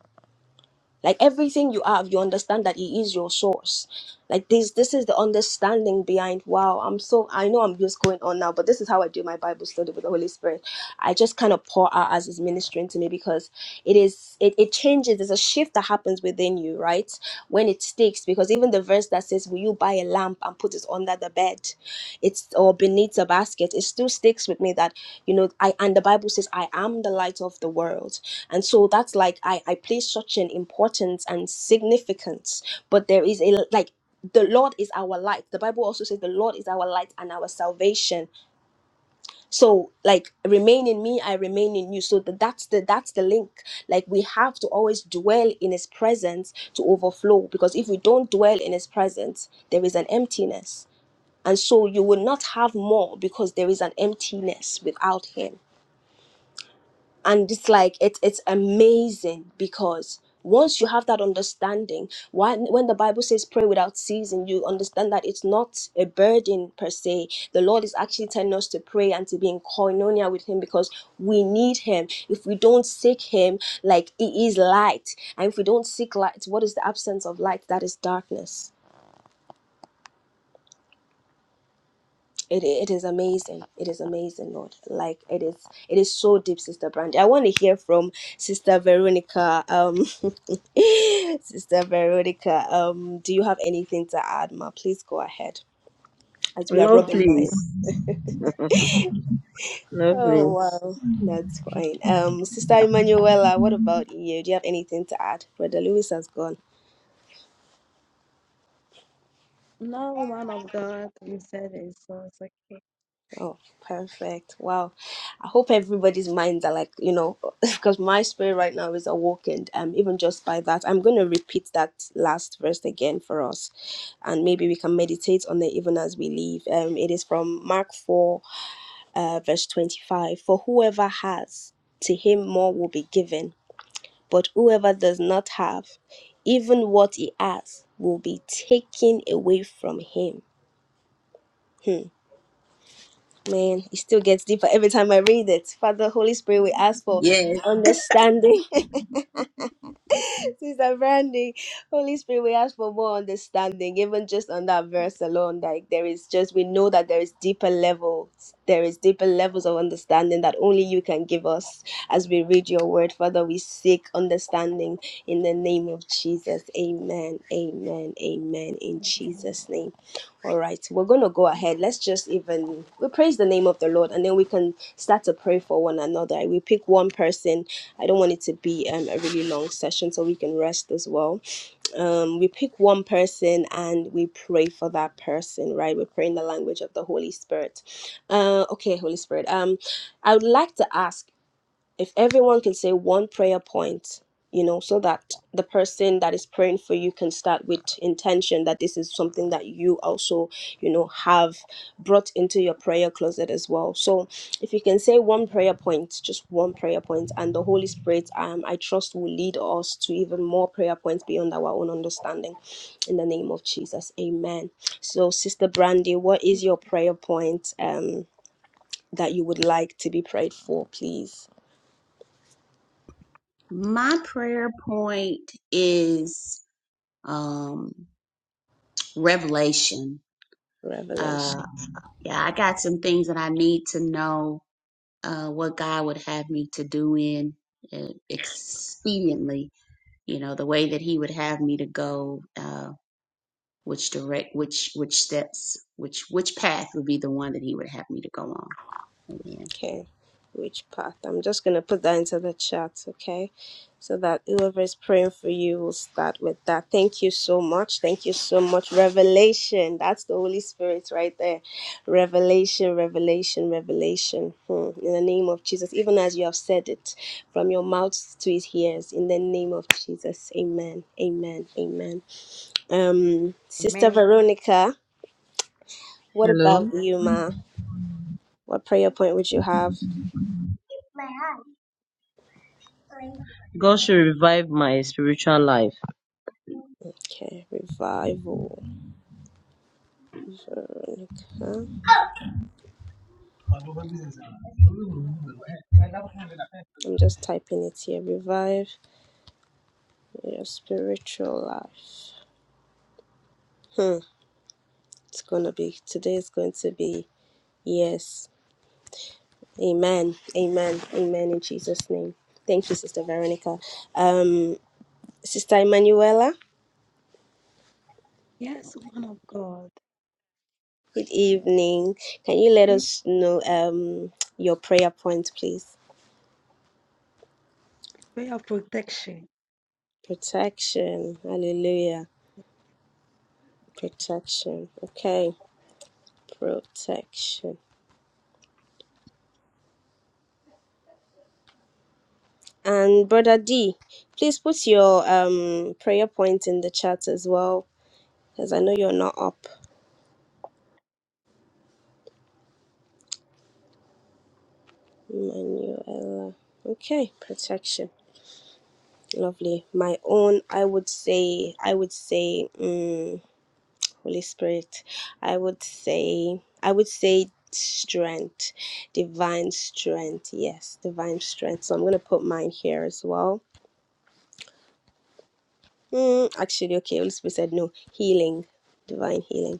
Speaker 1: like everything you have you understand that he is your source like this this is the understanding behind wow i'm so i know i'm just going on now but this is how i do my bible study with the holy spirit i just kind of pour out as he's ministering to me because it is it, it changes there's a shift that happens within you right when it sticks because even the verse that says will you buy a lamp and put it under the bed it's or beneath a basket it still sticks with me that you know i and the bible says i am the light of the world and so that's like I, I place such an importance and significance. But there is a like the Lord is our light. The Bible also says the Lord is our light and our salvation. So like remain in me, I remain in you. So that that's the that's the link. Like we have to always dwell in his presence to overflow. Because if we don't dwell in his presence, there is an emptiness. And so you will not have more because there is an emptiness without him and it's like it's it's amazing because once you have that understanding when, when the bible says pray without ceasing you understand that it's not a burden per se the lord is actually telling us to pray and to be in koinonia with him because we need him if we don't seek him like he is light and if we don't seek light what is the absence of light that is darkness it, it is amazing it is amazing lord like it is it is so deep sister brandy i want to hear from sister veronica um Sister Veronica, um, do you have anything to add, Ma? Please go ahead as we
Speaker 3: Lord.
Speaker 1: are
Speaker 3: No,
Speaker 1: rubbing mine.
Speaker 3: please. No,
Speaker 1: Oh
Speaker 3: please.
Speaker 1: wow, that's fine. Um, Sister Emanuela, what about you? Do you have anything to add? Brother Lewis has gone.
Speaker 4: No, man of God, you said it, so it's okay.
Speaker 1: Oh, perfect. Wow. I hope everybody's minds are like you know, because my spirit right now is awakened. Um, even just by that, I'm going to repeat that last verse again for us, and maybe we can meditate on it even as we leave. Um, it is from Mark four. uh, verse 25 For whoever has, to him more will be given, but whoever does not have, even what he has will be taken away from him. Hmm. Man, it still gets deeper every time I read it. Father, Holy Spirit, we ask for
Speaker 5: Yes.
Speaker 1: understanding Sister Brandy, Holy Spirit, we ask for more understanding, even just on that verse alone. Like there is just, we know that there is deeper levels, there is deeper levels of understanding that only you can give us as we read your word. Father, we seek understanding in the name of Jesus. Amen. Amen. Amen. In Jesus' name. All right, we're going to go ahead. Let's just even we praise the name of the Lord and then we can start to pray for one another. We pick one person I don't want it to be um, a really long session so we can rest as well. Um, we pick one person and we pray for that person, right? We pray in the language of the Holy Spirit. Uh, okay, Holy Spirit. Um, I would like to ask if everyone can say one prayer point, you know, so that the person that is praying for you can start with intention that this is something that you also, you know, have brought into your prayer closet as well. So if you can say one prayer point, just one prayer point, and the Holy Spirit, um, I trust will lead us to even more prayer points beyond our own understanding. In the name of Jesus. Amen. So, Sister Brandy, what is your prayer point um that you would like to be prayed for, please?
Speaker 5: My prayer point is um, revelation.
Speaker 1: Revelation.
Speaker 5: Uh, yeah, I got some things that I need to know uh, what God would have me to do in uh, expediently. You know, the way that He would have me to go, uh, which direct, which which steps, which which path would be the one that He would have me to go on. Amen.
Speaker 1: Okay, which path? I'm just going to put that into the chat, okay? So that whoever is praying for you will start with that. Thank you so much. Thank you so much. Revelation. That's the Holy Spirit right there. Revelation, revelation, revelation. Hmm. In the name of Jesus, even as you have said it from your mouth to his ears, in the name of Jesus. Amen. Amen. Amen. Um, Sister
Speaker 4: Amen.
Speaker 1: Veronica, what about
Speaker 3: Hello.
Speaker 1: you, Ma? What prayer point would you have?
Speaker 3: God should revive my spiritual life.
Speaker 1: Okay, revival. Veronica. I'm just typing it here. Revive your spiritual life. Hmm. It's gonna be today is going to be yes. Amen. Amen. Amen in Jesus' name. Thank you, Sister Veronica. Um Sister Emanuela,
Speaker 4: Yes, man of God,
Speaker 1: good evening. Can you let
Speaker 4: this
Speaker 1: us know um your prayer point, please?
Speaker 4: prayer of protection.
Speaker 1: Protection. Hallelujah. Protection. Okay. Protection And Brother D, please put your um prayer point in the chat as well, because I know you're not up. Manuela. Okay, protection. Lovely. My own, I would say, I would say, mm, Holy Spirit, I would say, I would say strength, divine strength. Yes, divine strength. So I'm going to put mine here as well. Mm, actually, okay, Holy Spirit said no, healing, divine healing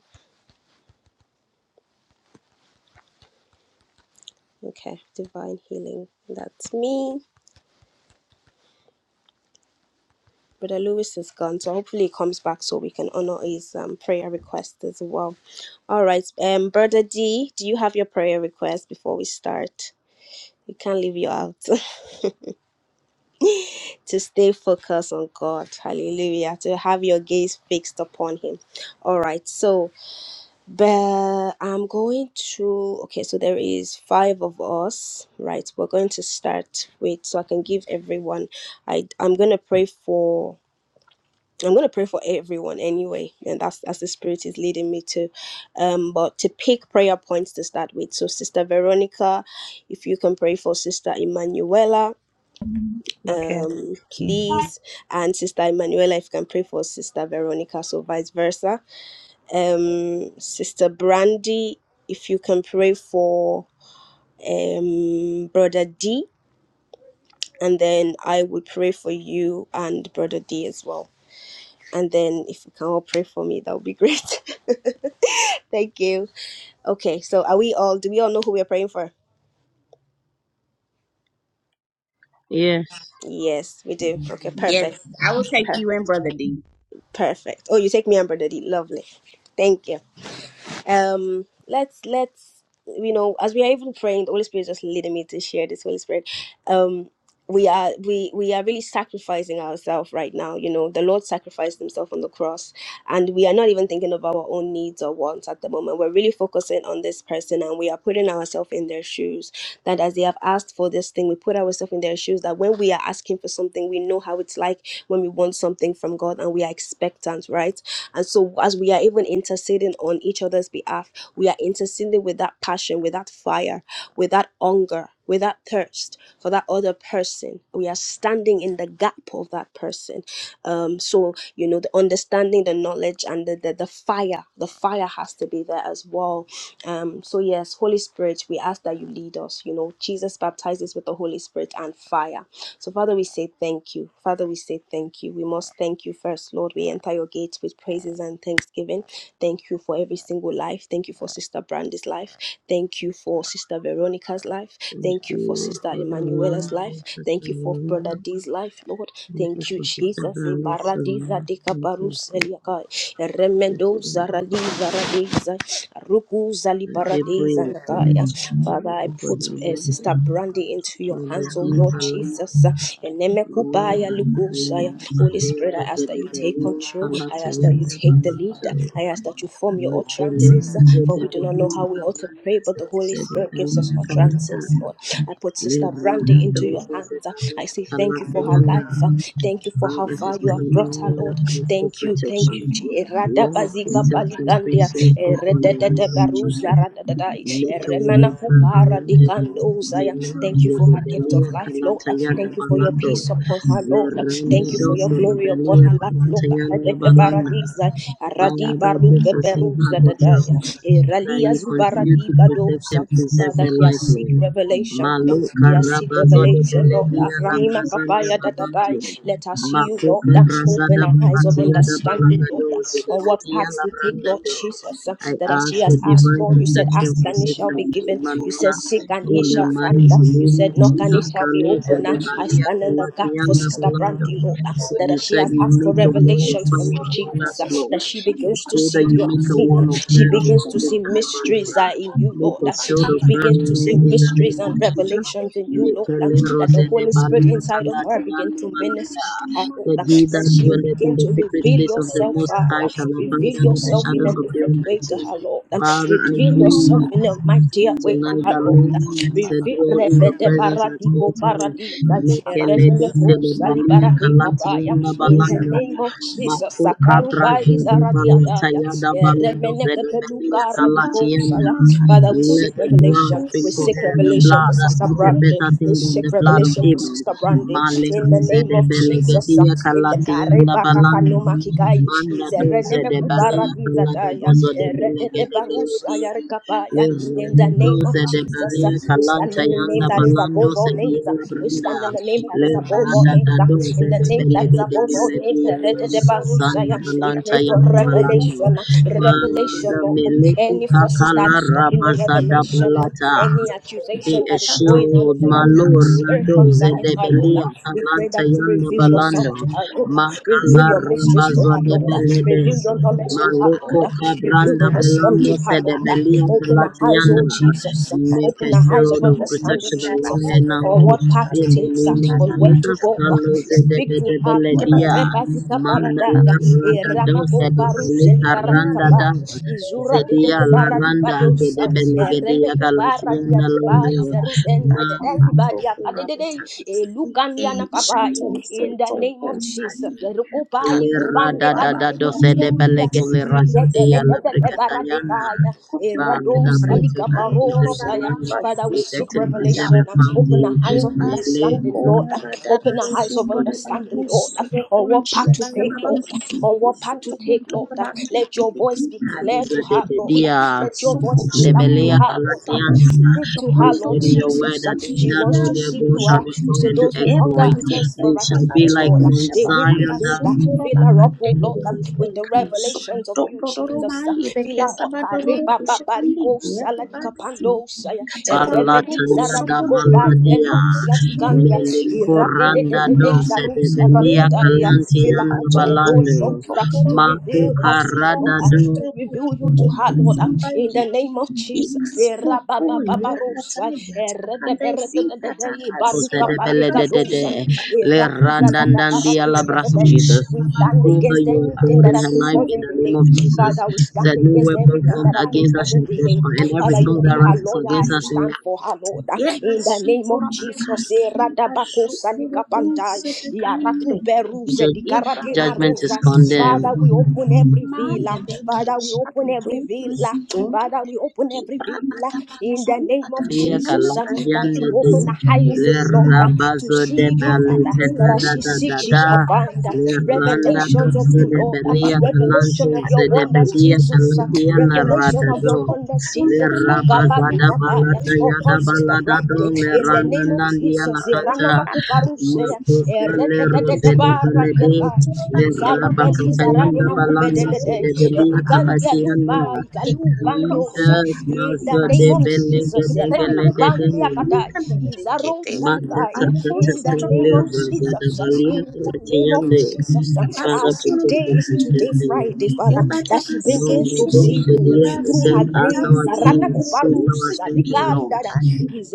Speaker 1: Okay, divine healing. That's me. Brother Lewis is gone, so hopefully he comes back so we can honor his um, prayer request as well. All right, um, Brother D, do you have your prayer request before we start? We can't leave you out. to stay focused on God. Hallelujah. To have your gaze fixed upon Him. All right, so. But I'm going to, okay, so there is five of us, right? We're going to start with, so I can give everyone, I, I'm going to pray for, I'm going to pray for everyone anyway, and that's as the Spirit is leading me to. Um, but to pick prayer points to start with. So, Sister Veronica, if you can pray for Sister Emanuela, um, please, and Sister Emanuela, if you can pray for Sister Veronica, so vice versa um, Sister Brandy, if you can pray for um, Brother D, and then I will pray for you and Brother D as well. And then if you can all pray for me, that would be great. Thank you. Okay, so are we all, do we all know who we are praying for?
Speaker 3: Yes.
Speaker 1: Yes, we do. Okay,
Speaker 5: Yes,
Speaker 1: perfect.
Speaker 5: I will take you and Brother D.
Speaker 1: Perfect. Oh, you take me and Brother D. Lovely. Thank you. um let's let's you know as we are even praying the holy spirit is just leading me to share this holy spirit um we are we we are really sacrificing ourselves right now you know the lord sacrificed himself on the cross and we are not even thinking of our own needs or wants at the moment we're really focusing on this person and we are putting ourselves in their shoes that as they have asked for this thing we put ourselves in their shoes that when we are asking for something we know how it's like when we want something from god and we are expectant right and so, as we are even interceding on each other's behalf, we are interceding with that passion, with that fire, with that hunger, with that thirst for that other person. We are standing in the gap of that person. Um, so, you know, the understanding, the knowledge, and the, the, the fire, the fire has to be there as well. Um, so, yes, Holy Spirit, we ask that you lead us. You know, Jesus baptizes with the Holy Spirit and fire so, Father, we say thank you. Father, we say thank you. We must thank you first, Lord. We enter your gates with praises and thanksgiving. Thank you for every single life. Thank you for Sister Brandy's life. Thank you for Sister Veronica's life.
Speaker 3: Thank
Speaker 1: Thank you for
Speaker 3: you
Speaker 1: Sister
Speaker 3: for the
Speaker 1: Emanuela's
Speaker 3: life
Speaker 1: life.
Speaker 3: of Sister
Speaker 1: Thank you for
Speaker 3: Maria.
Speaker 1: Brother D's life, Lord.
Speaker 3: Thank you
Speaker 1: Thank you,
Speaker 3: for Sister
Speaker 1: Jesus.
Speaker 3: Brandy's
Speaker 1: Ibaradiza
Speaker 3: life. Thank you
Speaker 1: dikabarus
Speaker 3: for
Speaker 1: eliakai. Remendo
Speaker 3: Sister
Speaker 1: zaradi zaradiza. Ruku zalibaradeza
Speaker 3: Adeboye again.
Speaker 1: nakaya. Father,
Speaker 3: Thank
Speaker 1: I
Speaker 3: you for the
Speaker 1: put uh,
Speaker 3: life of
Speaker 1: Sister Brandy into your
Speaker 3: Brother
Speaker 1: hands, oh Lord
Speaker 3: D.
Speaker 1: Jesus. Uh,
Speaker 3: Lord,
Speaker 1: Enemekubaya
Speaker 3: I pray,
Speaker 1: Lugusaya. Holy Spirit, I
Speaker 3: Balewa
Speaker 1: ask that you take
Speaker 3: Zedebeli,
Speaker 1: control. I ask that you
Speaker 3: Falatayanda
Speaker 1: take the lead.
Speaker 3: Bamato,
Speaker 1: I ask that you form your utterances, uh,
Speaker 3: Mukelewa
Speaker 1: for we do not know
Speaker 3: Zedebeli,
Speaker 1: how we ought to pray, but
Speaker 3: Mabranda
Speaker 1: the Holy Spirit gives us
Speaker 3: Zedebeli, Kalata,
Speaker 1: utterances, Lord. I put Sister
Speaker 3: Lerada
Speaker 1: Brandy into your hands.
Speaker 3: Zedebeli,
Speaker 1: I say thank you for her
Speaker 3: Kalatayanda,
Speaker 1: life. Thank you for how
Speaker 3: Father,
Speaker 1: far you
Speaker 3: Sister
Speaker 1: have brought her,
Speaker 3: Emmanuel,
Speaker 1: Lord.
Speaker 3: ask for
Speaker 1: Thank you, thank you.
Speaker 3: protection.
Speaker 1: Je- Rada
Speaker 3: Lord,
Speaker 1: bazika
Speaker 3: protect and
Speaker 1: balikandia.
Speaker 3: preserve her
Speaker 1: Eh,
Speaker 3: in the name
Speaker 1: rededede
Speaker 3: of
Speaker 1: baruza
Speaker 3: Jesus.
Speaker 1: radadadai.
Speaker 3: Make
Speaker 1: Eh,
Speaker 3: a wall
Speaker 1: remana
Speaker 3: of fire
Speaker 1: kupara
Speaker 3: around her.
Speaker 1: dikando uzaya.
Speaker 3: Melem
Speaker 1: Thank you for her gift
Speaker 3: Zedebeli,
Speaker 1: of life, Lord.
Speaker 3: Kalatayanda
Speaker 1: Thank you for your
Speaker 3: Bamato.
Speaker 1: peace upon her,
Speaker 3: Father,
Speaker 1: Lord. Thank you for your glory upon her life, Lord. Redeke baradiza. Aradi
Speaker 3: this
Speaker 1: baruke
Speaker 3: is your heart
Speaker 1: beruza
Speaker 3: desire
Speaker 1: dadaya.
Speaker 3: that
Speaker 1: Iralia
Speaker 3: you continue
Speaker 1: Zubaradi
Speaker 3: to protect and
Speaker 1: Badosa.
Speaker 3: preserve
Speaker 1: Father,
Speaker 3: her
Speaker 1: she has
Speaker 3: life,
Speaker 1: seek
Speaker 3: Lord.
Speaker 1: revelation.
Speaker 3: Maluka
Speaker 1: She has seek
Speaker 3: rabazode
Speaker 1: revelation, Lord.
Speaker 3: beledia
Speaker 1: Ranima
Speaker 3: labrazanda
Speaker 1: Kapaya
Speaker 3: balanto.
Speaker 1: Dadabai. Let her see you, Lord.
Speaker 3: Makuka
Speaker 1: Open
Speaker 3: brazada
Speaker 1: her eyes of
Speaker 3: balatiada
Speaker 1: understanding, Lord.
Speaker 3: balagado de
Speaker 1: On what
Speaker 3: bedia
Speaker 1: path to take, Lord
Speaker 3: labrandado.
Speaker 1: Jesus.
Speaker 3: I
Speaker 1: That as she
Speaker 3: ask for
Speaker 1: has asked,
Speaker 3: divine
Speaker 1: Lord, you said,
Speaker 3: protection
Speaker 1: Ask
Speaker 3: for
Speaker 1: and it shall
Speaker 3: Sister
Speaker 1: be given. You said,
Speaker 3: Emanuela
Speaker 1: Seek and
Speaker 3: in
Speaker 1: ye
Speaker 3: the
Speaker 1: shall find.
Speaker 3: mighty
Speaker 1: You
Speaker 3: name
Speaker 1: said,
Speaker 3: of
Speaker 1: Knock and it
Speaker 3: Jesus.
Speaker 1: shall be
Speaker 3: Kaluze
Speaker 1: open.
Speaker 3: de
Speaker 1: I
Speaker 3: balia
Speaker 1: stand in the gap for
Speaker 3: kulatianda
Speaker 1: Sister
Speaker 3: balando.
Speaker 1: Brandy, Lord
Speaker 3: For
Speaker 1: that
Speaker 3: you
Speaker 1: as she
Speaker 3: said
Speaker 1: has
Speaker 3: you
Speaker 1: asked for
Speaker 3: make a
Speaker 1: revelations
Speaker 3: wonderful
Speaker 1: from you,
Speaker 3: around
Speaker 1: Jesus,
Speaker 3: us,
Speaker 1: uh,
Speaker 3: Lord.
Speaker 1: that she
Speaker 3: I
Speaker 1: begins to
Speaker 3: pray
Speaker 1: see
Speaker 3: that you
Speaker 1: the
Speaker 3: make a
Speaker 1: unseen.
Speaker 3: wall
Speaker 1: uh,
Speaker 3: of
Speaker 1: She
Speaker 3: fire
Speaker 1: begins
Speaker 3: around
Speaker 1: to see
Speaker 3: Sister Emmanuel.
Speaker 1: mysteries uh, in you,
Speaker 3: Make
Speaker 1: Lord.
Speaker 3: a
Speaker 1: uh,
Speaker 3: shield of
Speaker 1: She
Speaker 3: fire
Speaker 1: begins to
Speaker 3: around her
Speaker 1: see
Speaker 3: in the
Speaker 1: mysteries
Speaker 3: name of
Speaker 1: and
Speaker 3: Jesus.
Speaker 1: revelations in you,
Speaker 3: Make
Speaker 1: Lord.
Speaker 3: a
Speaker 1: uh,
Speaker 3: le
Speaker 1: That
Speaker 3: rose
Speaker 1: the
Speaker 3: de
Speaker 1: Holy Spirit
Speaker 3: balia
Speaker 1: inside of her begin
Speaker 3: calatiano
Speaker 1: to minister
Speaker 3: malanda.
Speaker 1: to her, Lord.
Speaker 3: That
Speaker 1: uh,
Speaker 3: he
Speaker 1: That
Speaker 3: that
Speaker 1: she will
Speaker 3: dwelleth in
Speaker 1: begin
Speaker 3: the
Speaker 1: to
Speaker 3: secret
Speaker 1: reveal
Speaker 3: place of the
Speaker 1: yourself,
Speaker 3: Most High
Speaker 1: Father.
Speaker 3: shall abide
Speaker 1: Reveal
Speaker 3: under the
Speaker 1: yourself in a
Speaker 3: shadows of the
Speaker 1: different way to
Speaker 3: Almighty.
Speaker 1: her, Lord. uh,
Speaker 3: Father, I
Speaker 1: Reveal
Speaker 3: pray
Speaker 1: yourself in a mightier way to
Speaker 3: Tonight, the
Speaker 1: her, Lord. uh,
Speaker 3: Lord to dwell in your
Speaker 1: Repete
Speaker 3: presence at all
Speaker 1: paradico
Speaker 3: times.
Speaker 1: paradisa,
Speaker 3: Mekele de
Speaker 1: ereneleco
Speaker 3: fede balia
Speaker 1: salibarade
Speaker 3: kalati
Speaker 1: capaya.
Speaker 3: yunda
Speaker 1: In the
Speaker 3: balanda.
Speaker 1: name of Jesus,
Speaker 3: Mako kabra
Speaker 1: Sakaruba
Speaker 3: zede balata
Speaker 1: izaradiadaya,
Speaker 3: yada balado
Speaker 1: eremeneke
Speaker 3: zede balia
Speaker 1: peluka radico
Speaker 3: kalati yunda.
Speaker 1: saya. Father, we
Speaker 3: Let
Speaker 1: seek
Speaker 3: the blood
Speaker 1: revelation.
Speaker 3: speak
Speaker 1: We
Speaker 3: for
Speaker 1: seek
Speaker 3: her. The
Speaker 1: revelation for
Speaker 3: blood that
Speaker 1: Sister
Speaker 3: speaketh
Speaker 1: Brandon.
Speaker 3: better
Speaker 1: We
Speaker 3: thing than
Speaker 1: seek
Speaker 3: the blood of
Speaker 1: revelation for
Speaker 3: Abel.
Speaker 1: Sister Brandon.
Speaker 3: Male
Speaker 1: In the
Speaker 3: ruze
Speaker 1: name
Speaker 3: de
Speaker 1: of Jesus,
Speaker 3: belegedia
Speaker 1: in the
Speaker 3: kalati yunda
Speaker 1: Kareba
Speaker 3: balanda.
Speaker 1: Kakanoma Kikai,
Speaker 3: Manda
Speaker 1: is
Speaker 3: doze de
Speaker 1: a
Speaker 3: balia kalado
Speaker 1: paradizataya,
Speaker 3: bazo de
Speaker 1: eredete
Speaker 3: belegede
Speaker 1: barusaya rekapaya. In the name of
Speaker 3: Lebradoza de
Speaker 1: Jesus, uh,
Speaker 3: Balea
Speaker 1: we stand
Speaker 3: Calanta
Speaker 1: in the name
Speaker 3: Yanda
Speaker 1: that is
Speaker 3: Balando
Speaker 1: above all names. uh,
Speaker 3: Sevilla
Speaker 1: We stand in
Speaker 3: Branda
Speaker 1: the name that is above all
Speaker 3: Lebrada
Speaker 1: names. uh,
Speaker 3: Dadoza
Speaker 1: In the
Speaker 3: de
Speaker 1: name that is
Speaker 3: Belega de
Speaker 1: above all names,
Speaker 3: Galadia
Speaker 1: eredete
Speaker 3: Labrazana
Speaker 1: barusaya. We pray
Speaker 3: Balanta
Speaker 1: for
Speaker 3: Yanda Balando
Speaker 1: revelation, uh, revelation,
Speaker 3: Father
Speaker 1: Lord.
Speaker 3: Meleku
Speaker 1: Any forces that
Speaker 3: Kakala
Speaker 1: is stopping the
Speaker 3: Rabazada
Speaker 1: revelation, uh,
Speaker 3: Balata
Speaker 1: any
Speaker 3: be
Speaker 1: accusation that is going on in
Speaker 3: assured,
Speaker 1: the
Speaker 3: my
Speaker 1: realms of the
Speaker 3: Lord,
Speaker 1: spirit
Speaker 3: Radoze
Speaker 1: concerning
Speaker 3: de
Speaker 1: our Lord.
Speaker 3: Belia,
Speaker 1: We pray that
Speaker 3: Talanta
Speaker 1: you
Speaker 3: Yanda
Speaker 1: reveal yourself
Speaker 3: Balando,
Speaker 1: to her, Lord. Reveal
Speaker 3: Makala
Speaker 1: your mysteries to
Speaker 3: Rabazo
Speaker 1: her,
Speaker 3: de
Speaker 1: Lord.
Speaker 3: Belede,
Speaker 1: Reveal your knowledge to her, Lord.
Speaker 3: Maliko
Speaker 1: Reveal the
Speaker 3: Kabranda
Speaker 1: wisdom, give
Speaker 3: Belando
Speaker 1: her
Speaker 3: said
Speaker 1: Lord.
Speaker 3: that Belia
Speaker 1: Open the eyes, oh
Speaker 3: Kalatiana
Speaker 1: Jesus.
Speaker 3: make a
Speaker 1: Open the eyes of
Speaker 3: shield of
Speaker 1: understanding,
Speaker 3: protection around
Speaker 1: Jesus,
Speaker 3: her
Speaker 1: on
Speaker 3: now
Speaker 1: what path to
Speaker 3: in the
Speaker 1: take,
Speaker 3: name of
Speaker 1: on where to
Speaker 3: Jesus.
Speaker 1: go.
Speaker 3: Carlos de
Speaker 1: Speak to
Speaker 3: Bede
Speaker 1: her, Lord.
Speaker 3: Beledia
Speaker 1: Erebazika paradaya.
Speaker 3: Mandala Rada
Speaker 1: Eramako
Speaker 3: Dosa de
Speaker 1: paru
Speaker 3: Balika Randa da
Speaker 1: selikaradikaba. Izura de de
Speaker 3: Zedia
Speaker 1: de
Speaker 3: La Randa
Speaker 1: baradibadosa.
Speaker 3: Zede Belegedia
Speaker 1: Eremeku
Speaker 3: Kalatiana
Speaker 1: baradiadiba.
Speaker 3: Londo
Speaker 1: Izeru den de de de ibadia. Adedede. Elukanyana kaba. In the name of Jesus. Erukubai
Speaker 3: Malera
Speaker 1: kupande
Speaker 3: da da da dosa de
Speaker 1: kalukukukumia.
Speaker 3: Belege Le Razo
Speaker 1: Idede
Speaker 3: de Yala
Speaker 1: Father,
Speaker 3: Bricatayana. uh, That protect and preserve the land,
Speaker 1: we
Speaker 3: protect
Speaker 1: seek
Speaker 3: and preserve the
Speaker 1: revelation. Open
Speaker 3: family.
Speaker 1: our eyes of
Speaker 3: Meleza
Speaker 1: understanding, Lord. Open our eyes of understanding, Lord. On what path to take, Lord. On what path to take, Lord. Let your voice be clear to
Speaker 3: de
Speaker 1: her, Lord.
Speaker 3: Bedia,
Speaker 1: Let your voice be
Speaker 3: de
Speaker 1: loud to
Speaker 3: Belea
Speaker 1: her, Lord.
Speaker 3: Kalatiana.
Speaker 1: Speak to
Speaker 3: For you
Speaker 1: her,
Speaker 3: said
Speaker 1: Lord
Speaker 3: in your word
Speaker 1: Jesus. Uh,
Speaker 3: that they
Speaker 1: She
Speaker 3: that
Speaker 1: wants
Speaker 3: know
Speaker 1: to
Speaker 3: their
Speaker 1: see
Speaker 3: God
Speaker 1: you. Uh,
Speaker 3: shall be
Speaker 1: you
Speaker 3: strong
Speaker 1: say
Speaker 3: and do
Speaker 1: those who hunger
Speaker 3: exploit.
Speaker 1: and thirst for
Speaker 3: They shall be
Speaker 1: righteousness,
Speaker 3: like
Speaker 1: Lord, uh,
Speaker 3: Mount
Speaker 1: they will be
Speaker 3: Zion
Speaker 1: filled.
Speaker 3: that
Speaker 1: Uh, fill her up, oh Lord, um, with the revelations of you, Jesus. Uh, fill her up. uh, reba ba ba riko saladika pando saya. Erebedi
Speaker 3: Balataya da
Speaker 1: zaradiko ba ikelu
Speaker 3: Baladia.
Speaker 1: siatikandia. de de
Speaker 3: Melikoranda
Speaker 1: de de
Speaker 3: dose de
Speaker 1: zarus
Speaker 3: Belia
Speaker 1: arabadaya. Fill her up
Speaker 3: Kalantiana
Speaker 1: with the Holy
Speaker 3: Balando.
Speaker 1: Ghost uh, to
Speaker 3: Mako
Speaker 1: reveal her to you, Lord, uh,
Speaker 3: Karada
Speaker 1: to to reveal you to her, Lord, uh, in the name of Jesus. Eh, rababababarosa, eh, reteberetetete, barukapalikadosa,
Speaker 3: Zedebelede,
Speaker 1: eh,
Speaker 3: Lerandandandi, Allah, brass of
Speaker 1: radizabadabaratidetete.
Speaker 3: Jesus.
Speaker 1: We stand
Speaker 3: Prove that
Speaker 1: against
Speaker 3: you are
Speaker 1: anything
Speaker 3: God
Speaker 1: that
Speaker 3: in
Speaker 1: has
Speaker 3: her
Speaker 1: been
Speaker 3: life in
Speaker 1: causing
Speaker 3: the name
Speaker 1: delay.
Speaker 3: of Jesus.
Speaker 1: Father, we stand
Speaker 3: That no
Speaker 1: against
Speaker 3: weapon
Speaker 1: everything
Speaker 3: formed
Speaker 1: that has been
Speaker 3: against us
Speaker 1: causing
Speaker 3: shall
Speaker 1: delay.
Speaker 3: prosper, and every
Speaker 1: Father, you
Speaker 3: tongue that
Speaker 1: be her
Speaker 3: rises
Speaker 1: lawyer
Speaker 3: against
Speaker 1: and you
Speaker 3: us in
Speaker 1: stand for her, Lord. In the name of Jesus, eh, radabako yarakuperuze
Speaker 3: ju-
Speaker 1: dikarate
Speaker 3: judgment is
Speaker 1: marosa.
Speaker 3: condemned.
Speaker 1: Father, we open every villa. Father, we open every villa. Father, we open every villa in the name of
Speaker 3: Lia
Speaker 1: Jesus. uh, That you
Speaker 3: Kalasiande de
Speaker 1: open the eyes,
Speaker 3: Le
Speaker 1: oh Lord, uh, to
Speaker 3: Rabazo de
Speaker 1: see you, Father.
Speaker 3: Balikada
Speaker 1: That as
Speaker 3: da
Speaker 1: she
Speaker 3: da da
Speaker 1: seeks, she shall
Speaker 3: da
Speaker 1: find uh,
Speaker 3: Le Randa
Speaker 1: revelations of
Speaker 3: Dose
Speaker 1: you,
Speaker 3: de
Speaker 1: Lord. uh,
Speaker 3: Belia Kalante
Speaker 1: Revelation of your
Speaker 3: de
Speaker 1: wonders,
Speaker 3: Belia
Speaker 1: Jesus. uh,
Speaker 3: Kaladia La
Speaker 1: Revelation
Speaker 3: Rada
Speaker 1: of your
Speaker 3: do
Speaker 1: wonders,
Speaker 3: Le
Speaker 1: Jesus.
Speaker 3: Rabazada
Speaker 1: Akabalukabaya,
Speaker 3: Balata Yada
Speaker 1: Upon Sister
Speaker 3: Balada do
Speaker 1: Brandy,
Speaker 3: Le
Speaker 1: in the
Speaker 3: Randa
Speaker 1: name of
Speaker 3: Nandia La
Speaker 1: Jesus, Irana
Speaker 3: Canta
Speaker 1: Makuparusea,
Speaker 3: Makuka Le Rose de Belede
Speaker 1: Eredededebarabiaka,
Speaker 3: Le
Speaker 1: Izarupeli Zarani
Speaker 3: Rabakatayanda Balando
Speaker 1: Makupedede,
Speaker 3: se de Belia
Speaker 1: Edikandia Dupa,
Speaker 3: Kalatianda
Speaker 1: Ikalu Bandosa,
Speaker 3: Jesus,
Speaker 1: in the
Speaker 3: Master de
Speaker 1: name of
Speaker 3: Belega
Speaker 1: Jesus,
Speaker 3: de
Speaker 1: Irene
Speaker 3: Gelede de
Speaker 1: Kupandia Kadai, Izaro
Speaker 3: Mata
Speaker 1: Zalikaya,
Speaker 3: Tata
Speaker 1: in the
Speaker 3: Tata
Speaker 1: name of
Speaker 3: Liraza da
Speaker 1: Jesus,
Speaker 3: Balia
Speaker 1: in the name of
Speaker 3: Latiande,
Speaker 1: Jesus,
Speaker 3: Father
Speaker 1: as
Speaker 3: protect
Speaker 1: today
Speaker 3: us,
Speaker 1: is
Speaker 3: we say,
Speaker 1: today
Speaker 3: Lord.
Speaker 1: Friday, Father, that she begins
Speaker 3: Mamba
Speaker 1: to see
Speaker 3: Dosa,
Speaker 1: you
Speaker 3: dear,
Speaker 1: through
Speaker 3: set
Speaker 1: her
Speaker 3: us our
Speaker 1: dreams, Yana
Speaker 3: needs, since
Speaker 1: Kubaru
Speaker 3: our strength be Lord.
Speaker 1: Salikandara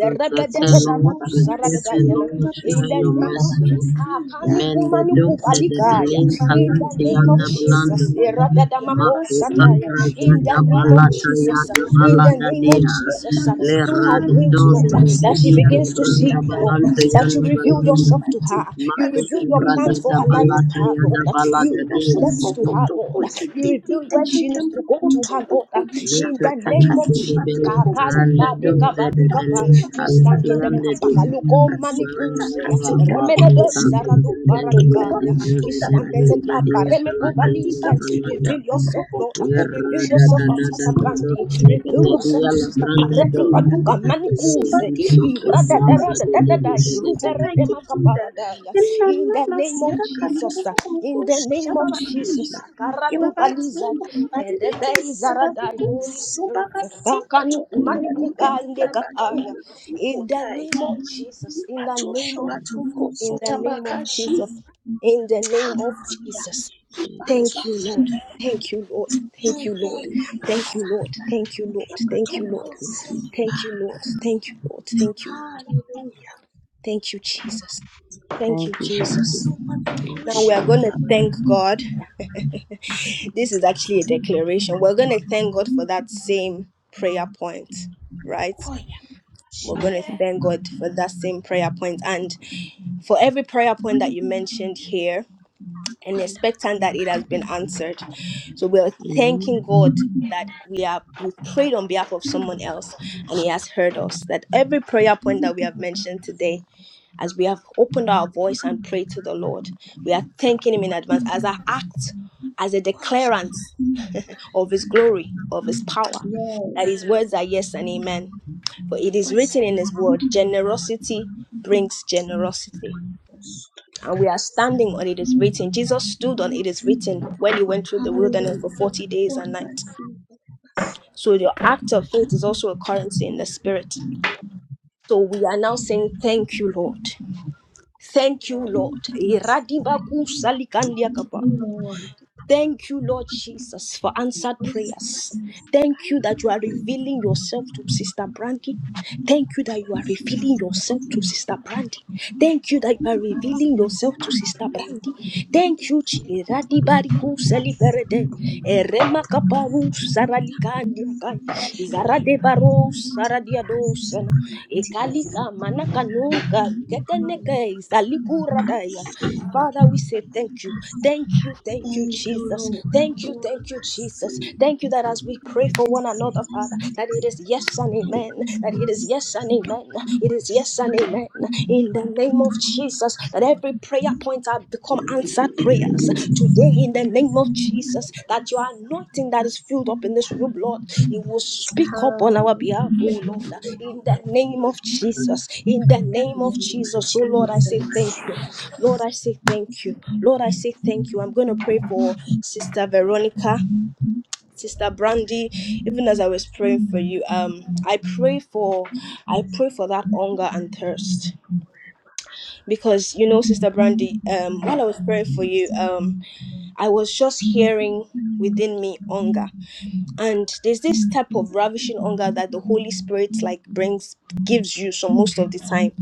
Speaker 3: Protect her, Lord.
Speaker 1: Daru
Speaker 3: Preserve her,
Speaker 1: Saradayana
Speaker 3: Lord. Show
Speaker 1: in
Speaker 3: her
Speaker 1: the
Speaker 3: your
Speaker 1: name of
Speaker 3: mercy.
Speaker 1: Kikakani
Speaker 3: Mende dulce de
Speaker 1: Kubalikaya
Speaker 3: belin
Speaker 1: in the
Speaker 3: calante
Speaker 1: name of
Speaker 3: yanda balando.
Speaker 1: Jesus Eradadamako
Speaker 3: Makuka
Speaker 1: Sataya
Speaker 3: braza
Speaker 1: in
Speaker 3: da
Speaker 1: the name of
Speaker 3: balata
Speaker 1: Jesus
Speaker 3: yada
Speaker 1: in the
Speaker 3: balada
Speaker 1: name of
Speaker 3: dia.
Speaker 1: Jesus
Speaker 3: Le
Speaker 1: through her
Speaker 3: rada
Speaker 1: dreams Lord
Speaker 3: doze de
Speaker 1: that she
Speaker 3: bedia le
Speaker 1: begins to
Speaker 3: branda
Speaker 1: see you Lord
Speaker 3: balante
Speaker 1: that you
Speaker 3: yanda
Speaker 1: reveal
Speaker 3: balando.
Speaker 1: yourself to her you
Speaker 3: Makuka
Speaker 1: reveal your
Speaker 3: braza
Speaker 1: plans for
Speaker 3: da
Speaker 1: her life to
Speaker 3: balata
Speaker 1: her
Speaker 3: yada
Speaker 1: Lord you
Speaker 3: balada
Speaker 1: reveal
Speaker 3: dia.
Speaker 1: steps to her Lord you reveal where she needs to go to her, Lord. uh, In
Speaker 3: Little
Speaker 1: the
Speaker 3: thing
Speaker 1: name of
Speaker 3: for the
Speaker 1: Jesus.
Speaker 3: belly
Speaker 1: Kakali
Speaker 3: and the
Speaker 1: bade
Speaker 3: doze de
Speaker 1: kabalu kapa.
Speaker 3: belin
Speaker 1: We stand
Speaker 3: calante
Speaker 1: in the gap.
Speaker 3: yanda
Speaker 1: Kaluko mani
Speaker 3: Thank
Speaker 1: kusaya.
Speaker 3: you,
Speaker 1: Remene de zara du paradika. We stand in the kappa. Remekubalisa. Reveal yourself, Lord. Reveal yourself to Sister Brandy. Reveal yourself to Sister Pareka Paduka Manikuse.
Speaker 3: Jesus.
Speaker 1: Irada da da
Speaker 3: Mazda
Speaker 1: da
Speaker 3: de
Speaker 1: da
Speaker 3: de
Speaker 1: da
Speaker 3: de
Speaker 1: da.
Speaker 3: de de de.
Speaker 1: Irubere de makaparadaya. In the name of Jesus. In the name of Jesus. Karadubaliza. Erebe izaradai. Holy Spirit. Bakanuku manikuba indekakaya. In the name of Jesus. In the name of Jesus. In the name of Jesus in the name of Jesus. Thank you, Lord. Thank you, Lord. Thank you, Lord. Thank you, Lord. Thank you, Lord. Thank you, Lord.
Speaker 3: Thank you, Jesus.
Speaker 1: Thank you, Lord. Thank you, Lord. Thank you, Lord. Thank you, Jesus. Thank you,
Speaker 3: Thank you, Jesus. Thank you, Jesus.
Speaker 1: Jesus.
Speaker 3: Thank
Speaker 1: Now
Speaker 3: you,
Speaker 1: we are going
Speaker 3: Jesus.
Speaker 1: to thank God. this is actually a declaration. We're going to thank God for that same prayer point, right? We're going to
Speaker 3: Okay.
Speaker 1: thank God for that same prayer point and for every prayer point that you mentioned here. and expectant that it has been answered. So we are
Speaker 3: Amen.
Speaker 1: thanking God that we are we prayed on behalf of someone else and he has heard us. That every prayer point that we have mentioned today, as we have opened our voice and prayed to the Lord, we are thanking him in advance as an act, as a declarant of his glory, of his power, that his words are yes and amen. For it is written in his word, generosity brings generosity and we are standing on it is written. Jesus stood on it is written when he went through the wilderness for 40 days and nights. So your act of faith is also a currency in the spirit. So we are now saying, Thank you, Lord. Thank you, Lord. Iradibaku salikandia kapa. Thank you, Lord Jesus, for answered prayers. Thank you that you are revealing yourself to Sister Brandy. Thank you that you are revealing yourself to Sister Brandy. Thank you that you are revealing yourself to Sister Brandy. Thank you, Chi- Radibariku Seliverede, Erema Kaparu Saralikandiakai, Zaradebaro Saradiadosana, Ekalika Manakanuka, Keteneke, Zalikuradaya. Father, we say thank you. Thank you, thank you, Jesus. Thank you, thank you, Jesus. Thank you that as we pray for one another, Father, that it is yes and amen. That it is yes and amen. It is yes and amen. In the name of Jesus, that every prayer point have become answered prayers. To pray in the name of Jesus that your anointing that is filled up in this room, Lord, it will speak up on our behalf, oh Lord, in the name of Jesus. In the name of Jesus, oh Lord, I say thank you. Lord, I say thank you. Lord, I say thank you. I'm going to pray for Sister Veronica. Sister Brandy, even as I was praying for you, um, I pray for, I pray for that hunger and thirst because you know, Sister Brandy, um, while I was praying for you, um, I was just hearing within me hunger. And there's this type of ravishing hunger that the Holy Spirit like brings gives you so most of the time.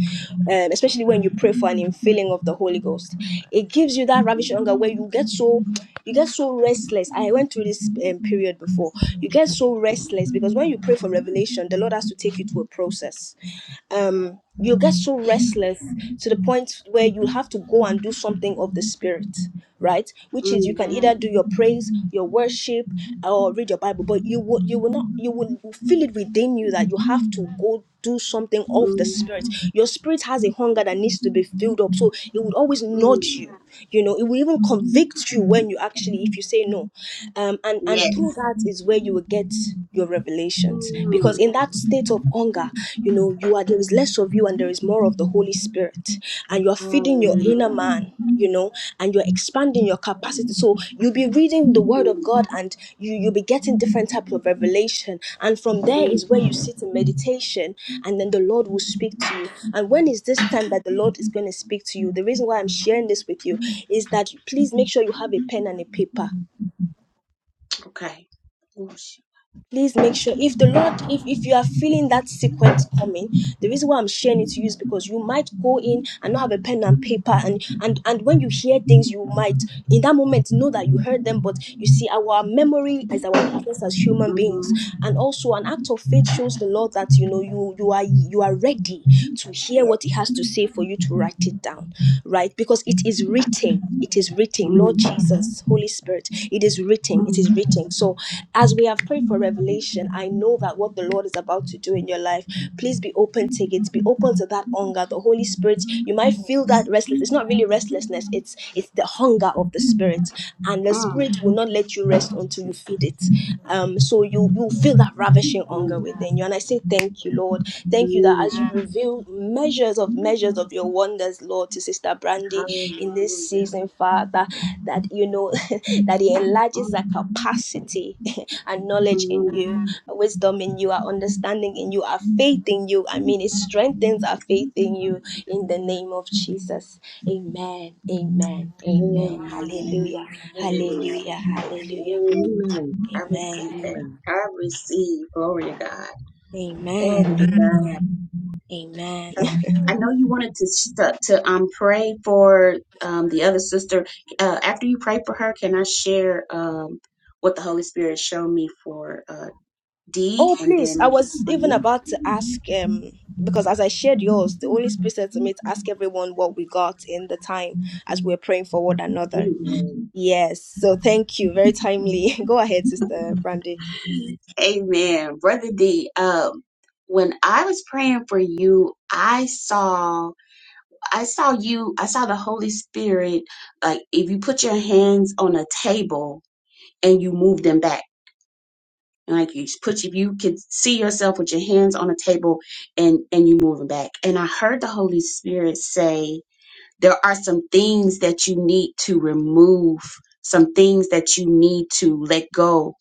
Speaker 1: Um, especially when you pray for an infilling of the Holy Ghost. It gives you that ravishing hunger where you get so you get so restless. I went through this um, period before. You get so restless because when you pray for revelation, the Lord has to take you to a process um you get so restless to the point where you have to go and do something of the spirit right which is you can either do your praise your worship or read your bible but you will you will not you will feel it within you that you have to go do something of the spirit your spirit has a hunger that needs to be filled up so it will always nudge you you know it will even convict you when you actually if you say no um and and through
Speaker 5: Yes.
Speaker 1: that is where you will get your revelations because in that state of hunger you know you are there is less of you and there is more of the holy spirit and you're feeding your inner man you know and you're expanding your capacity so you'll be reading the word of god and you you'll be getting different types of revelation and from there is where you sit in meditation and then the lord will speak to you and when is this time that the lord is going to speak to you the reason why i'm sharing this with you is that please make sure you have a pen and a paper please make sure if the lord if if you are feeling that sequence coming the reason why i'm sharing it to you is because you might go in and not have a pen and paper and and and when you hear things you might in that moment know that you heard them but you see our memory is our weakness as human beings and also an act of faith shows the lord that you know you you are you are ready to hear what he has to say for you to write it down right because it is written it is written, Lord Jesus, Holy Spirit, it is written, it is written. So, as we have prayed for revelation, I know that what the Lord is about to do in your life, please be open to it. Be open to that hunger. The Holy Spirit, you might feel that restless. It's not really restlessness, it's it's the hunger of the Spirit. And the Spirit will not let you rest until you feed it. Um, so you you feel that ravishing hunger within you. And I say thank you, Lord. Thank Thank you that as you reveal measures of measures of your wonders, Lord, to Sister Brandy in this season, Father, that you know that it enlarges her capacity and knowledge in you, her wisdom in you, our understanding in you, our faith in you. I mean, it strengthens our faith in you in the name of Jesus. Amen. Amen. Amen. Hallelujah.
Speaker 3: Amen.
Speaker 1: Hallelujah. Hallelujah.
Speaker 3: Amen.
Speaker 1: Amen.
Speaker 3: Amen.
Speaker 1: Amen. Amen. Amen. Oh, please. I was even about to ask um because as I shared yours, the Holy Spirit said to me to ask everyone what we got in the time as we are praying for one another.
Speaker 5: Amen.
Speaker 1: Yes. So thank you. Very timely. Go ahead, Sister Brandy.
Speaker 5: Amen. Brother D, um, when I was praying for you, I saw I saw you, I saw the Holy Spirit, like if you put your hands on a table and you move them back. Like you put if you could see yourself with your hands on a table and and you move them back. And I heard the Holy Spirit say there are some things that you need to remove, some things that you need to let go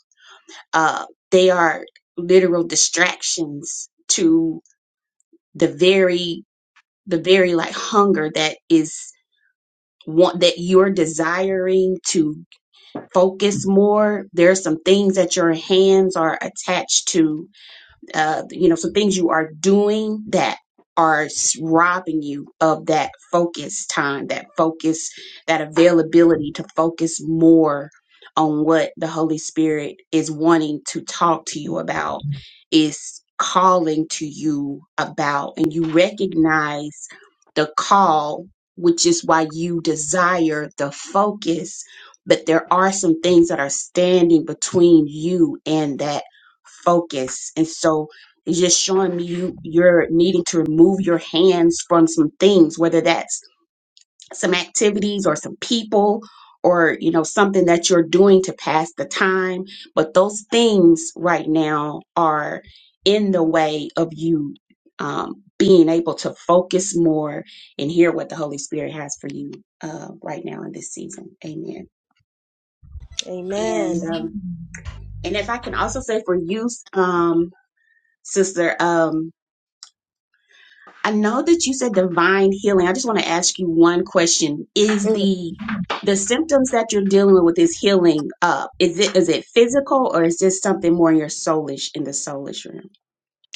Speaker 5: uh, they are literal distractions to the very the very like hunger that is want that you're desiring to focus more there are some things that your hands are attached to uh, you know, some things you are doing that are robbing you of that focus time, that focus, that availability to focus more on what the Holy Spirit is wanting to talk to you about, is calling to you about, and you recognize the call, which is why you desire the focus. But there are some things that are standing between you and that focus. And so it's just showing me you you're needing to remove your hands from some things, whether that's some activities or some people or you know something that you're doing to pass the time. But those things right now are in the way of you um, being able to focus more and hear what the Holy Spirit has for you uh, right now in this season. Amen.
Speaker 1: Amen.
Speaker 5: And um, and if I can also say for you, um, sister. Um, I know that you said divine healing. I just want to ask you one question. Is
Speaker 1: Mm.
Speaker 5: the the symptoms that you're dealing with with this healing uh is it is it physical or is this something more in your soulish in the soulish realm?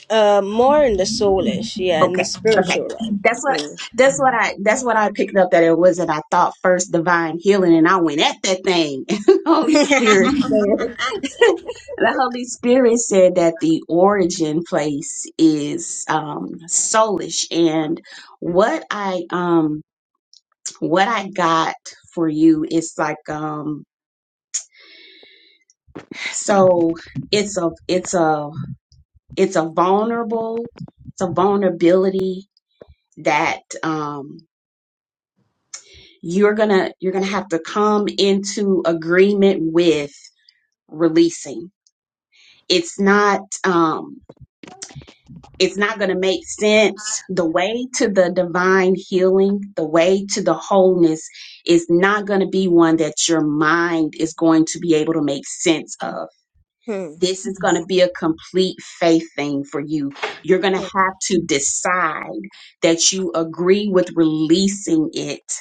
Speaker 1: Uh, more in the soulish, yeah, in the
Speaker 5: Okay. Okay.
Speaker 1: spiritual realm.
Speaker 5: That's what that's what I that's what I picked up that it was and I thought first divine healing and I went at that thing. And the
Speaker 1: Mm.
Speaker 5: Holy Spirit said the Holy Spirit said that the origin place is um soulish and what I um what I got for you is like um so it's a it's a it's a vulnerable it's a vulnerability that um you're gonna you're gonna have to come into agreement with releasing. It's not um it's not going to make sense. The way to the divine healing, the way to the wholeness is not going to be one that your mind is going to be able to make sense of
Speaker 1: hmm,
Speaker 5: This is going to be a complete faith thing for you. You're going to have to decide that you agree with releasing it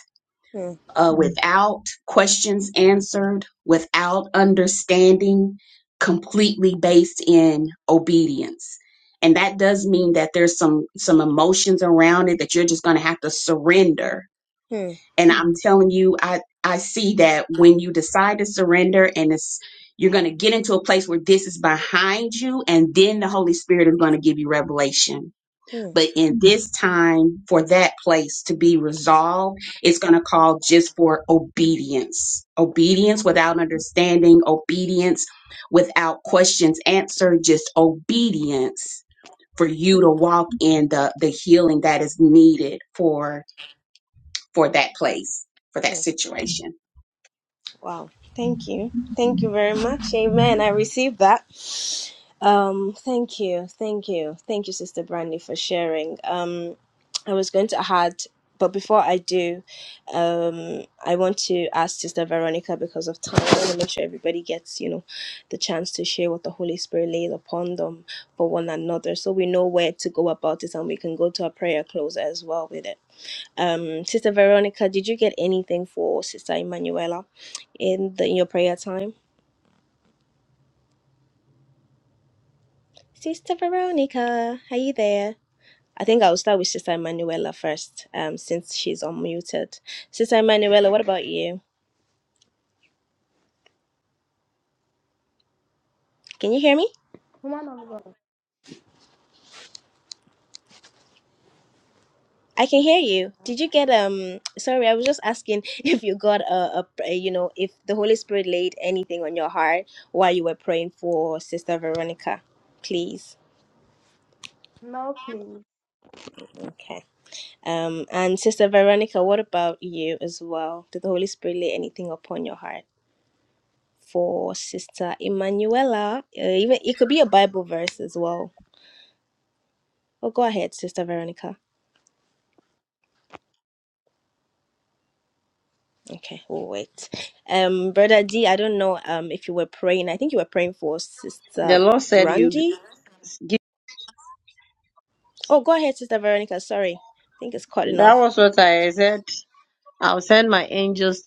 Speaker 1: hmm,
Speaker 5: uh, without questions answered, without understanding, completely based in obedience. And that does mean that there's some some emotions around it that you're just going to have to surrender
Speaker 1: hmm,
Speaker 5: and I'm telling you, I, I see that when you decide to surrender and it's, you're going to get into a place where this is behind you and then the Holy Spirit is going to give you revelation.
Speaker 1: hmm,
Speaker 5: But in this time for that place to be resolved, it's going to call just for obedience, obedience without understanding, obedience without questions answered, just obedience for you to walk in the, the healing that is needed for for that place, for
Speaker 1: hmm.
Speaker 5: that situation.
Speaker 1: Wow. Thank you. Thank you very much. Amen. I received that. Um, thank you. Thank you. Thank you, Sister Brandy, for sharing. Um, I was going to add, but before I do, um, I want to ask Sister Veronica because of time. I want to make sure everybody gets, you know, the chance to share what the Holy Spirit lays upon them for one another so we know where to go about it and we can go to a prayer close as well with it. Um, Sister Veronica, did you get anything for Sister Emanuela in the in your prayer time? Sister Veronica, are you there? I think I'll start with Sister Emanuela first, um, since she's unmuted. Sister Emanuela, what about you? Can you hear me?
Speaker 4: Woman of God,
Speaker 1: I can hear you.
Speaker 4: huh?
Speaker 1: Did you get um? Sorry, I was just asking if you got a, a pr- you know if the Holy Spirit laid anything on your heart while you were praying for Sister Veronica, please.
Speaker 4: no, please.
Speaker 1: okay. Um, and Sister Veronica, what about you as well? Did the Holy Spirit lay anything upon your heart for Sister Emanuela? Uh, even it could be a Bible verse as well. Oh, go ahead, Sister Veronica. Okay, we'll wait. Um, Brother D, I don't know um if you were praying. I think you were praying for
Speaker 3: The
Speaker 1: Sister
Speaker 3: Lord said you
Speaker 1: Brandy.
Speaker 3: give.
Speaker 1: Oh, go ahead, Sister Veronica. Sorry, I think it's cutting
Speaker 3: That
Speaker 1: off.
Speaker 3: was what I said. I'll send my angels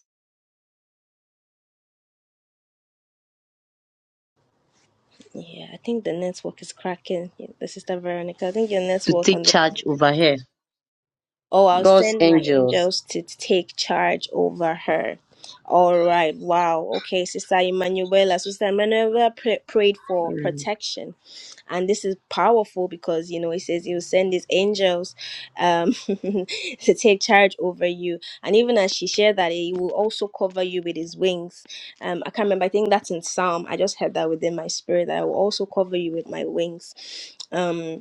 Speaker 1: Yeah, I think the network is cracking. Yeah, the Sister Veronica, I think your
Speaker 3: to
Speaker 1: network
Speaker 3: take
Speaker 1: on this.
Speaker 3: charge over here.
Speaker 1: Oh, I'll
Speaker 3: God's
Speaker 1: send my
Speaker 3: angels.
Speaker 1: angels to take charge over her. All right. Wow. Okay, Sister Emanuela. Sister Emanuela pray, prayed for
Speaker 3: Mm.
Speaker 1: protection. And this is powerful because, you know, it says he'll send his angels um, to take charge over you. And even as she shared that, he will also cover you with his wings. Um, I can't remember. I think that's in Psalm. I just had that within my spirit that I will also cover you with my wings. Um,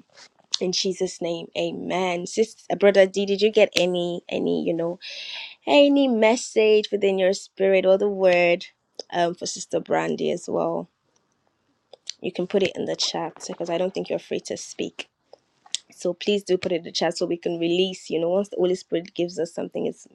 Speaker 1: in jesus name amen Sister, brother d did you get any any you know any message within your spirit or the word um for sister brandy as well you can put it in the chat because i don't think you're free to speak so please do put it in the chat so we can release you know once the holy spirit gives us something it's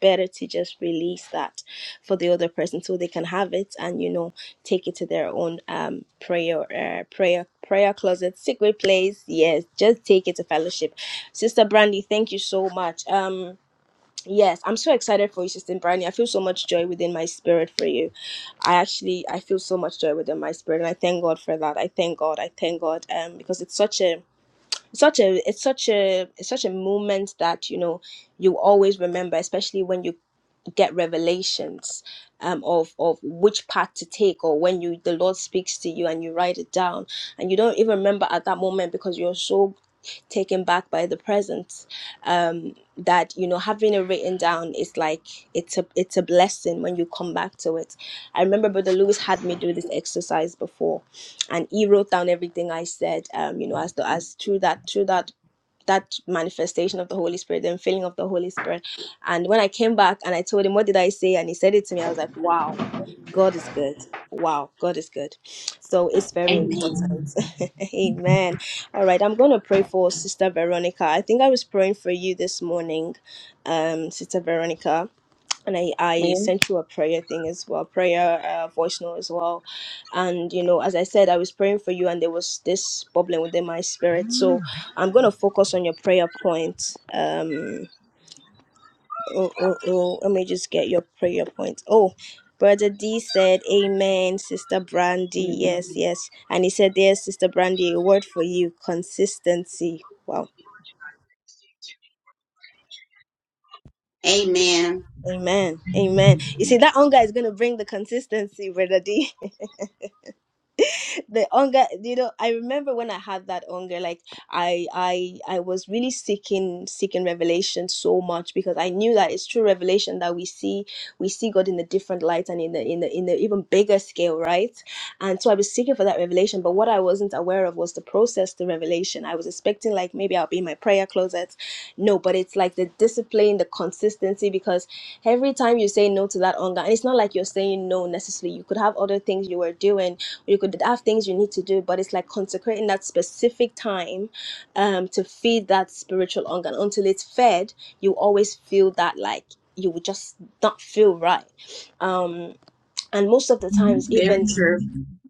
Speaker 1: better to just release that for the other person so they can have it and you know take it to their own um prayer uh, prayer prayer closet secret place yes just take it to fellowship sister brandy thank you so much um Yes, I'm so excited for you, Sister Brandy. I feel so much joy within my spirit for you. I actually I feel so much joy within my spirit, and I thank God for that. I thank God. I thank God. Um, because it's such a such a it's such a it's such a moment that you know you always remember especially when you get revelations um of of which path to take or when you the lord speaks to you and you write it down and you don't even remember at that moment because you're so taken back by the presence, um that you know having it written down is like it's a it's a blessing when you come back to it i remember brother lewis had me do this exercise before and he wrote down everything I said. Um, you know, as the, as through that through that that manifestation of the Holy Spirit, the filling of the Holy Spirit. And when I came back and I told him, What did I say? And he said it to me, I was like, Wow, God is good. Wow, God is good. So it's very
Speaker 5: Amen.
Speaker 1: important. Amen. All right, I'm going to pray for Sister Veronica. I think I was praying for you this morning, um, Sister Veronica and I, I sent you a prayer thing as well, prayer uh, voice note as well. And, you know, as I said, I was praying for you and there was this bubbling within my spirit. So I'm going to focus on your prayer point. Um, oh, oh, oh, let me just get your prayer point. Oh, Brother D said, Amen, Sister Brandy.
Speaker 3: Mhm.
Speaker 1: Yes, yes. And he said, There, Sister Brandy, a word for you consistency. Wow.
Speaker 5: Amen.
Speaker 1: Amen. Amen. You see, that hunger is going to bring the consistency, Brother D. the hunger you know i remember when i had that hunger like i i i was really seeking seeking revelation so much because i knew that it's true revelation that we see we see god in a different light and in the in the in the even bigger scale right and so i was seeking for that revelation but what i wasn't aware of was the process to revelation i was expecting like maybe i'll be in my prayer closet no but it's like the discipline the consistency because every time you say no to that hunger and it's not like you're saying no necessarily you could have other things you were doing you could have things you need to do but it's like consecrating that specific time um to feed that spiritual hunger and until it's fed you always feel that like you would just not feel right um and most of the times
Speaker 5: Very
Speaker 1: even
Speaker 5: true.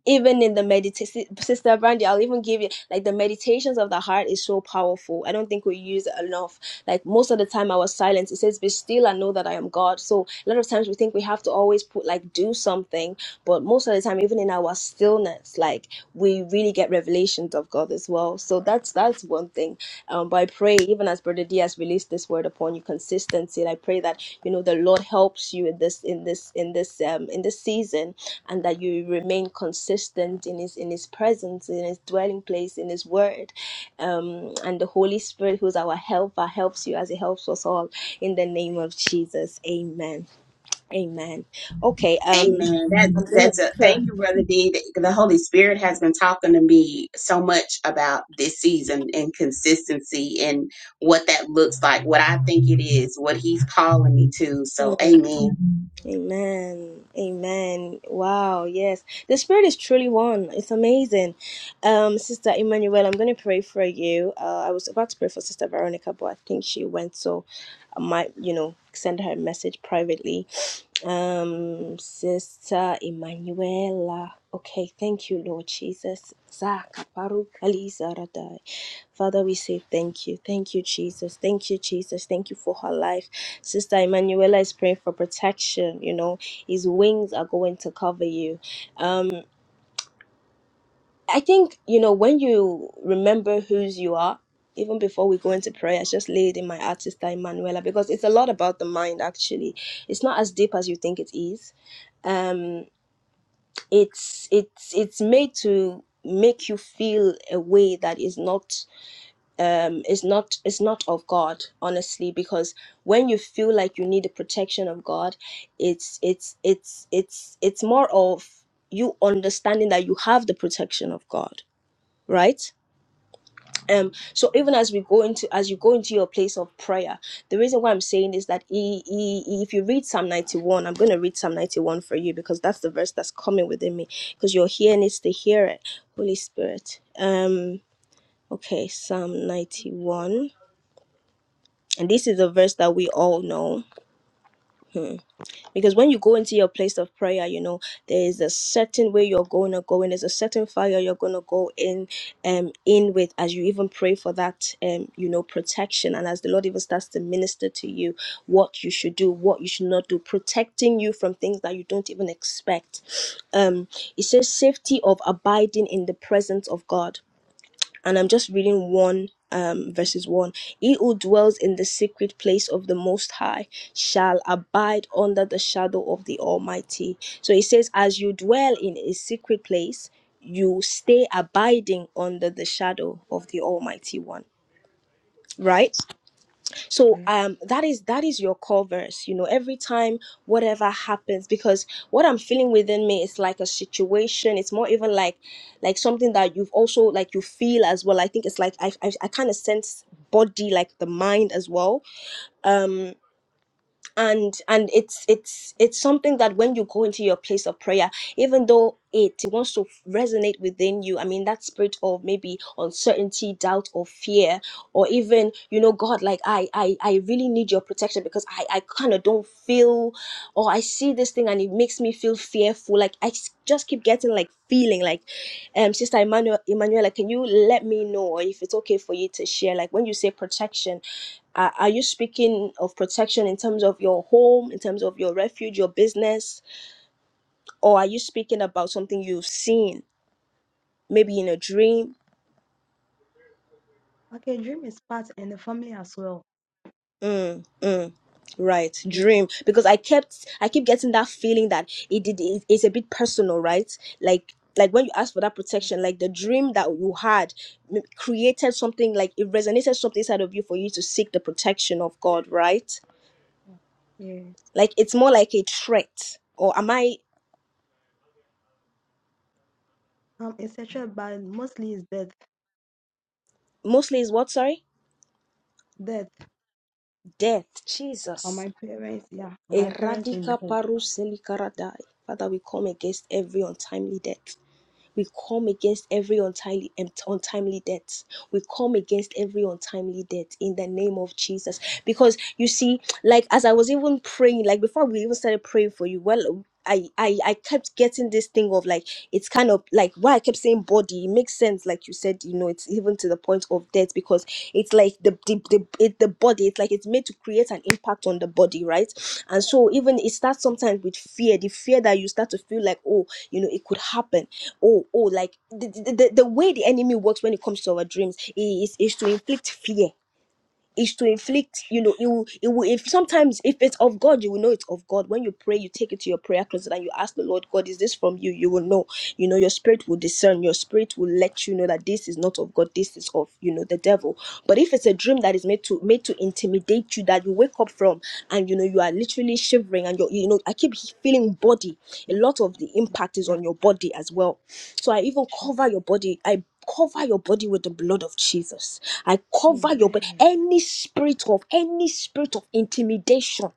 Speaker 1: even in the meditation sister brandy i'll even give you like the meditations of the heart is so powerful i don't think we use it enough like most of the time I was silent. it says be still and know that i am god so a lot of times we think we have to always put like do something but most of the time even in our stillness like we really get revelations of god as well so that's that's one thing um but i pray even as brother diaz released this word word upon you consistency and i pray that you know the lord helps you in this in this in this um in this season and that you remain consistent in his in his presence in his dwelling place in his word um and the holy spirit who's our helper helps you as he helps us all in the name of jesus amen amen okay um
Speaker 5: Amen. That
Speaker 1: I'm
Speaker 5: that's a
Speaker 1: gonna
Speaker 5: thank you, brother D. The, the Holy Spirit has been talking to me so much about this season and consistency and what that looks like, what I think it is, what He's calling me to. So,
Speaker 1: pray.
Speaker 5: Amen.
Speaker 1: Amen. Amen. Wow. Yes. The Spirit is truly one. It's amazing. Um, Sister Emmanuel, I'm going to pray for you. Uh, I was about to pray for Sister Veronica, but I think she went. So I might, you know, send her a message privately um sister emanuela okay thank you lord jesus Zaka paru kali zaradai. father we say thank you thank you jesus thank you jesus thank you for her life sister emanuela is praying for protection you know his wings are going to cover you Um. I think, you know, when you remember whose you are, even before we go into prayer, it's just laid in my artist Emanuela because it's a lot about the mind actually. It's not as deep as you think it is. Um it's it's it's made to make you feel a way that is not um is not is not of God, honestly, because when you feel like you need the protection of God, it's it's it's it's it's more of you understanding that you have the protection of God, right? um so even as we go into as you go into your place of prayer the reason why i'm saying is that he, he, he- if you read psalm 91 i'm going to read psalm 91 for you because that's the verse that's coming within me because your ear needs to hear it holy spirit um okay psalm 91 and this is a verse that we all know Hmm. Because when you go into your place of prayer, you know, there is a certain way you're going to go in, there's a certain fire you're going to go in um in with as you even pray for that um you know protection and as the Lord even starts to minister to you what you should do, what you should not do, protecting you from things that you don't even expect. Um it says safety of abiding in the presence of God and I'm just reading one um verses one. He who dwells in the secret place of the Most High shall abide under the shadow of the Almighty. So he says, as you dwell in a secret place, you stay abiding under the shadow of the Almighty One. Right? so
Speaker 4: Yeah.
Speaker 1: um that is that is your core verse you know every time whatever happens because what i'm feeling within me is like a situation it's more even like like something that you've also like you feel as well i think it's like i i, I kind of sense body like the mind as well Um and and it's it's it's something that when you go into your place of prayer even though it wants to resonate within you i mean that spirit of maybe uncertainty doubt or fear or even you know god like i i, I really need your protection because i i kind of don't feel or i see this thing and it makes me feel fearful like i s- just keep getting like feeling like um sister emmanuel emmanuela can you let me know or if it's okay for you to share like when you say protection are, are you speaking of protection in terms of your home, in terms of your refuge, your business, or are you speaking about something you've seen, maybe in a dream?
Speaker 4: Okay, dream is part in the family as well.
Speaker 1: Mm, mm. Right,
Speaker 4: Yeah.
Speaker 1: dream. Because I kept, I keep getting that feeling that it did. It, it's a bit personal, right? Like, like when you ask for that protection, like the dream that you had m- created something, like it resonated something inside of you for you to seek the protection of God, right?
Speaker 4: Yeah.
Speaker 1: Like it's more like a threat. Or am I
Speaker 4: Um, etc. But mostly it's death,
Speaker 1: mostly is what? Sorry.
Speaker 4: death
Speaker 1: death,
Speaker 4: on
Speaker 1: Jesus.
Speaker 4: my parents. Yeah, on my parents in the
Speaker 1: Eradica
Speaker 4: home.
Speaker 1: parus elikaratai. Father, we come against every untimely death. We come against every untimely untimely death. We come against every untimely death in the name of Jesus. Because you see, like as I was even praying, like before we even started praying for you, well, I I, I kept getting this thing of like it's kind of like why I kept saying body. It makes sense, like you said, you know know it's even to the point of death because it's like the the, the, it, the body it's like it's made to create an impact on the body right and so even it starts sometimes with fear the fear that you start to feel like oh you know it could happen oh oh like the, the, the the way the enemy works when it comes to our dreams is is to inflict fear is to inflict you
Speaker 4: Sure.
Speaker 1: know you it will if sometimes if it's of god you will know it's of god when you pray you take it to your prayer closet and you ask the lord god is this from you you will know you know your spirit will discern your spirit will let you know that this is not of god this is of you know the devil but if it's a dream that is made to made to intimidate you that you wake up from and you know you are literally shivering and you're you know i keep feeling body a
Speaker 4: Yeah.
Speaker 1: lot of the
Speaker 4: Yeah.
Speaker 1: impact is
Speaker 4: Yeah.
Speaker 1: on your body as
Speaker 4: yeah.
Speaker 1: well so i even
Speaker 4: Sure.
Speaker 1: cover your body i cover your body with the blood of Jesus. I cover your body.
Speaker 4: Amen.
Speaker 1: Any spirit of any spirit of intimidation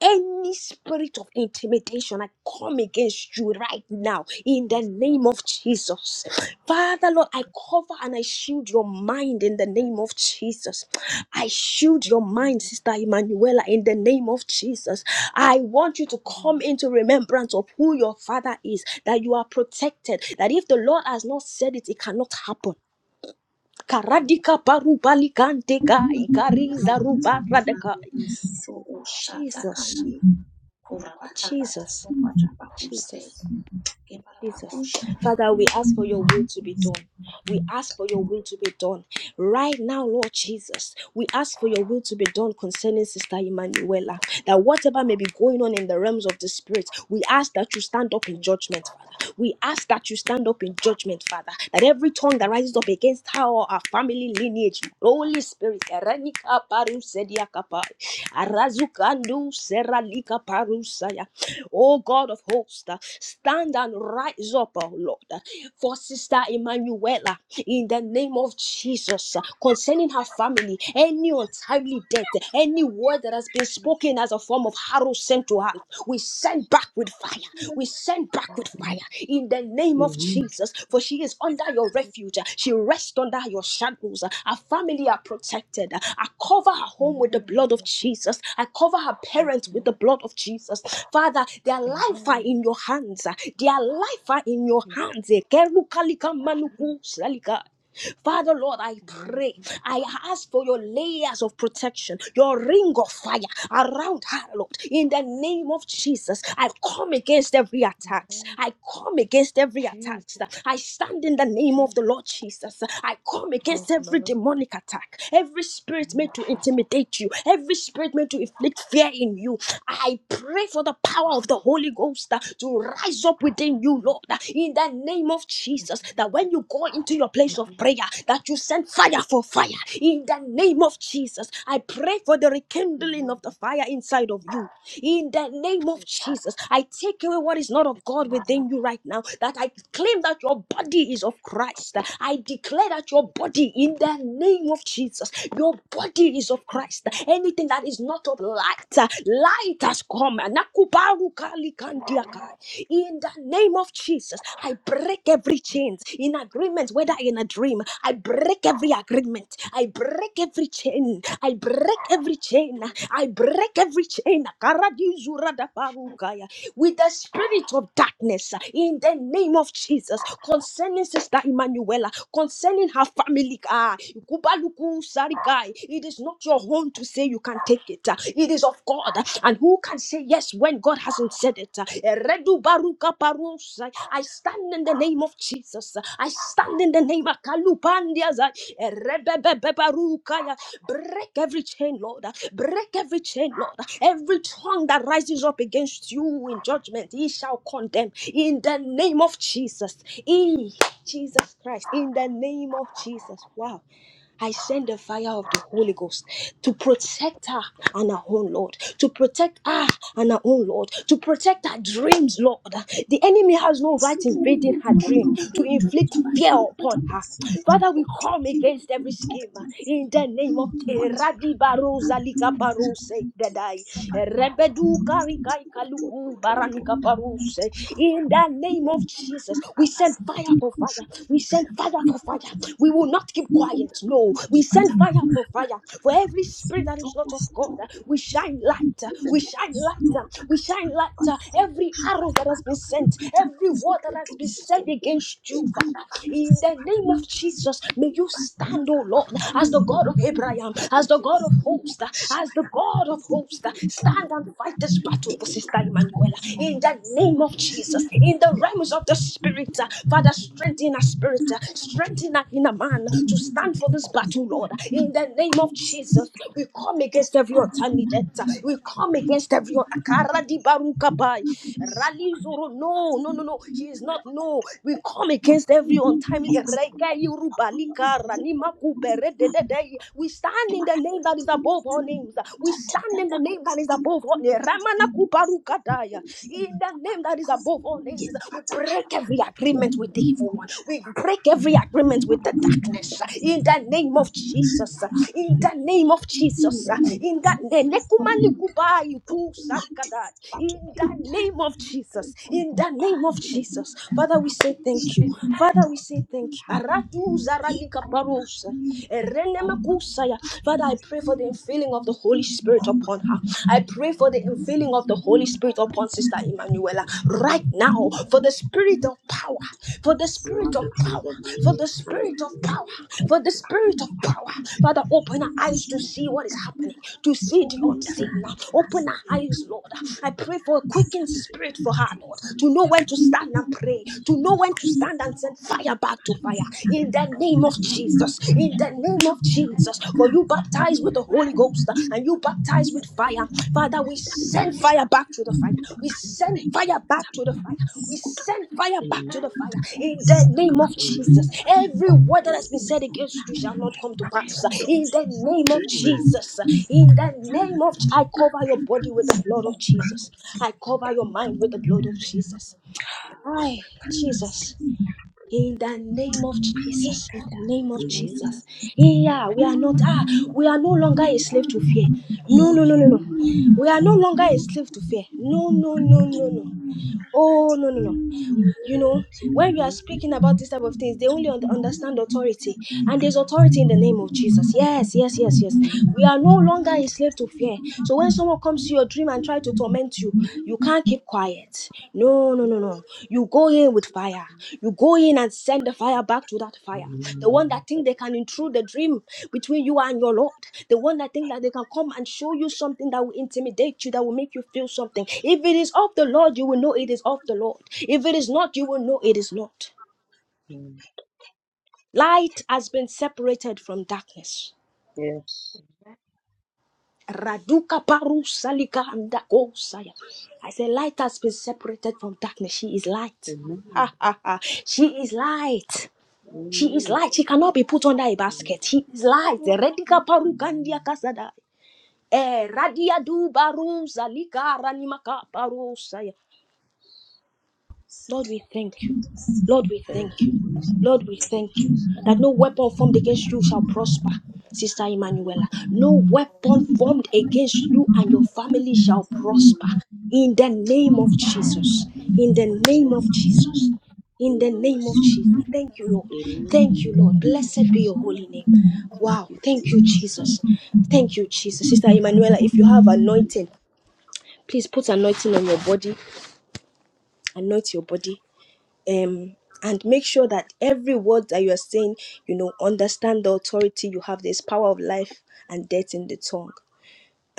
Speaker 1: any spirit of intimidation, I come against you right now in the
Speaker 4: Yes, Lord.
Speaker 1: name of
Speaker 4: Amen.
Speaker 1: Jesus. Father, Lord, I cover and I shield your mind in the name of Jesus. I shield your mind, Sister Emanuela, in the name of Jesus. I want you to
Speaker 4: Yes,
Speaker 1: come
Speaker 4: Lord.
Speaker 1: into remembrance of who your Father is, that you are protected, that if the Lord has not said it, it cannot happen. Karadika parubalikanteka, ikariza rubaradeka. Jesus, Jesus. Jesus, Jesus. Father, we ask for your will to be done. We ask for your will to be done right now, Lord Jesus. We ask for your will to be done concerning Sister Emanuela. That whatever may be going on in the realms of the spirit, we ask that you stand up in
Speaker 4: Yes,
Speaker 1: judgment, Father. We ask that you
Speaker 4: yes, yes,
Speaker 1: stand up in judgment, Father. That every tongue that
Speaker 4: yes,
Speaker 1: rises up
Speaker 4: yes.
Speaker 1: against her or our family lineage, Holy Spirit, Erenika paru sedia kapai. Arazukandu seralika paru saya. Oh God of hosts, uh, stand and rise up, oh Lord, uh, for Sister Emanuela in the name of Jesus uh, concerning her family. Any untimely death, any word that has been
Speaker 4: Jesus,
Speaker 1: spoken as a form of harrow sent to her, we send back with fire. We send back with fire in the name of
Speaker 3: Hmm.
Speaker 4: Amen, Jesus,
Speaker 1: Jesus, for she is under your refuge. uh, She rests under your shadows. uh, Her family are protected. I cover her home with the
Speaker 4: Amen.
Speaker 1: blood of
Speaker 4: That is
Speaker 1: Jesus. I cover her
Speaker 4: what
Speaker 1: parents with the
Speaker 4: Lord,
Speaker 1: blood of Jesus. Father, their life are in
Speaker 4: Amen.
Speaker 1: your hands. Their life are in your hands. Father Lord, I
Speaker 4: Lord
Speaker 1: pray.
Speaker 4: Jesus, Lord,
Speaker 1: I ask for your layers of protection, your ring of fire around her, Lord. In the name of Jesus, I come against every attack.
Speaker 4: Amen.
Speaker 1: I come against every attack
Speaker 4: Jesus,
Speaker 1: against. I stand in the name of
Speaker 4: Jesus,
Speaker 1: the Lord Jesus. I come against
Speaker 4: yes,
Speaker 1: every
Speaker 4: Lord,
Speaker 1: demonic attack, every spirit
Speaker 4: Lord
Speaker 1: made to
Speaker 4: Jesus,
Speaker 1: intimidate you, every spirit made to inflict fear in you. I pray for the power of the Holy Ghost uh, to rise up within you,
Speaker 4: Lord,
Speaker 1: Lord, uh, in the name of Jesus. That when you go into your place of
Speaker 4: Amen,
Speaker 1: prayer, that you send fire for fire. In the name of Jesus, I pray for the rekindling
Speaker 4: Amen,
Speaker 1: of the fire inside of you. In the name of
Speaker 4: yes,
Speaker 1: Jesus, I take away what is not of God
Speaker 4: Lord,
Speaker 1: within you right now. That I claim that your body is of Christ. I declare that your body, in the name of Jesus, your body is of Christ. Anything that is not of light, uh, light has come. Nakubaru kali kandiakai. In the name of Jesus, I break every chains in agreement, whether in a dream. I break every agreement. I break every chain. I break every chain. I break every chain. Karadi zurada with the spirit of darkness uh, in the name of Jesus concerning Sister Emanuela, concerning her family. Ah, Ikubaluku Sarigai, it is not your own to say you can take it. uh, It is of God. And who can say yes when God hasn't said it? uh, Eredu Baruka Parusai, I stand in the name of Jesus. uh, I stand in the name of Kalubandia Break every chain, Lord. Break every chain, Lord. Every tongue that rises up against you in judgment, he shall condemn. In the name of Jesus. In Jesus Christ. In the name of Jesus. Wow. I send the fire of the Holy Ghost to protect her and her own Lord, to protect her and her own Lord, to protect her dreams, Lord. The enemy has no right invading her dream to inflict fear upon her. Father, we come against every scheme in the name of Eradi Barosa Lika Parose Dadai. Rebedu Karikai Kaluku Baranika Parose. In the name of Jesus, we send fire for fire. We send fire for fire. We will not keep quiet. No, we send fire for fire. For every spirit that is not of God, uh, we shine light. uh, We shine light. uh, We shine light. uh, Every arrow that has been sent, every word that has been said against you, Fa- in the name of Jesus, may you stand, O Lord, as the God of Abraham, as the God of hosts, as the God of hosts. Stand and fight this battle for Sister Emanuela in the name of Jesus. In the realms of the Spirit, uh, Father, strengthen our spirit, uh, strengthen our inner man to stand for this battle, Lord. In the name of Jesus, we come against every alternative. We come against every Akaradi Barukapai. Rally Zoro. No, no, no, no. She is not. No. We come against every untimely. Rega Yorubalika we stand in the name that is above all names. We stand in the name that is above all names. Ramana kubarukadaya. In the name that is above all names, we break every agreement with the evil one. We break every agreement with the darkness. In the name of Jesus. In the name of Jesus. In the name. in the name of Jesus. In the name of Jesus. Father, we say thank you. Father, we say thank you. Aratu zaralika parousa, erenemekusaya. Father, I pray for the infilling of the Holy Spirit upon her. I pray for the infilling of the Holy Spirit upon Sister Emanuela right now for the spirit of power, for the spirit of
Speaker 3: Mothers in
Speaker 1: power,
Speaker 3: the
Speaker 1: for
Speaker 3: Malay
Speaker 1: the spirit of
Speaker 3: collecting
Speaker 1: power,
Speaker 3: and
Speaker 1: for the spirit of power. Father, open her
Speaker 3: contributions
Speaker 1: eyes to see what is happening, to see the unseen. Open her eyes, Lord. I pray for a quickened spirit for her, Lord, to know when to stand and pray, to know when to stand and send fire back to fire. In the name of
Speaker 3: Amen.
Speaker 1: Jesus, in the name of Jesus, for you baptized with the Holy Ghost and you baptized with fire. Father, we send fire back to the fire. We send fire back to the fire. We send fire back to the fire. In the name of
Speaker 3: Amen.
Speaker 1: Jesus, every word that has been said against you shall not come to pass. In the name of
Speaker 3: Amen.
Speaker 1: Jesus, in the name of I cover your body with the blood of Jesus. I cover your mind with the blood of Jesus. Hi, Jesus. In the name of Jesus, in the name of
Speaker 3: Amen.
Speaker 1: Jesus. Yeah, we are not, ah, we are no longer a slave to fear. No, no, no, no, no. We are no longer a slave to fear. No, no, no, no, no. Oh, no, no, no. You know, when we are speaking about this type of things, they only un- understand authority. And there's authority in the name of Jesus. Yes, yes, yes, yes. We are no longer a slave to fear. So when someone comes to your dream and try to torment you, you can't keep quiet. No, no, no, no. You go in with fire fire. You go in and send the fire back to that fire. The one that think they can intrude the dream between you and your Lord. The one that think that they can come and show you something that will intimidate you, that will make you feel something. If it is of the Lord, you will know it is of the Lord. If it is not, you will know it is not.
Speaker 3: Amen.
Speaker 1: Light has been separated from darkness.
Speaker 3: Yes.
Speaker 1: Raduka paru salika andako saya. I say light has been separated from darkness. She is light.
Speaker 3: Amen.
Speaker 1: Ha ha ha. She is light. She is
Speaker 3: Amen.
Speaker 1: light. She cannot be put under a basket. She is light. Redika
Speaker 3: Amen.
Speaker 1: parukandia kasada. Eh, radia du barum zalika ranimaka parusaya. Lord, we thank you. Lord, we
Speaker 3: Thank
Speaker 1: thank
Speaker 3: you,
Speaker 1: you.
Speaker 3: Jesus.
Speaker 1: Lord, we
Speaker 3: Thank you,
Speaker 1: thank you
Speaker 3: Jesus.
Speaker 1: that no weapon
Speaker 3: Thank you,
Speaker 1: formed against you
Speaker 3: Jesus.
Speaker 1: shall prosper, Sister
Speaker 3: Amen.
Speaker 1: Emanuela. No weapon formed against you and your family shall prosper. In the name
Speaker 3: Amen.
Speaker 1: of
Speaker 4: Amen.
Speaker 1: Jesus. In the name
Speaker 3: Amen.
Speaker 1: of Jesus. In the
Speaker 3: Amen.
Speaker 1: name of Jesus. Thank you, Lord.
Speaker 3: Amen.
Speaker 1: Thank you,
Speaker 3: Thank
Speaker 1: Lord.
Speaker 3: you,
Speaker 1: Blessed be
Speaker 3: Jesus.
Speaker 1: your holy name.
Speaker 3: Thank
Speaker 1: Wow.
Speaker 3: you,
Speaker 1: Thank you,
Speaker 3: Jesus.
Speaker 1: Jesus.
Speaker 3: Thank
Speaker 1: Thank you,
Speaker 3: you,
Speaker 1: Jesus.
Speaker 3: Jesus.
Speaker 1: Sister Emanuela, if you
Speaker 3: Thank
Speaker 1: have
Speaker 3: you, Jesus.
Speaker 1: anointing, please put anointing on your body. Anoint your body um and make sure that every word that you are saying you know understand the authority you have There's power of life and death in the tongue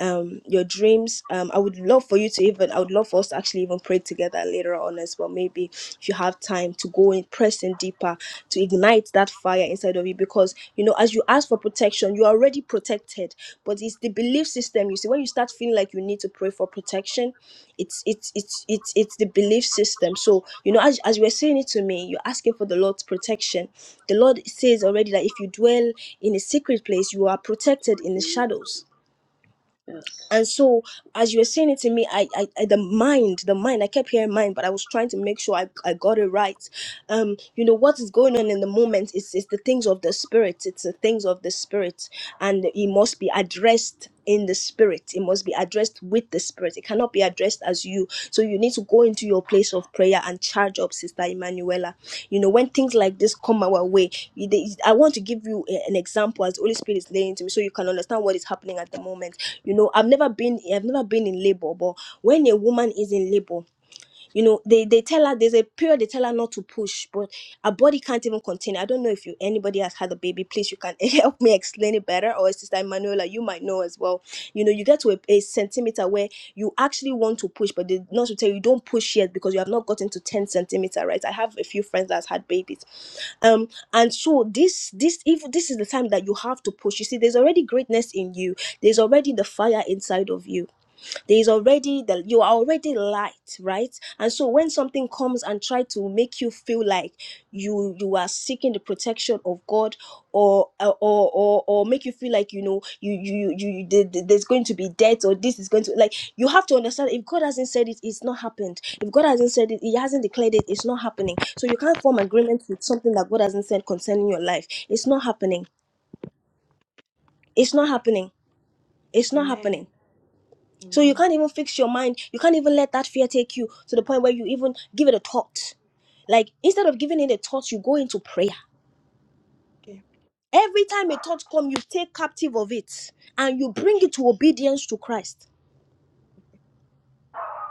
Speaker 1: um your dreams um i would love for you to even i would love for us to actually even pray together later on as well maybe if you have time to go in press in deeper to ignite that fire inside of you because you know as you ask for protection you are already protected but it's the belief system you see when you start feeling like you need to pray for protection it's it's it's it's it's the belief system so you know as, as you were saying it to me you're asking for the lord's protection the lord says already that if you dwell in a secret place you are protected
Speaker 3: Thank
Speaker 1: in the
Speaker 3: you, Jesus.
Speaker 1: shadows
Speaker 3: Yes.
Speaker 1: and so as you were saying it to me I, I i the mind the mind i kept hearing mind but i was trying to make sure i, I got it right um you know what is going on in the moment is is the things of the spirit it's the things of the spirit and it must be addressed in the spirit it must be addressed with the spirit it cannot cannot be addressed as you. So you need to go into your place of prayer and charge up, Sister Emanuela. You know, when things like this come our way, I want to give you an example as the Holy Spirit is laying to me so you can understand what is happening at the moment. You know, I've never been I've never been in labor, but when a woman is in labor, you know they they tell her there's a period they tell her not to push but her body can't even contain it. i don't know if you anybody has had a baby please you can help me explain it better or sister Emanuela, you might know as well you know you get to a, a centimeter where you actually want to push but the nurse will tell you don't push yet because you have not gotten to 10 centimeter right i have a few friends that's had babies um and so this this if this is the time that you have to push you see there's already greatness in you there's already the fire inside of you there's already that you are already light right and so when something comes and try to make you feel like you you are seeking the protection of god or uh, or or, or make you feel like you know you you you, you there- there- there's going to be death or this is going to like you have to understand if god hasn't said it it's not happened if god hasn't said it he hasn't declared it it's not happening so you can't form agreement with something that god hasn't said concerning your life it's not happening it's not happening it's not
Speaker 4: Amen.
Speaker 1: happening So you
Speaker 4: Amen.
Speaker 1: can't even fix your mind. You can't even let that fear take you to the point where you even give it a thought. Like instead of giving it a thought, you go into prayer.
Speaker 4: Okay.
Speaker 1: Every time a thought comes, you take captive of it and you bring
Speaker 4: Sure.
Speaker 1: it to obedience to Christ.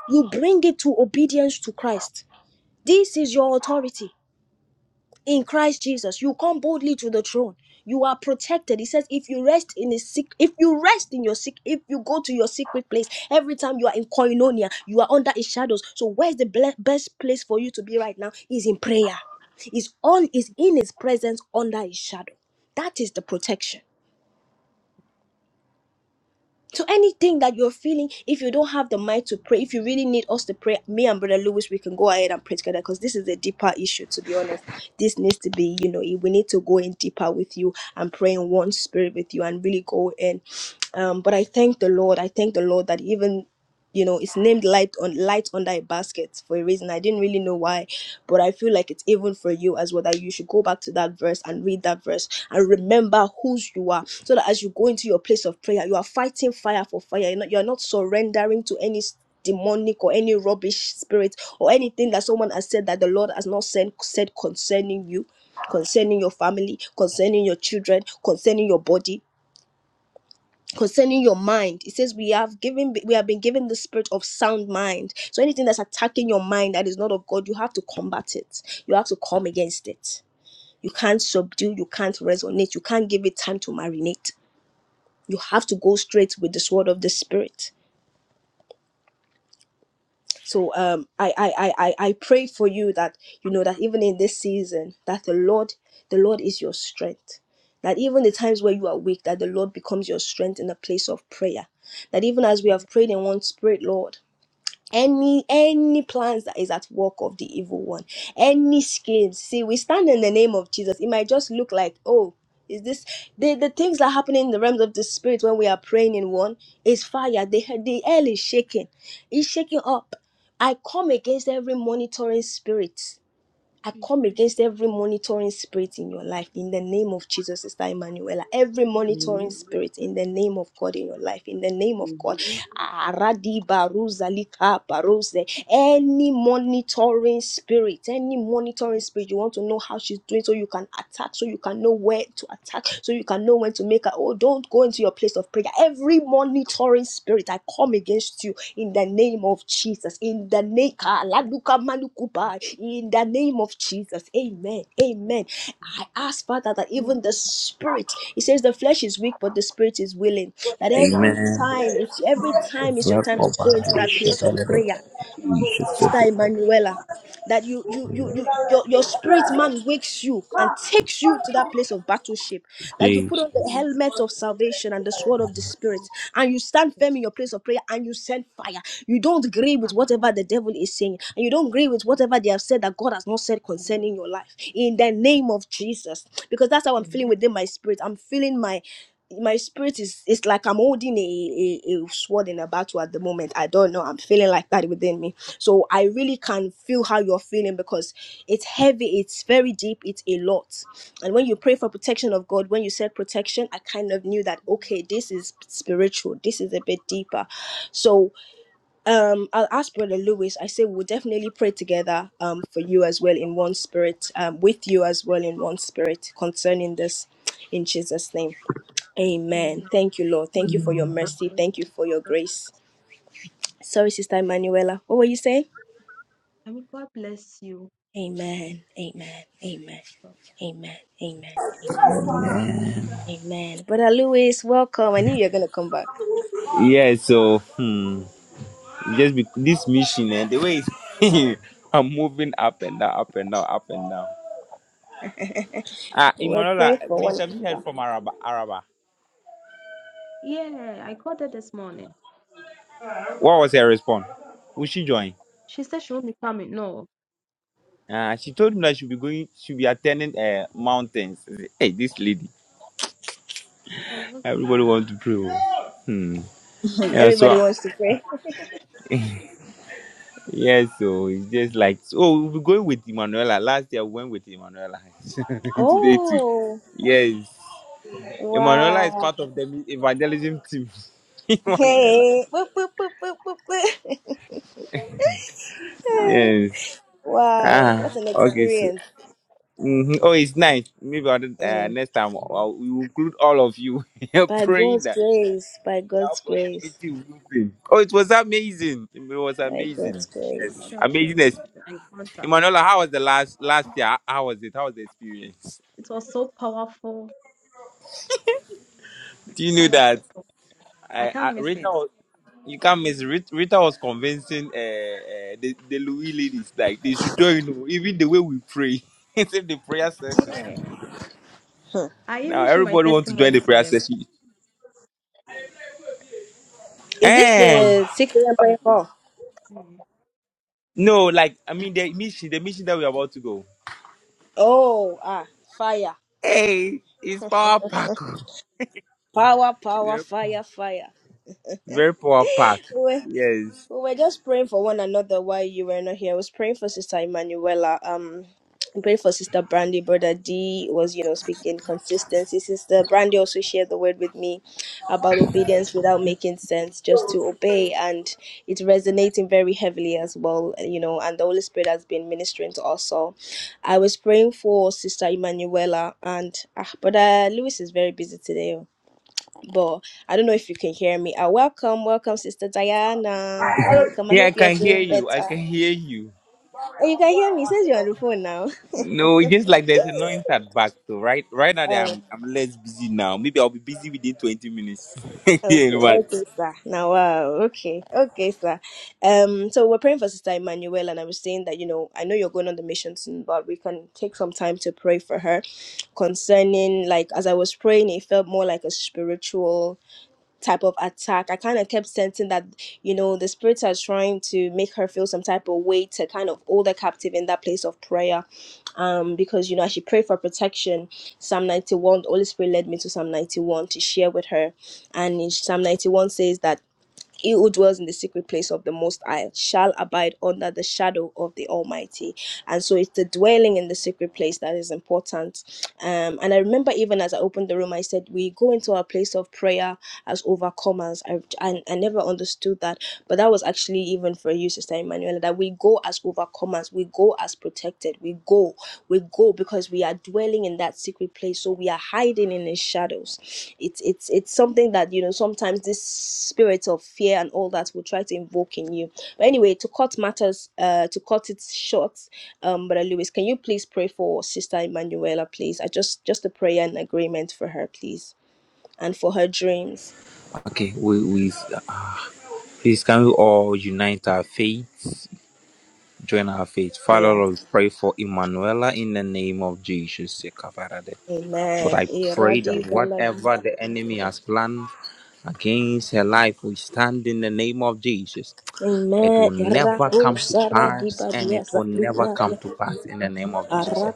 Speaker 1: You bring it to obedience to Christ. This is your authority. in Christ Jesus. You come boldly to the throne. You are protected. He says, if you rest in a sick, if you rest in your sick, if you go to your secret place, every time you are in koinonia, you are under his shadows. So where's the ble- best place for you to be right now? Is in prayer. Is on is in his presence under his shadow. That is the protection. So anything that you're feeling, if you don't have the mind to pray, if you really need us to pray, me and Brother Lewis, we can go ahead and pray together because this is a deeper issue, to be honest. This needs to be, you know, we need to go in deeper with you and pray in one spirit with you and really go in. Um, but I thank the Lord. I thank the Lord that even you know it's named light on light under a basket for a reason i didn't really know why but i feel like it's even for you as well that you should go back to that verse and read that verse and remember whose you are so that as you go into your place of prayer you are fighting fire for fire you're not, you're not surrendering to any s- demonic or any rubbish spirit or anything that someone has said that the lord has not sent said concerning you concerning your family concerning your children concerning your body concerning your mind it says we have given we have been given the spirit of sound mind so anything that's attacking your mind that is not of god you have to combat it you have to come against it you can't subdue you can't resonate you can't give it time to marinate you have to go straight with the sword of the spirit So um, I, I, I, I I pray for you that you know that even in this season, that the Lord, the Lord is your strength. That even the times where you are weak, that the Lord becomes your strength in a place of prayer. That even as we
Speaker 4: Amen.
Speaker 1: have prayed in one spirit, Lord any any plans that is at work of the evil one any schemes see we stand in the name of jesus it might just look like oh is this the, the things that are happening in the realms of the spirit when we are praying in one is fire the, the air is shaking it's shaking up i come against every monitoring spirit I come
Speaker 4: Jesus.
Speaker 1: against every monitoring spirit in your life in the name of Jesus, Sister Emanuela. Every
Speaker 4: Amen.
Speaker 1: monitoring
Speaker 3: Amen.
Speaker 1: spirit in the name of God in your life, in the name of God.
Speaker 3: Amen.
Speaker 1: Aradi baruza lika barose. Any monitoring spirit, any monitoring spirit, you want to know how she's doing so you can attack, so you can know where to attack, so you can know when to make a hold don't go into your place of prayer. Every monitoring spirit, I come against you in the name of Jesus. In the name, in the name of Jesus. Amen.
Speaker 4: Jesus.
Speaker 1: Amen. I ask Father that
Speaker 4: Amen.
Speaker 1: even the spirit, He says the flesh is weak, but the spirit is willing. That every
Speaker 2: Amen.
Speaker 1: time, it's every time is your time to go into that place of prayer. Sister Emanuela, that you you you you your, your spirit man wakes you and takes you to that place of battleship. That you put on the helmet of salvation and the sword of the spirit, and you stand firm in your place of prayer and you send fire. You don't agree with whatever
Speaker 4: Amen.
Speaker 1: the devil is saying, and you don't agree with whatever they have said that God has not said concerning your life. In the name of Jesus. Because that's how I'm feeling
Speaker 4: Amen.
Speaker 1: within my spirit. I'm feeling my my spirit is it's like i'm holding a, a a sword in a battle at the moment i don't know i'm feeling like that within me so i really can feel how you're feeling because it's heavy it's very deep it's a lot and when you pray for protection of god when you said protection i kind of knew that okay this is spiritual this is a bit deeper so um, I'll ask Brother Lewis. I say we'll definitely pray together um, for you as well in one spirit, um, with you as well in one spirit concerning this in Jesus' name.
Speaker 4: Amen.
Speaker 1: Amen. Thank you, Lord.
Speaker 4: Amen.
Speaker 1: Thank you for your
Speaker 4: God
Speaker 1: mercy.
Speaker 4: bless
Speaker 1: Thank you for your
Speaker 4: you.
Speaker 1: grace. Sorry, Sister Emanuela. What were you saying?
Speaker 4: I mean, God bless you.
Speaker 1: Amen. Amen. Amen. Amen. Amen. Amen. Amen. Brother Lewis, welcome. I knew you were going to come back.
Speaker 2: Yeah, so hmm, just be, this mission and the way it's- I'm moving up and down, up and down, up and down. Ah,
Speaker 1: We're
Speaker 2: Imanola,
Speaker 1: praying for
Speaker 2: please
Speaker 1: one.
Speaker 2: have you heard from Araba? Araba,
Speaker 4: Yeah, I called her this morning.
Speaker 2: what was her response? Will she join?
Speaker 4: She said she won't be coming. No.
Speaker 2: Ah, she told me that she'll be going, she'll be attending uh, mountains. I said, Hey, this lady,
Speaker 4: Oh, okay.
Speaker 2: everybody wants to pray. oh. Hmm.
Speaker 4: Mm,
Speaker 2: Yeah,
Speaker 1: Everybody
Speaker 2: so
Speaker 1: wants to pray.
Speaker 2: Yes, so it's just like oh we'll be going with Emanuela. Last year we went with Emanuela. Today too.
Speaker 1: Oh,
Speaker 2: Yes. Emanuela is
Speaker 1: wow.
Speaker 2: part of the mi- evangelism team. Emanuela.
Speaker 1: Hey, Boop, boop, boop, boop, boop, boop.
Speaker 2: Yes.
Speaker 1: wow, what
Speaker 2: Ah.
Speaker 1: an
Speaker 2: Okay. So.
Speaker 1: experience!
Speaker 2: hmm Oh, it's nice. Maybe I'll, do- uh,
Speaker 1: Mm.
Speaker 2: next time I'll, we will include all of you.
Speaker 1: By
Speaker 2: praying
Speaker 1: God's
Speaker 2: that
Speaker 1: grace, by
Speaker 2: the
Speaker 1: God's grace,
Speaker 2: opportunity will open. Oh, it was amazing. It was
Speaker 1: by God's
Speaker 2: amazing.
Speaker 4: Sure,
Speaker 2: Yes,
Speaker 1: grace.
Speaker 4: sure, sure,
Speaker 2: amazing.
Speaker 4: sure,
Speaker 2: ex-
Speaker 4: sure. And contract.
Speaker 2: Emanuela, how was the last last year? How was it? How was the experience?
Speaker 4: It was so powerful,
Speaker 2: Do you know
Speaker 4: powerful,
Speaker 2: that?
Speaker 4: powerful. I
Speaker 2: I,
Speaker 4: can't
Speaker 2: I,
Speaker 4: miss
Speaker 2: Rita,
Speaker 4: it.
Speaker 2: was, you can't miss. Rita, Rita was convincing uh, uh, the the Louis ladies like they should join. oh, Even the way we pray, it's in the prayer session.
Speaker 4: Yeah. I
Speaker 2: Now
Speaker 4: even share my
Speaker 2: everybody wants to join
Speaker 4: testimony
Speaker 2: the
Speaker 4: to
Speaker 2: prayer
Speaker 4: them.
Speaker 2: session.
Speaker 1: Is this
Speaker 2: Eh?
Speaker 1: the secret a.m. prayer call?
Speaker 4: Mm.
Speaker 2: No, like I mean the mission, the mission that we're about to go.
Speaker 1: Oh, ah, fire,
Speaker 2: Hey, it's power pack. oh.
Speaker 1: power,
Speaker 2: It's
Speaker 1: power, fire, fire.
Speaker 2: very power pack. Yes.
Speaker 1: We were just praying for one another while you were not here. I was praying for Sister Emanuela. Um, I prayed for Sister Brandy. Brother D was, you know, speaking consistency. Sister Brandy also shared the word with me about obedience without making sense, just to obey, and it's resonating very heavily as well, you know. And the Holy Spirit has been ministering to us So, I was praying for Sister Emanuela, and ah, Brother Lewis is very busy today. oh but I don't know if you can hear me. Uh, welcome, welcome, Sister Diana. Welcome. I
Speaker 2: Yeah, I
Speaker 1: hope you're
Speaker 2: can hear
Speaker 1: feeling
Speaker 2: you. I
Speaker 1: better.
Speaker 2: can hear you.
Speaker 1: Oh, you can hear me. It says you're on the phone now.
Speaker 2: No, it's just like there's a noise at back. So right, right now that
Speaker 1: oh,
Speaker 2: I'm I'm less busy now. Maybe I'll be busy within twenty minutes. yeah,
Speaker 1: okay,
Speaker 2: but
Speaker 1: okay, sir. Now, wow, okay, okay, sir. Um, so we're praying for Sister Emmanuel, and I was saying that you know I know you're going on the mission soon, but we can take some time to pray for her concerning like as I was praying, it felt more like a spiritual. type of attack. I kind of kept sensing that, you know, the spirits are trying to make her feel some type of way to kind of hold her captive in that place of prayer. Um, because, you know, as she prayed for protection, Psalm 91, the Holy Spirit led me to Psalm 91 to share with her. And in Psalm 91 says that. He who dwells in the secret place of the Most High shall abide under the shadow of the Almighty. And so it's the dwelling in the secret place that is important. Um, and I remember even as I opened the room, I said, We go into our place of prayer as overcomers. I, I, I never understood that. But that was actually even for you, Sister Emanuela, that we go as overcomers, we go as protected, we go, we go because we are dwelling in that secret place. So we are hiding in His shadows it's it's it's something that you know sometimes this spirit of fear and all that will try to invoke in you but anyway to cut matters uh to cut it short um brother lewis can you please pray for sister emanuela please i just just a prayer and agreement for her please and for her dreams
Speaker 2: okay, we we uh, please can we all unite our faith, join our faith. Father,
Speaker 1: yeah
Speaker 2: Lord, we pray for Emanuela in the name of Jesus. Ekabarade. Lord,
Speaker 1: amen
Speaker 2: I pray that whatever the enemy
Speaker 1: Iradibaladibaruzada.
Speaker 2: has planned against her life, we stand in the name of Jesus. It
Speaker 1: amen
Speaker 2: will never come to pass, and
Speaker 1: Erakusaradibadia
Speaker 2: it will never
Speaker 1: zakikaya,
Speaker 2: come to pass in the name of Jesus.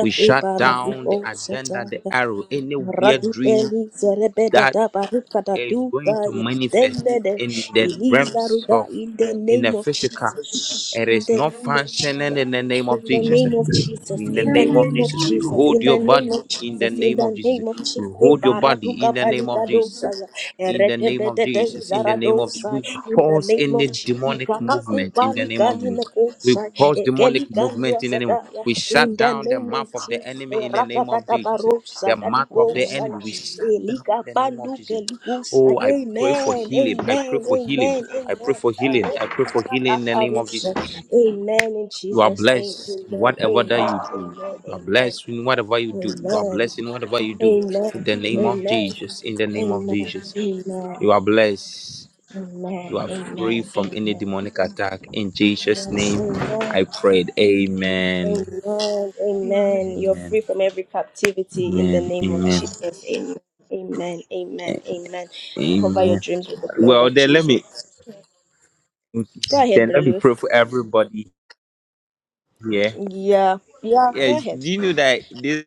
Speaker 2: We shut down the agenda,
Speaker 1: barabikosata.
Speaker 2: the arrow, any weird dream
Speaker 1: Ratupeli zerebeda
Speaker 2: that
Speaker 1: da baruka da
Speaker 2: is
Speaker 1: duka
Speaker 2: going to
Speaker 1: ya
Speaker 2: manifest
Speaker 1: demene
Speaker 2: in the
Speaker 1: iliza
Speaker 2: realms
Speaker 1: ruga
Speaker 2: of
Speaker 1: in the
Speaker 2: in the
Speaker 1: name of
Speaker 2: physical.
Speaker 1: Jesus
Speaker 2: It
Speaker 1: in
Speaker 2: is
Speaker 1: the
Speaker 2: not
Speaker 1: name of
Speaker 2: functioning
Speaker 1: Jesus
Speaker 2: in the name of
Speaker 1: in the
Speaker 2: Jesus.
Speaker 1: name of Jesus
Speaker 2: In the
Speaker 1: in the
Speaker 2: name of
Speaker 1: name of
Speaker 2: Jesus, we
Speaker 3: Amen.
Speaker 1: Jesus
Speaker 2: hold
Speaker 1: in
Speaker 2: your
Speaker 1: the name of
Speaker 2: body. In the
Speaker 1: Jesus in
Speaker 2: name
Speaker 1: the
Speaker 2: of Jesus,
Speaker 1: name of Jesus
Speaker 2: we hold your body.
Speaker 1: baraduka
Speaker 2: In the name
Speaker 1: palika
Speaker 2: of Jesus. In the name of
Speaker 1: Eredebedede
Speaker 2: Jesus. In the name of Jesus.
Speaker 1: zaradosai,
Speaker 2: We
Speaker 1: In the
Speaker 2: pause
Speaker 1: name
Speaker 2: any
Speaker 1: of Jesus. In
Speaker 2: demonic movement. In the name of Jesus. We pause demonic movement in the name. Of, we shut
Speaker 1: the
Speaker 2: down the
Speaker 1: name of
Speaker 2: mouth of the
Speaker 1: Jesus.
Speaker 2: enemy in the name of Jesus.
Speaker 1: Erakadadabarosa,
Speaker 2: The mouth of the
Speaker 4: Amen. Amen.
Speaker 1: dadigosai,
Speaker 2: enemy. We shut down in the name of Jesus.
Speaker 1: elikapandukeligusa.
Speaker 2: Oh, I pray for
Speaker 1: Amen.
Speaker 2: healing. I pray
Speaker 1: Amen.
Speaker 2: for healing.
Speaker 1: Amen.
Speaker 2: I pray
Speaker 1: Amen.
Speaker 2: for healing. I pray for healing in the name of Jesus.
Speaker 1: Eredebadadabarosa. Amen. In
Speaker 2: You are
Speaker 1: Jesus' name.
Speaker 2: blessed in
Speaker 1: Amen.
Speaker 2: whatever that
Speaker 1: Amen.
Speaker 2: you do.
Speaker 1: Amen.
Speaker 2: You are
Speaker 1: Amen.
Speaker 2: blessed in whatever you do. You are
Speaker 1: Amen.
Speaker 2: blessed in whatever you do. In
Speaker 1: Amen.
Speaker 2: the name of
Speaker 1: Amen.
Speaker 2: Jesus. In the name
Speaker 1: Amen.
Speaker 2: of Jesus.
Speaker 1: Amen.
Speaker 2: You are blessed. You
Speaker 1: Amen.
Speaker 2: are free
Speaker 1: Amen.
Speaker 2: from any
Speaker 1: Amen.
Speaker 2: demonic attack. In Jesus'
Speaker 1: Yes.
Speaker 2: name, I
Speaker 1: Amen.
Speaker 2: prayed. Amen.
Speaker 1: Amen. Amen. You're
Speaker 4: Amen.
Speaker 2: Amen.
Speaker 1: free from every captivity in the
Speaker 2: Amen.
Speaker 1: name of
Speaker 2: Amen.
Speaker 1: Jesus. Amen. Amen. Amen. Amen. Cover your
Speaker 2: Amen.
Speaker 1: dreams with the blood
Speaker 2: Well,
Speaker 1: of
Speaker 2: then let
Speaker 1: Jesus.
Speaker 2: me
Speaker 1: Go ahead,
Speaker 2: then
Speaker 1: Brother
Speaker 2: let me
Speaker 1: Lewis.
Speaker 2: pray for everybody here.
Speaker 1: Yeah. Yeah. Go
Speaker 2: Yes.
Speaker 1: ahead.
Speaker 2: Do you know that this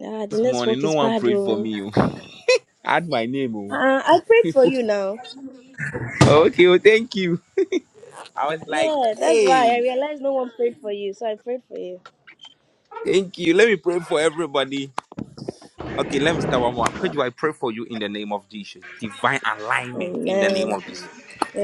Speaker 1: Ah, the
Speaker 2: morning
Speaker 1: network
Speaker 2: no
Speaker 1: is
Speaker 2: one
Speaker 1: bad.
Speaker 2: prayed for
Speaker 1: Oh.
Speaker 2: me? oh? Add my name.
Speaker 1: Uh, I prayed
Speaker 2: Oh.
Speaker 1: for you now.
Speaker 2: Okay, well, thank you. I was like,
Speaker 1: Yeah, that's why I
Speaker 2: hey,
Speaker 1: realized no one prayed for you, so I prayed for you.
Speaker 2: thank you. Let me pray for everybody. Okay, let me start one more. Pedro, I pray for you in the name of Jesus. Divine alignment in the name
Speaker 1: Amen.
Speaker 2: of Jesus.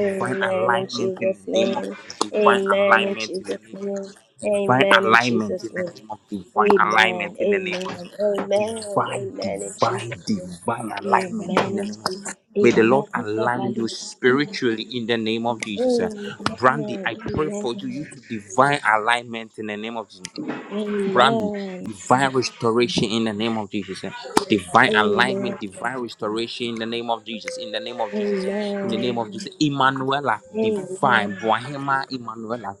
Speaker 2: Divine
Speaker 1: in
Speaker 2: alignment in
Speaker 1: Jesus'
Speaker 2: the name of
Speaker 1: name.
Speaker 2: Jesus. Divine
Speaker 1: Amen in
Speaker 2: alignment in the
Speaker 1: Jesus'
Speaker 2: name of
Speaker 1: name.
Speaker 2: Jesus. Divine
Speaker 1: Amen in
Speaker 2: alignment
Speaker 1: Jesus'
Speaker 2: in the
Speaker 1: name.
Speaker 2: name of divine alignment
Speaker 1: Amen.
Speaker 2: in the name
Speaker 1: Amen.
Speaker 2: of Jesus.
Speaker 1: Amen.
Speaker 2: divine,
Speaker 1: Amen in Jesus'
Speaker 2: divine,
Speaker 1: name.
Speaker 2: divine alignment in the
Speaker 1: Amen in
Speaker 2: name of Jesus.
Speaker 1: Jesus'
Speaker 2: May the
Speaker 1: name.
Speaker 2: Lord
Speaker 1: Radhika
Speaker 2: align
Speaker 1: Balu.
Speaker 2: you spiritually in the name of Jesus. eh.
Speaker 1: Amen.
Speaker 2: Brandy, I
Speaker 1: Amen.
Speaker 2: pray for you, you to divine alignment in the name of Jesus. Brandy, divine restoration in the name of Jesus. eh. Divine alignment, divine restoration in the name of Jesus. In the name of Jesus. eh. In the name of Jesus. Emmanuela, divine. Bohema, Emmanuela.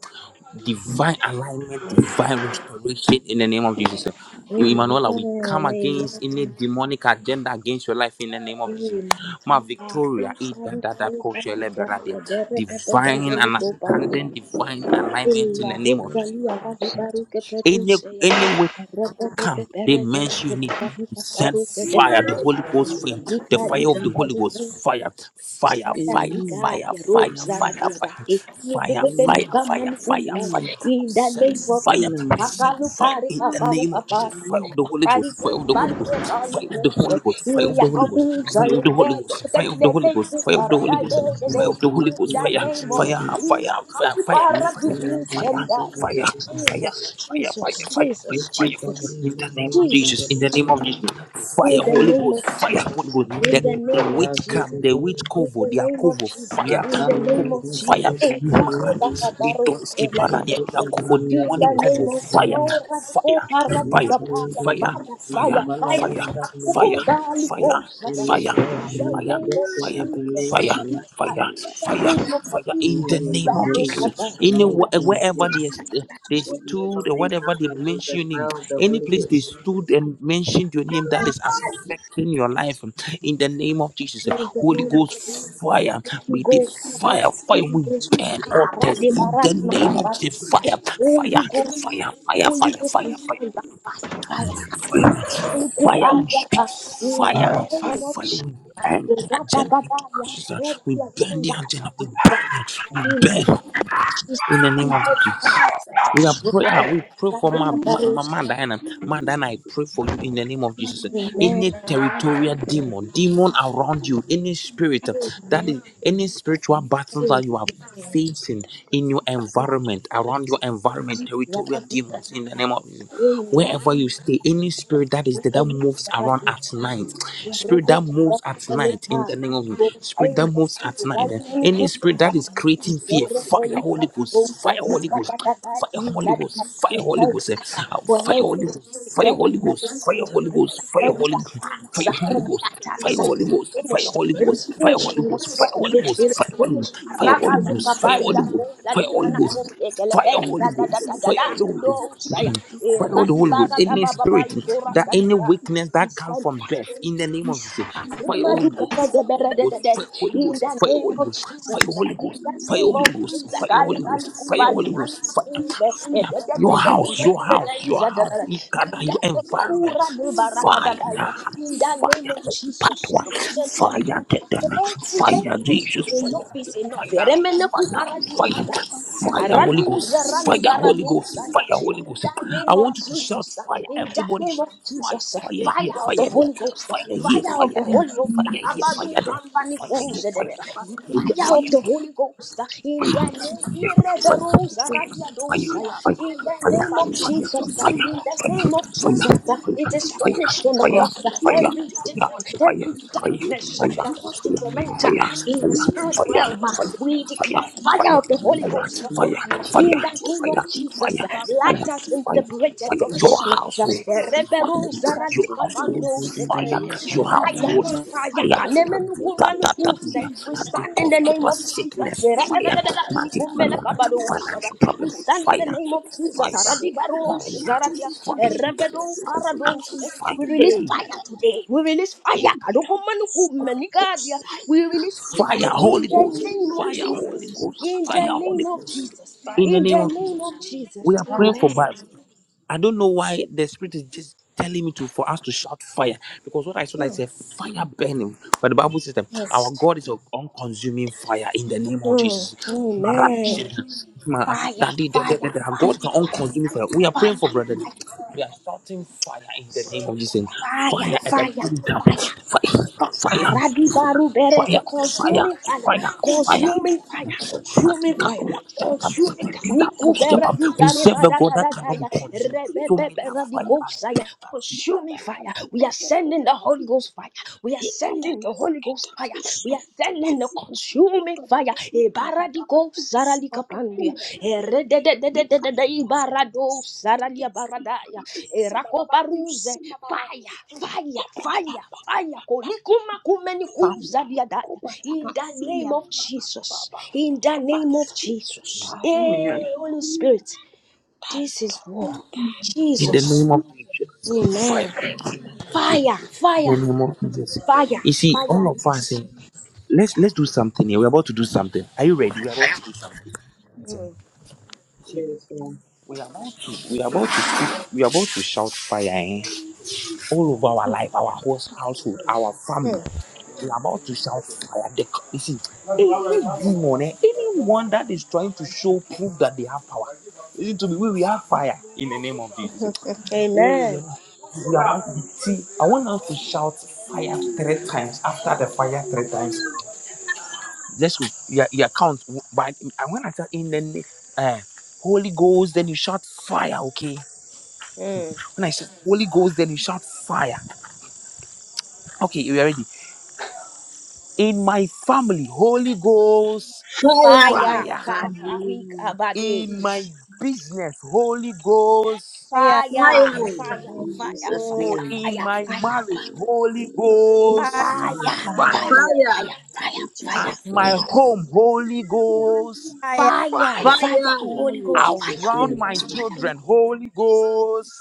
Speaker 2: Divine alignment, divine restoration in the name of Jesus. eh. Emmanuela, we come against any demonic agenda against your life in the name of Jesus. Ma Victoria, eh, da, da, da, ko, she, le, be, ra, de. divine
Speaker 3: Amen.
Speaker 2: understanding,
Speaker 3: Amen.
Speaker 2: divine alignment
Speaker 3: Amen.
Speaker 2: in the name of Jesus
Speaker 3: Amen. Amen.
Speaker 2: any any come, they mention you need to send fire, the Holy Ghost fire, the fire of the Holy Ghost, fire, fire, fire, fire, fire, fire, fire. Fire, fire, fire, fire, fire. We send fire. We
Speaker 1: Amen.
Speaker 2: send
Speaker 1: Amen. Amen.
Speaker 2: fire in the
Speaker 1: Amen.
Speaker 2: name of
Speaker 1: Amen.
Speaker 2: Jesus. Fire of the Holy
Speaker 1: Friday
Speaker 2: Ghost. Fire
Speaker 1: goes
Speaker 2: of the
Speaker 1: by
Speaker 2: Holy Ghost.
Speaker 1: the golly
Speaker 2: Fire of the
Speaker 1: goose.
Speaker 2: Holy Ghost. Fire of the Holy Ghost.
Speaker 1: Yakuza,
Speaker 2: Fire of the Holy Ghost. Fire of the Holy Ghost. Fire
Speaker 3: Amen.
Speaker 2: of the Holy Ghost.
Speaker 1: In
Speaker 2: Fire
Speaker 3: Amen. Amen.
Speaker 2: of the Holy Ghost.
Speaker 1: the
Speaker 2: Fire.
Speaker 1: name of
Speaker 3: Amen. Amen.
Speaker 2: Fire. Fire.
Speaker 1: Jesus,
Speaker 2: Fire. Fire.
Speaker 3: Whenever they
Speaker 2: Fire. Fire.
Speaker 3: gather,
Speaker 2: Fire. Fire fire,
Speaker 1: Jesus,
Speaker 2: fire, fire,
Speaker 1: Jesus,
Speaker 2: fire,
Speaker 1: Jesus,
Speaker 2: fire, fire.
Speaker 1: Jesus,
Speaker 2: In the name of
Speaker 1: Jesus,
Speaker 2: Jesus, in the name of Jesus, fire,
Speaker 1: name
Speaker 2: Holy
Speaker 1: of,
Speaker 2: Ghost, fire, Holy Ghost.
Speaker 1: name
Speaker 2: The, the
Speaker 1: of
Speaker 2: witch
Speaker 1: Jesus.
Speaker 2: camp, the witch
Speaker 1: In
Speaker 2: cover,
Speaker 1: the
Speaker 2: their
Speaker 1: name of
Speaker 2: cover,
Speaker 1: Jesus,
Speaker 2: fire.
Speaker 1: in the name
Speaker 2: Cover
Speaker 1: of Jesus,
Speaker 2: fire,
Speaker 1: Eh, Rade
Speaker 2: Maran, the
Speaker 1: Bakabaros, eh,
Speaker 2: Donsky Parania, their their
Speaker 1: Ladikaya.
Speaker 2: cover,
Speaker 1: in
Speaker 2: demonic
Speaker 1: the name
Speaker 2: cover,
Speaker 1: of Jesus,
Speaker 2: fire,
Speaker 1: Oh, Radiko
Speaker 2: fire,
Speaker 1: Paradika
Speaker 2: fire,
Speaker 1: Paya,
Speaker 2: fire,
Speaker 1: Fire,
Speaker 2: fire,
Speaker 1: Fire,
Speaker 2: fire,
Speaker 1: Fire,
Speaker 2: fire,
Speaker 1: Kukumbali
Speaker 2: fire, fire,
Speaker 1: Koshada,
Speaker 2: fire,
Speaker 1: in the
Speaker 2: fire,
Speaker 1: name of
Speaker 2: fire, fire,
Speaker 1: Jesus, in
Speaker 2: fire,
Speaker 1: the
Speaker 2: fire,
Speaker 1: name of
Speaker 2: fire
Speaker 1: Jesus,
Speaker 2: in the
Speaker 1: Rade
Speaker 2: name of Jesus.
Speaker 1: Bakabaros.
Speaker 2: Anywhere, wherever they, they stood, or whatever they
Speaker 3: they
Speaker 2: mentioning,
Speaker 3: found the
Speaker 2: any
Speaker 3: Holy
Speaker 2: place they
Speaker 3: Ghost.
Speaker 2: stood and mentioned your name that is
Speaker 1: Yes,
Speaker 2: affecting your life in the name of Jesus.
Speaker 1: in the
Speaker 2: Holy
Speaker 1: name of
Speaker 2: Ghost fire,
Speaker 1: Jesus, Holy
Speaker 2: may the
Speaker 1: Ghost,
Speaker 2: fire, fire,
Speaker 1: Holy
Speaker 2: we
Speaker 1: Ghost,
Speaker 2: burn all tests
Speaker 1: Rade
Speaker 2: in the name of
Speaker 1: Baradima,
Speaker 2: Jesus.
Speaker 1: Holy
Speaker 2: fire, fire,
Speaker 1: Ghost, fire.
Speaker 2: fire, fire,
Speaker 1: Holy
Speaker 2: fire,
Speaker 1: Ghost, we
Speaker 2: fire, fire,
Speaker 1: stand by fire, fire. We stand by
Speaker 2: Fire, we
Speaker 1: fire, fire.
Speaker 2: speak
Speaker 1: In the
Speaker 2: fire.
Speaker 1: name of
Speaker 2: Fire, we
Speaker 1: Jesus,
Speaker 2: burn the
Speaker 1: da, da,
Speaker 2: agenda
Speaker 1: da, da,
Speaker 2: into
Speaker 1: yeah.
Speaker 2: ashes. uh,
Speaker 1: every
Speaker 2: We burn the
Speaker 1: agenda
Speaker 2: agenda. We
Speaker 1: is
Speaker 2: burn
Speaker 1: dropped
Speaker 2: it. We
Speaker 1: in
Speaker 2: burn
Speaker 1: Jesus.
Speaker 2: in the name
Speaker 1: Every
Speaker 2: of
Speaker 1: agenda
Speaker 2: Jesus.
Speaker 1: is
Speaker 2: We are prayer.
Speaker 1: disrupted.
Speaker 2: We pray
Speaker 1: Da,
Speaker 2: for
Speaker 1: da,
Speaker 2: my,
Speaker 1: da, da,
Speaker 2: my, my
Speaker 1: da,
Speaker 2: man Diana. Man Diana, I pray for you in the name of Jesus.
Speaker 1: yeah. Amen.
Speaker 2: Any territorial demon, demon around you, any spirit uh, that
Speaker 1: Amen.
Speaker 2: is any spiritual battles
Speaker 1: Amen.
Speaker 2: that you are facing in your
Speaker 1: Da, da,
Speaker 2: environment, around your environment, territorial
Speaker 1: da,
Speaker 2: demons in the name of Jesus.
Speaker 1: Amen. Amen.
Speaker 2: Wherever you stay, any spirit that
Speaker 1: Da,
Speaker 2: is there
Speaker 1: da,
Speaker 2: that
Speaker 1: da,
Speaker 2: moves
Speaker 1: da,
Speaker 2: around at night,
Speaker 1: da, da, da, da, da,
Speaker 2: spirit that moves at night in the name of Jesus. spirit
Speaker 1: da,
Speaker 2: that
Speaker 1: da.
Speaker 2: moves at
Speaker 1: da,
Speaker 2: night,
Speaker 1: da,
Speaker 2: eh,
Speaker 1: da.
Speaker 2: any spirit that is creating
Speaker 1: We
Speaker 2: fear, fire,
Speaker 1: stand
Speaker 2: Holy Ghost, fire, Holy Ghost fire Holy Ghost, fire Holy Ghost, eh, uh,
Speaker 1: for
Speaker 2: fire Holy
Speaker 1: every
Speaker 2: Ghost,
Speaker 1: spirit,
Speaker 2: fire
Speaker 1: every
Speaker 2: Holy Ghost, fire
Speaker 1: medical,
Speaker 2: Holy Ghost, fire
Speaker 1: every
Speaker 2: Holy Ghost, fire
Speaker 1: attack,
Speaker 2: Holy
Speaker 1: every
Speaker 2: Ghost.
Speaker 1: attack,
Speaker 2: Fire Holy Ghost, fire
Speaker 1: finished.
Speaker 2: Holy
Speaker 1: It is
Speaker 2: Ghost, fire
Speaker 1: finished
Speaker 2: Holy
Speaker 1: on the
Speaker 2: Ghost, fire
Speaker 1: cross.
Speaker 2: Holy Ghost,
Speaker 1: it is
Speaker 2: fire Holy
Speaker 1: finished. Rabazuka
Speaker 2: Ghost, fire
Speaker 1: badia
Speaker 2: Holy Ghost,
Speaker 1: kola
Speaker 2: fire Holy Ghost, fire
Speaker 1: di
Speaker 2: Holy
Speaker 1: mana
Speaker 2: Ghost, fire Holy
Speaker 1: da da da da
Speaker 2: Ghost,
Speaker 1: da
Speaker 2: fire
Speaker 1: da.
Speaker 2: Holy
Speaker 1: No saya.
Speaker 2: Ghost. Fire all the
Speaker 1: Eradi
Speaker 2: Holy Ghost,
Speaker 1: bara da
Speaker 2: any spirit that any
Speaker 1: sadika.
Speaker 2: weakness that come from birth in the
Speaker 1: In
Speaker 2: name of Jesus,
Speaker 1: the name
Speaker 2: fire
Speaker 1: of
Speaker 2: Holy
Speaker 1: Jesus,
Speaker 2: Ghost, fire Holy
Speaker 1: in
Speaker 2: Ghost,
Speaker 1: the
Speaker 2: fire Holy Ghost, fire Holy Ghost, fire
Speaker 1: name of
Speaker 2: Holy Ghost,
Speaker 1: Jesus,
Speaker 2: fire
Speaker 1: Kali
Speaker 2: Holy
Speaker 1: Kali
Speaker 2: Ghost, fire Holy Ghost, fire
Speaker 1: Kubali
Speaker 2: Holy
Speaker 1: Kali
Speaker 2: Ghost, fire,
Speaker 1: Kube, in
Speaker 2: fire, your house, your house, your house, Ikada, your environment, fire,
Speaker 1: the name
Speaker 2: fire,
Speaker 1: of Jesus,
Speaker 2: Patwa,
Speaker 1: we stand by.
Speaker 2: fire, Tetana,
Speaker 1: Every
Speaker 2: fire,
Speaker 1: spirit,
Speaker 2: Jesus,
Speaker 1: enough is enough.
Speaker 2: fire,
Speaker 1: Remene
Speaker 2: fire, fire,
Speaker 1: Kubara
Speaker 2: fire, Holy
Speaker 1: Araduza
Speaker 2: Ghost, fire,
Speaker 1: rali
Speaker 2: Holy Ghost,
Speaker 1: baradozaya.
Speaker 2: fire, Holy
Speaker 1: In
Speaker 2: Ghost.
Speaker 1: the
Speaker 2: I
Speaker 1: name of
Speaker 2: want you to shout
Speaker 1: Jesus,
Speaker 2: fire.
Speaker 1: yeah. in the
Speaker 2: Everybody
Speaker 1: name of
Speaker 2: shout fire,
Speaker 1: Jesus, yeah.
Speaker 2: fire here,
Speaker 1: fire of the
Speaker 2: fire them,
Speaker 1: Holy Ghost, yeah.
Speaker 2: fire here,
Speaker 1: fire
Speaker 2: fire
Speaker 1: of the
Speaker 6: Hiya.
Speaker 2: them,
Speaker 1: Holy Ghost.
Speaker 2: fire
Speaker 1: yeah.
Speaker 2: here,
Speaker 1: kabadu
Speaker 2: fire them,
Speaker 1: kambani
Speaker 2: fire here, fire
Speaker 1: kuzedede
Speaker 2: them, fire here,
Speaker 1: fire
Speaker 2: fire them.
Speaker 1: of the Holy Ghost uh, in the name Ireberosa radiadosa, uh, in the name of Jesus uh, in the name of Jesus uh, it is finished on the cross uh, every demon every darkness uh, that wants to
Speaker 3: Fire!
Speaker 1: torment uh,
Speaker 3: Fire!
Speaker 1: in the spirit realm uh, we declare fire of the Holy Ghost upon you in the name of Jesus uh, light has been
Speaker 2: fire,
Speaker 1: separated
Speaker 2: fire
Speaker 1: from
Speaker 2: your
Speaker 1: darkness
Speaker 2: household,
Speaker 1: uh,
Speaker 2: fire
Speaker 1: Ireberosa
Speaker 2: your
Speaker 3: In
Speaker 2: household,
Speaker 1: radicapando Sete,
Speaker 2: fire your
Speaker 1: Fire,
Speaker 2: household,
Speaker 1: fire,
Speaker 2: fire. And the
Speaker 1: kanemenuku
Speaker 2: that that
Speaker 1: manukuse.
Speaker 2: that
Speaker 1: We
Speaker 2: and the
Speaker 1: stand in
Speaker 2: cause
Speaker 1: the name
Speaker 2: keeper
Speaker 1: of Jesus.
Speaker 2: sickness, fire, magic phenomenon,
Speaker 1: Rekadadadadadikumelekabadosa.
Speaker 2: financial
Speaker 1: We
Speaker 2: problem,
Speaker 1: stand in the
Speaker 2: fire,
Speaker 1: name of Jesus.
Speaker 2: fire, fire,
Speaker 1: Aradibarosaradia.
Speaker 2: fire, fire,
Speaker 1: Erebedokaradosa.
Speaker 2: fire,
Speaker 1: We release
Speaker 2: hey,
Speaker 1: fire today. We release fire. Kadokumanukumenikadia. We release fire
Speaker 2: fire, Holy
Speaker 1: in the
Speaker 2: Ghost,
Speaker 1: name of
Speaker 2: fire, Holy
Speaker 1: Jesus.
Speaker 2: Ghost,
Speaker 1: In the
Speaker 2: fire,
Speaker 1: name
Speaker 2: Holy
Speaker 1: of
Speaker 2: Ghost.
Speaker 1: Jesus.
Speaker 2: In the name of Jesus, we are praying for I don't know why the spirit is just telling me to for us to shout fire because what I saw like is a fire burning. But the Bible says that our God is an unconsuming fire in the name of Jesus. Marabishin, Ma- Daddy, da- da- da- da. Our God is an unconsuming fire. We are praying for brother. We are starting fire in the name of Jesus. Fire at the altar. Fire, fire, fire, fire, fire, fire. We serve a God that cannot be
Speaker 1: Kadaya,
Speaker 2: consumed. So may that fire
Speaker 1: Rebebeberadikosaya, consuming fire. We are sending the Holy Ghost fire. We are sending the Holy Ghost fire. We are sending the consuming fire. Ebaradiko saralikapandia. Erededededededebarado saralia baradaya. Erakoparuze. Fire, fire, fire, fire. Kolikumakumenikuzariadaya. In the name of Jesus. In the name of Jesus. Hey, Holy Spirit. This is war.
Speaker 2: in the
Speaker 1: Jesus.
Speaker 2: name of Jesus. Fire
Speaker 1: Amen.
Speaker 2: in Jesus.
Speaker 1: Fire,
Speaker 2: In the
Speaker 1: fire,
Speaker 2: name of Jesus.
Speaker 1: fire,
Speaker 2: You see, all
Speaker 1: fire.
Speaker 2: of us
Speaker 1: Yes.
Speaker 2: eh, let's let's do something here. We're about to do something. Are you ready? We're about to do something. Listen, you see, we are about to we are about to speak, we are about to shout fire. Eh? all over our life, our whole household, our family. we are about to shout fire. They, you see, any demon, eh, anyone that is trying to show proof that they have power. Listen to me, we, we have fire in the name of Jesus. Oh, we
Speaker 1: Amen.
Speaker 2: are, we are about to See, I want us to shout fire three times. After the fire three times, let's go. Yeah, yeah, count. But I want to tell in the name, uh, Holy Ghost, then you shout fire, okay?
Speaker 1: Mm.
Speaker 2: When I say Holy Ghost, then you shout fire. Okay, you ready? in my family, Holy Ghost
Speaker 6: Hiya.
Speaker 2: fire. In my business, Holy Ghost
Speaker 6: Hiya.
Speaker 2: fire.
Speaker 1: Fire, fire,
Speaker 3: Jesus'
Speaker 1: fire,
Speaker 2: Oh,
Speaker 1: fire,
Speaker 3: name.
Speaker 2: in
Speaker 1: fire,
Speaker 2: my
Speaker 1: fire,
Speaker 2: marriage, Holy
Speaker 1: fire,
Speaker 2: Ghost
Speaker 1: fire,
Speaker 6: Hiya.
Speaker 2: fire.
Speaker 1: fire,
Speaker 3: Fire! In
Speaker 1: fire,
Speaker 2: At
Speaker 3: Jesus'
Speaker 2: my
Speaker 3: name.
Speaker 2: home, Holy Ghost
Speaker 1: fire,
Speaker 6: Hiya.
Speaker 1: fire,
Speaker 2: fire.
Speaker 1: fire,
Speaker 3: Fire! In Jesus' name. Fire!
Speaker 1: Holy
Speaker 3: In
Speaker 1: Ghost, fire,
Speaker 3: Jesus'
Speaker 1: Holy
Speaker 3: name.
Speaker 2: Around my
Speaker 1: Ghost, fire,
Speaker 2: children, Holy Ghost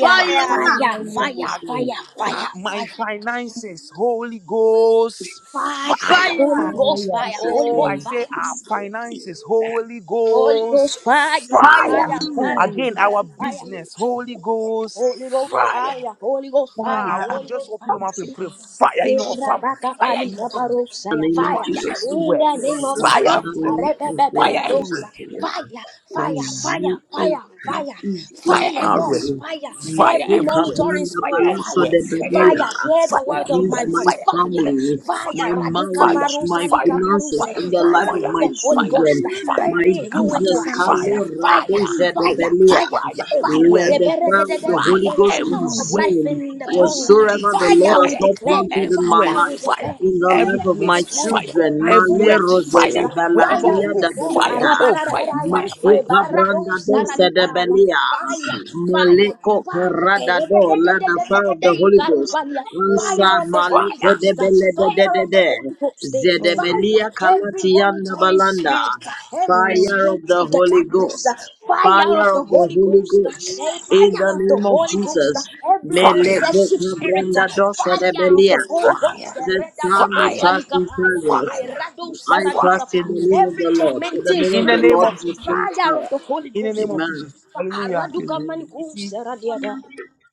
Speaker 2: fire.
Speaker 1: fire,
Speaker 3: Fire!
Speaker 6: Hiya.
Speaker 1: fire,
Speaker 3: In
Speaker 1: fire,
Speaker 3: Jesus'
Speaker 2: At,
Speaker 1: fire, fire,
Speaker 2: at
Speaker 1: fire,
Speaker 2: my finances, Holy Ghost fire.
Speaker 1: Holy Ghost, fire, Holy
Speaker 2: Oh,
Speaker 1: Ghost,
Speaker 2: I
Speaker 3: name.
Speaker 2: say
Speaker 1: fire,
Speaker 2: our finances, Holy
Speaker 1: Holy
Speaker 2: Ghost,
Speaker 1: Ghost, fire,
Speaker 3: Fire!
Speaker 2: fire.
Speaker 1: fire, fire,
Speaker 2: Again,
Speaker 3: In
Speaker 1: fire,
Speaker 2: our
Speaker 1: fire,
Speaker 2: business, Holy Ghost,
Speaker 1: Holy Ghost
Speaker 2: fire.
Speaker 1: fire, Holy Ghost fire,
Speaker 2: Ah, I
Speaker 6: Ah,
Speaker 2: want
Speaker 1: Holy
Speaker 2: just
Speaker 1: Ghost
Speaker 2: open your
Speaker 1: fire,
Speaker 2: mouth and pray fire in our family, fire in your family,
Speaker 3: the
Speaker 1: Kerabakabalikabarosaya.
Speaker 3: name of
Speaker 2: fire
Speaker 1: Fire
Speaker 3: Jesus.
Speaker 1: in
Speaker 2: everywhere,
Speaker 1: the name of
Speaker 3: Fire,
Speaker 2: fire
Speaker 1: Jesus.
Speaker 3: Father,
Speaker 2: everywhere,
Speaker 3: in the Holy
Speaker 2: fire
Speaker 3: Ghost,
Speaker 2: everywhere,
Speaker 1: Arebebeberadosa.
Speaker 3: fire,
Speaker 1: Fire, fire, fire,
Speaker 3: consume
Speaker 1: fire,
Speaker 3: every
Speaker 1: fire,
Speaker 3: evil
Speaker 2: Fire
Speaker 1: fire.
Speaker 2: everywhere.
Speaker 1: Yes,
Speaker 3: arrow.
Speaker 1: fire.
Speaker 2: Fire
Speaker 1: Every
Speaker 3: Makoka
Speaker 2: everywhere.
Speaker 1: monitoring
Speaker 3: branda
Speaker 2: Fire
Speaker 1: spirit,
Speaker 3: balanso
Speaker 1: fire,
Speaker 2: everywhere.
Speaker 3: de badia
Speaker 1: fire. Hear
Speaker 2: Fire
Speaker 1: the word of my
Speaker 2: everywhere.
Speaker 3: against my
Speaker 1: voice.
Speaker 2: Fire
Speaker 1: Fire,
Speaker 2: everywhere.
Speaker 3: family,
Speaker 2: Fire
Speaker 1: fire.
Speaker 3: my
Speaker 2: everywhere. Fire.
Speaker 3: marriage,
Speaker 1: Radikabarosa
Speaker 3: my
Speaker 2: Fire.
Speaker 3: finances,
Speaker 1: likabarose.
Speaker 2: Fire.
Speaker 3: in
Speaker 2: Fire.
Speaker 3: the life
Speaker 1: Fire
Speaker 3: of
Speaker 2: Fire.
Speaker 1: of
Speaker 3: my
Speaker 1: the Holy
Speaker 2: Fire.
Speaker 3: children,
Speaker 1: Ghost.
Speaker 2: Fire.
Speaker 3: my
Speaker 2: Dig
Speaker 1: Burning
Speaker 2: up.
Speaker 1: you into
Speaker 3: business.
Speaker 1: ashes.
Speaker 2: Fire.
Speaker 3: Kalora
Speaker 1: Fire,
Speaker 2: Fire.
Speaker 3: doze
Speaker 1: fire,
Speaker 3: de
Speaker 1: fire,
Speaker 2: Fire
Speaker 1: fire.
Speaker 2: everywhere.
Speaker 3: let the fire of the
Speaker 1: Reberededede.
Speaker 3: Holy
Speaker 2: Fire
Speaker 1: There is
Speaker 3: Ghost
Speaker 1: power of
Speaker 2: everywhere.
Speaker 1: life
Speaker 3: consume
Speaker 1: in in the
Speaker 2: Every
Speaker 1: tongue.
Speaker 3: whatsoever
Speaker 2: place
Speaker 3: the Lord
Speaker 1: Fire,
Speaker 3: has
Speaker 1: we
Speaker 2: fire.
Speaker 3: not
Speaker 1: declare.
Speaker 3: planted in my
Speaker 2: Everywhere
Speaker 1: Fire, we
Speaker 3: life,
Speaker 2: fire.
Speaker 1: declare.
Speaker 3: in the
Speaker 2: Every
Speaker 3: life
Speaker 1: Fire,
Speaker 3: of
Speaker 1: we
Speaker 3: my
Speaker 2: place
Speaker 1: declare
Speaker 2: fire.
Speaker 3: children.
Speaker 1: in the name
Speaker 3: Male
Speaker 2: Everywhere
Speaker 1: of Jesus.
Speaker 3: rosele
Speaker 2: fire. Wherever
Speaker 1: Fire,
Speaker 2: we
Speaker 1: we
Speaker 3: balatia
Speaker 2: go,
Speaker 3: da
Speaker 1: declare.
Speaker 2: fire.
Speaker 3: belada.
Speaker 2: Oh, fire,
Speaker 1: Arabarararaya,
Speaker 2: fire, fire,
Speaker 3: Makuka branda do
Speaker 1: ebaradosaralibaya.
Speaker 3: sedebelia.
Speaker 1: Fire, fire,
Speaker 3: Maleko
Speaker 1: fire.
Speaker 3: parada do. Let the fire of the Holy Ghost.
Speaker 1: Kerebededededededeikarubalia. Fire
Speaker 3: Ansa
Speaker 1: of the Holy
Speaker 2: fire,
Speaker 3: maleke
Speaker 1: Ghost.
Speaker 3: de bele de de
Speaker 1: Fire
Speaker 3: de
Speaker 1: of the
Speaker 3: de.
Speaker 1: Holy Ghost. Fire,
Speaker 3: Zedebelia
Speaker 1: every
Speaker 3: kalatianda
Speaker 1: monitoring
Speaker 3: balanda.
Speaker 1: spirit, every
Speaker 3: Fire
Speaker 1: spirit
Speaker 3: of the
Speaker 1: of the
Speaker 3: Holy
Speaker 1: darkness.
Speaker 3: Ghost.
Speaker 1: Fire
Speaker 3: Fire
Speaker 1: of the
Speaker 3: of the
Speaker 1: Holy
Speaker 3: Holy
Speaker 1: Ghost.
Speaker 3: Ghost.
Speaker 1: Fire!
Speaker 3: In the
Speaker 1: of the
Speaker 3: name of
Speaker 1: Holy Ghost, uh,
Speaker 3: Jesus.
Speaker 1: every
Speaker 2: fire, fire,
Speaker 3: Meleko
Speaker 1: possessive spirit, uh,
Speaker 3: branda dosa de
Speaker 1: fire of
Speaker 3: belia.
Speaker 1: the Holy
Speaker 2: fire,
Speaker 1: Ghost, uh,
Speaker 3: That some may
Speaker 2: Fire,
Speaker 3: trust in
Speaker 1: redabakosalikapaya,
Speaker 3: chariots.
Speaker 2: fire,
Speaker 3: I
Speaker 2: fire.
Speaker 3: trust in
Speaker 1: eradosaradikapaya,
Speaker 3: the name of
Speaker 1: every
Speaker 3: the Lord. For the
Speaker 1: tormenting
Speaker 3: name
Speaker 2: In
Speaker 3: of
Speaker 2: the
Speaker 3: the
Speaker 1: spirit,
Speaker 2: name
Speaker 1: uh,
Speaker 3: Lord
Speaker 2: of
Speaker 3: is a
Speaker 2: Jesus.
Speaker 3: strong
Speaker 1: fire of
Speaker 3: tower.
Speaker 1: the Holy
Speaker 2: In the name
Speaker 1: Ghost.
Speaker 2: of
Speaker 3: Amen.
Speaker 2: Jesus.
Speaker 1: uh,
Speaker 2: Hallelujah.
Speaker 3: Amen.
Speaker 2: You see,
Speaker 1: aradukamanikuseradiada.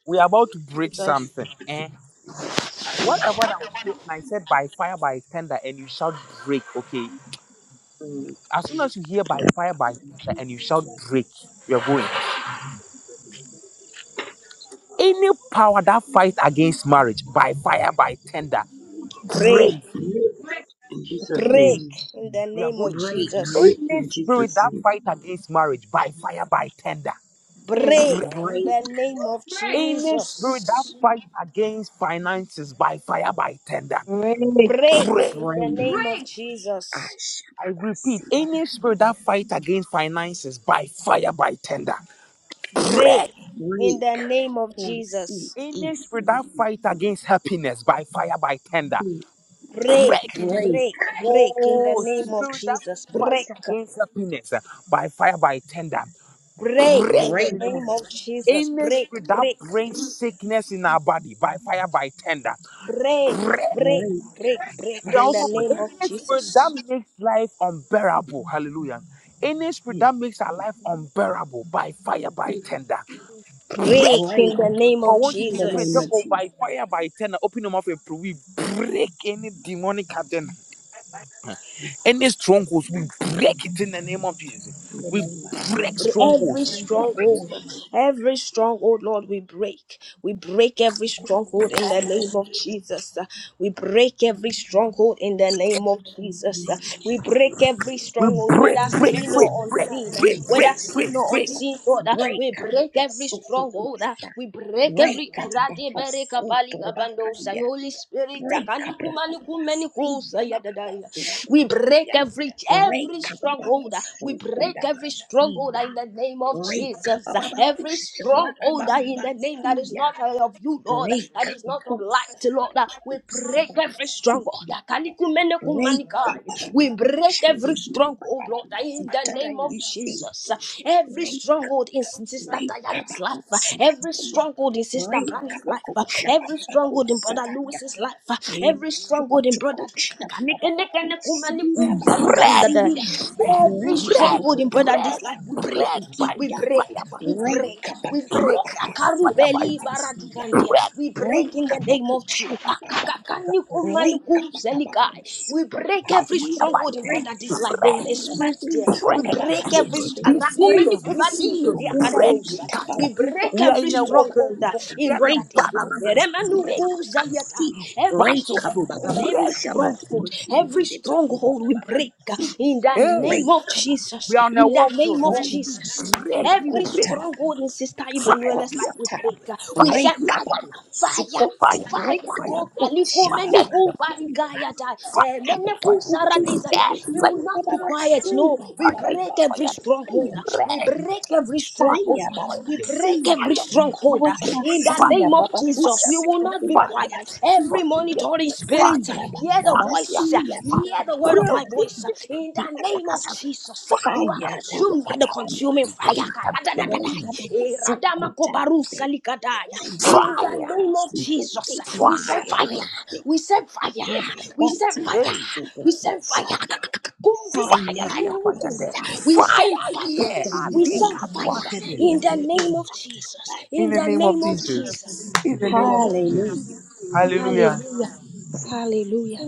Speaker 2: we're about to break
Speaker 1: Jesus,
Speaker 2: something. Eh? Whatever that was said, and I said by fire, by thunder, and you shall break, okay?
Speaker 3: Amen.
Speaker 2: As soon as you hear by fire, by thunder, and you shall break, you're going. Any power that fights against marriage, by fire, by thunder,
Speaker 1: break,
Speaker 2: break.
Speaker 4: Break,
Speaker 3: In Jesus' name.
Speaker 1: break in the
Speaker 2: We are
Speaker 1: name of
Speaker 2: going.
Speaker 1: Jesus.
Speaker 3: Break
Speaker 2: Any
Speaker 3: in
Speaker 2: spirit
Speaker 3: Jesus'
Speaker 2: that
Speaker 3: name.
Speaker 2: fights against marriage, by fire, by thunder.
Speaker 6: Great.
Speaker 1: Break in the name of
Speaker 4: break.
Speaker 2: Any spirit that
Speaker 1: Jesus.
Speaker 2: fights against finances by fire, by tender,
Speaker 6: Great.
Speaker 1: Break
Speaker 2: pray.
Speaker 1: in the name of Jesus.
Speaker 2: I repeat, any spirit that fights against finances by fire, by tender,
Speaker 1: Break
Speaker 2: pray.
Speaker 1: in the name of Jesus.
Speaker 2: Any spirit that fights against happiness by fire, by tender,
Speaker 1: break,
Speaker 2: break in the name.
Speaker 1: break, break in the
Speaker 2: Oh,
Speaker 1: name of
Speaker 2: spirit that
Speaker 1: Jesus.
Speaker 2: fight
Speaker 1: Break,
Speaker 2: against happiness uh, by fire, by tender,
Speaker 1: break
Speaker 2: break
Speaker 1: in
Speaker 2: in
Speaker 1: the
Speaker 2: the name of
Speaker 1: name of
Speaker 2: Jesus.
Speaker 1: Jesus.
Speaker 2: Any
Speaker 1: Break,
Speaker 2: spirit that
Speaker 1: break,
Speaker 2: brings sickness in our body by fire, by tender,
Speaker 1: break,
Speaker 2: break
Speaker 1: break, break, break
Speaker 2: We are
Speaker 1: in the
Speaker 2: also pray-
Speaker 1: name of
Speaker 2: any spirit
Speaker 1: Jesus.
Speaker 2: that makes life unbearable. Hallelujah. Any spirit that makes our life unbearable by fire, by tender.
Speaker 1: Break
Speaker 2: Break.
Speaker 1: in the name
Speaker 2: I
Speaker 1: of
Speaker 2: want you to pray, tell
Speaker 1: Jesus.
Speaker 2: God, by fire, by tender. Open your mouth and pray. We break any demonic agenda, any strongholds. We break it in the name of Jesus. We
Speaker 1: We
Speaker 2: break
Speaker 1: br- Every
Speaker 2: strongholds.
Speaker 1: stronghold, every stronghold, Lord, we break. We break every stronghold in the name of Jesus. We break every stronghold in the name of Jesus. We break every
Speaker 2: We
Speaker 1: stronghold,
Speaker 2: break,
Speaker 1: whether
Speaker 2: break,
Speaker 1: seen
Speaker 2: break,
Speaker 1: or
Speaker 2: break,
Speaker 1: unseen,
Speaker 2: break,
Speaker 1: whether
Speaker 2: break,
Speaker 1: seen
Speaker 2: break, break,
Speaker 1: or
Speaker 2: break,
Speaker 1: unseen, Lord. We break every stronghold. We break every. Holy Spirit, we break every every stronghold. We break every stronghold in the name of Jesus. Every stronghold in the name that is not of you, Lord, that is not of light, Lord. We break every stronghold. We break every stronghold, Lord, in the name of Jesus. Every stronghold in Sister Diana Brandy's life, uh, every stronghold in Sister Brandy's life, uh, every stronghold in Brother Lewis's life, uh, every stronghold in Brother
Speaker 2: We break,
Speaker 1: every
Speaker 2: break,
Speaker 1: stronghold in Brother this life, we break,
Speaker 2: break, break by
Speaker 1: we break,
Speaker 2: fire.
Speaker 1: we break, we break.
Speaker 2: Break by fire by
Speaker 1: Akarubeli
Speaker 2: thunder.
Speaker 1: baradukandia,
Speaker 2: Red
Speaker 1: we break in the name of Jesus. We break
Speaker 2: by
Speaker 1: every
Speaker 2: fire
Speaker 1: stronghold
Speaker 2: by
Speaker 1: stronghold in brother this life. There
Speaker 2: thunder.
Speaker 1: is a spirit there.
Speaker 2: Red,
Speaker 1: We
Speaker 2: red.
Speaker 1: break every st-
Speaker 2: Be
Speaker 1: Rakumeni
Speaker 2: serious, be
Speaker 1: kubadi
Speaker 2: serious.
Speaker 1: uzudia
Speaker 2: break,
Speaker 1: kandosa.
Speaker 2: cattle.
Speaker 1: we break
Speaker 2: We are
Speaker 1: every
Speaker 2: in a
Speaker 1: stronghold
Speaker 2: warfare
Speaker 1: uh,
Speaker 2: zone. We
Speaker 1: in
Speaker 2: are in a
Speaker 1: brother this life.
Speaker 2: battlefield.
Speaker 1: Remanu
Speaker 2: Break,
Speaker 1: kuzaliata. Every stronghold,
Speaker 2: battlefield, break.
Speaker 1: every stronghold, every stronghold we break uh, in the
Speaker 2: Hey,
Speaker 1: name of Jesus.
Speaker 2: we are on a
Speaker 1: In the
Speaker 2: warfield.
Speaker 1: name of
Speaker 2: Warfield,
Speaker 1: Jesus.
Speaker 2: break, we
Speaker 1: Every
Speaker 2: break.
Speaker 1: stronghold in Sister
Speaker 2: Fire
Speaker 1: Emmanuela's
Speaker 2: here,
Speaker 1: life we
Speaker 2: fire
Speaker 1: break.
Speaker 2: there.
Speaker 1: uh, We
Speaker 2: Fire
Speaker 1: set
Speaker 2: here,
Speaker 1: fire,
Speaker 2: fire.
Speaker 1: fire,
Speaker 2: Fire here,
Speaker 1: fire.
Speaker 2: fire
Speaker 1: Jacob
Speaker 2: there.
Speaker 1: Aliko
Speaker 2: Fire here,
Speaker 1: Meniku Barikayata
Speaker 2: fire here,
Speaker 1: Meneku
Speaker 2: fire there.
Speaker 1: Saradezata.
Speaker 2: Break,
Speaker 1: We
Speaker 2: fire
Speaker 1: will
Speaker 2: here,
Speaker 1: not be
Speaker 2: fire there.
Speaker 1: quiet. No, we
Speaker 2: Fire here,
Speaker 1: break every stronghold.
Speaker 2: fire
Speaker 1: We
Speaker 2: there.
Speaker 1: break every
Speaker 2: fire here,
Speaker 1: stronghold.
Speaker 2: fire
Speaker 1: We
Speaker 2: there,
Speaker 1: break
Speaker 2: fire
Speaker 1: every
Speaker 2: here, fire
Speaker 1: stronghold.
Speaker 2: there,
Speaker 1: In the
Speaker 2: fire
Speaker 1: name of
Speaker 2: here,
Speaker 1: Jesus, we will not be
Speaker 2: fire there, fire,
Speaker 1: quiet. Every
Speaker 2: fire here,
Speaker 1: monitoring
Speaker 2: fire,
Speaker 1: spirit, hear the
Speaker 2: fire,
Speaker 1: voice, hear the word of
Speaker 2: prayer,
Speaker 1: my
Speaker 2: prayer,
Speaker 1: voice. In the name of
Speaker 2: fire,
Speaker 1: Jesus, you are consumed by the consuming fire. In
Speaker 2: fire, fire,
Speaker 1: the name of Jesus, we say
Speaker 2: fire,
Speaker 1: we send fire. We send fire.
Speaker 2: hey,
Speaker 1: We send kumbika
Speaker 2: fire here, fire
Speaker 1: kanuku.
Speaker 2: there,
Speaker 1: We
Speaker 2: fire
Speaker 1: send fire.
Speaker 2: here, and
Speaker 1: We
Speaker 2: being
Speaker 1: send fire
Speaker 2: converted
Speaker 1: in the name of in
Speaker 2: in the name of
Speaker 1: Jesus.
Speaker 2: Jesus, in the name of
Speaker 1: Amen.
Speaker 2: Jesus, hallelujah,
Speaker 1: Hallelujah. Hallelujah.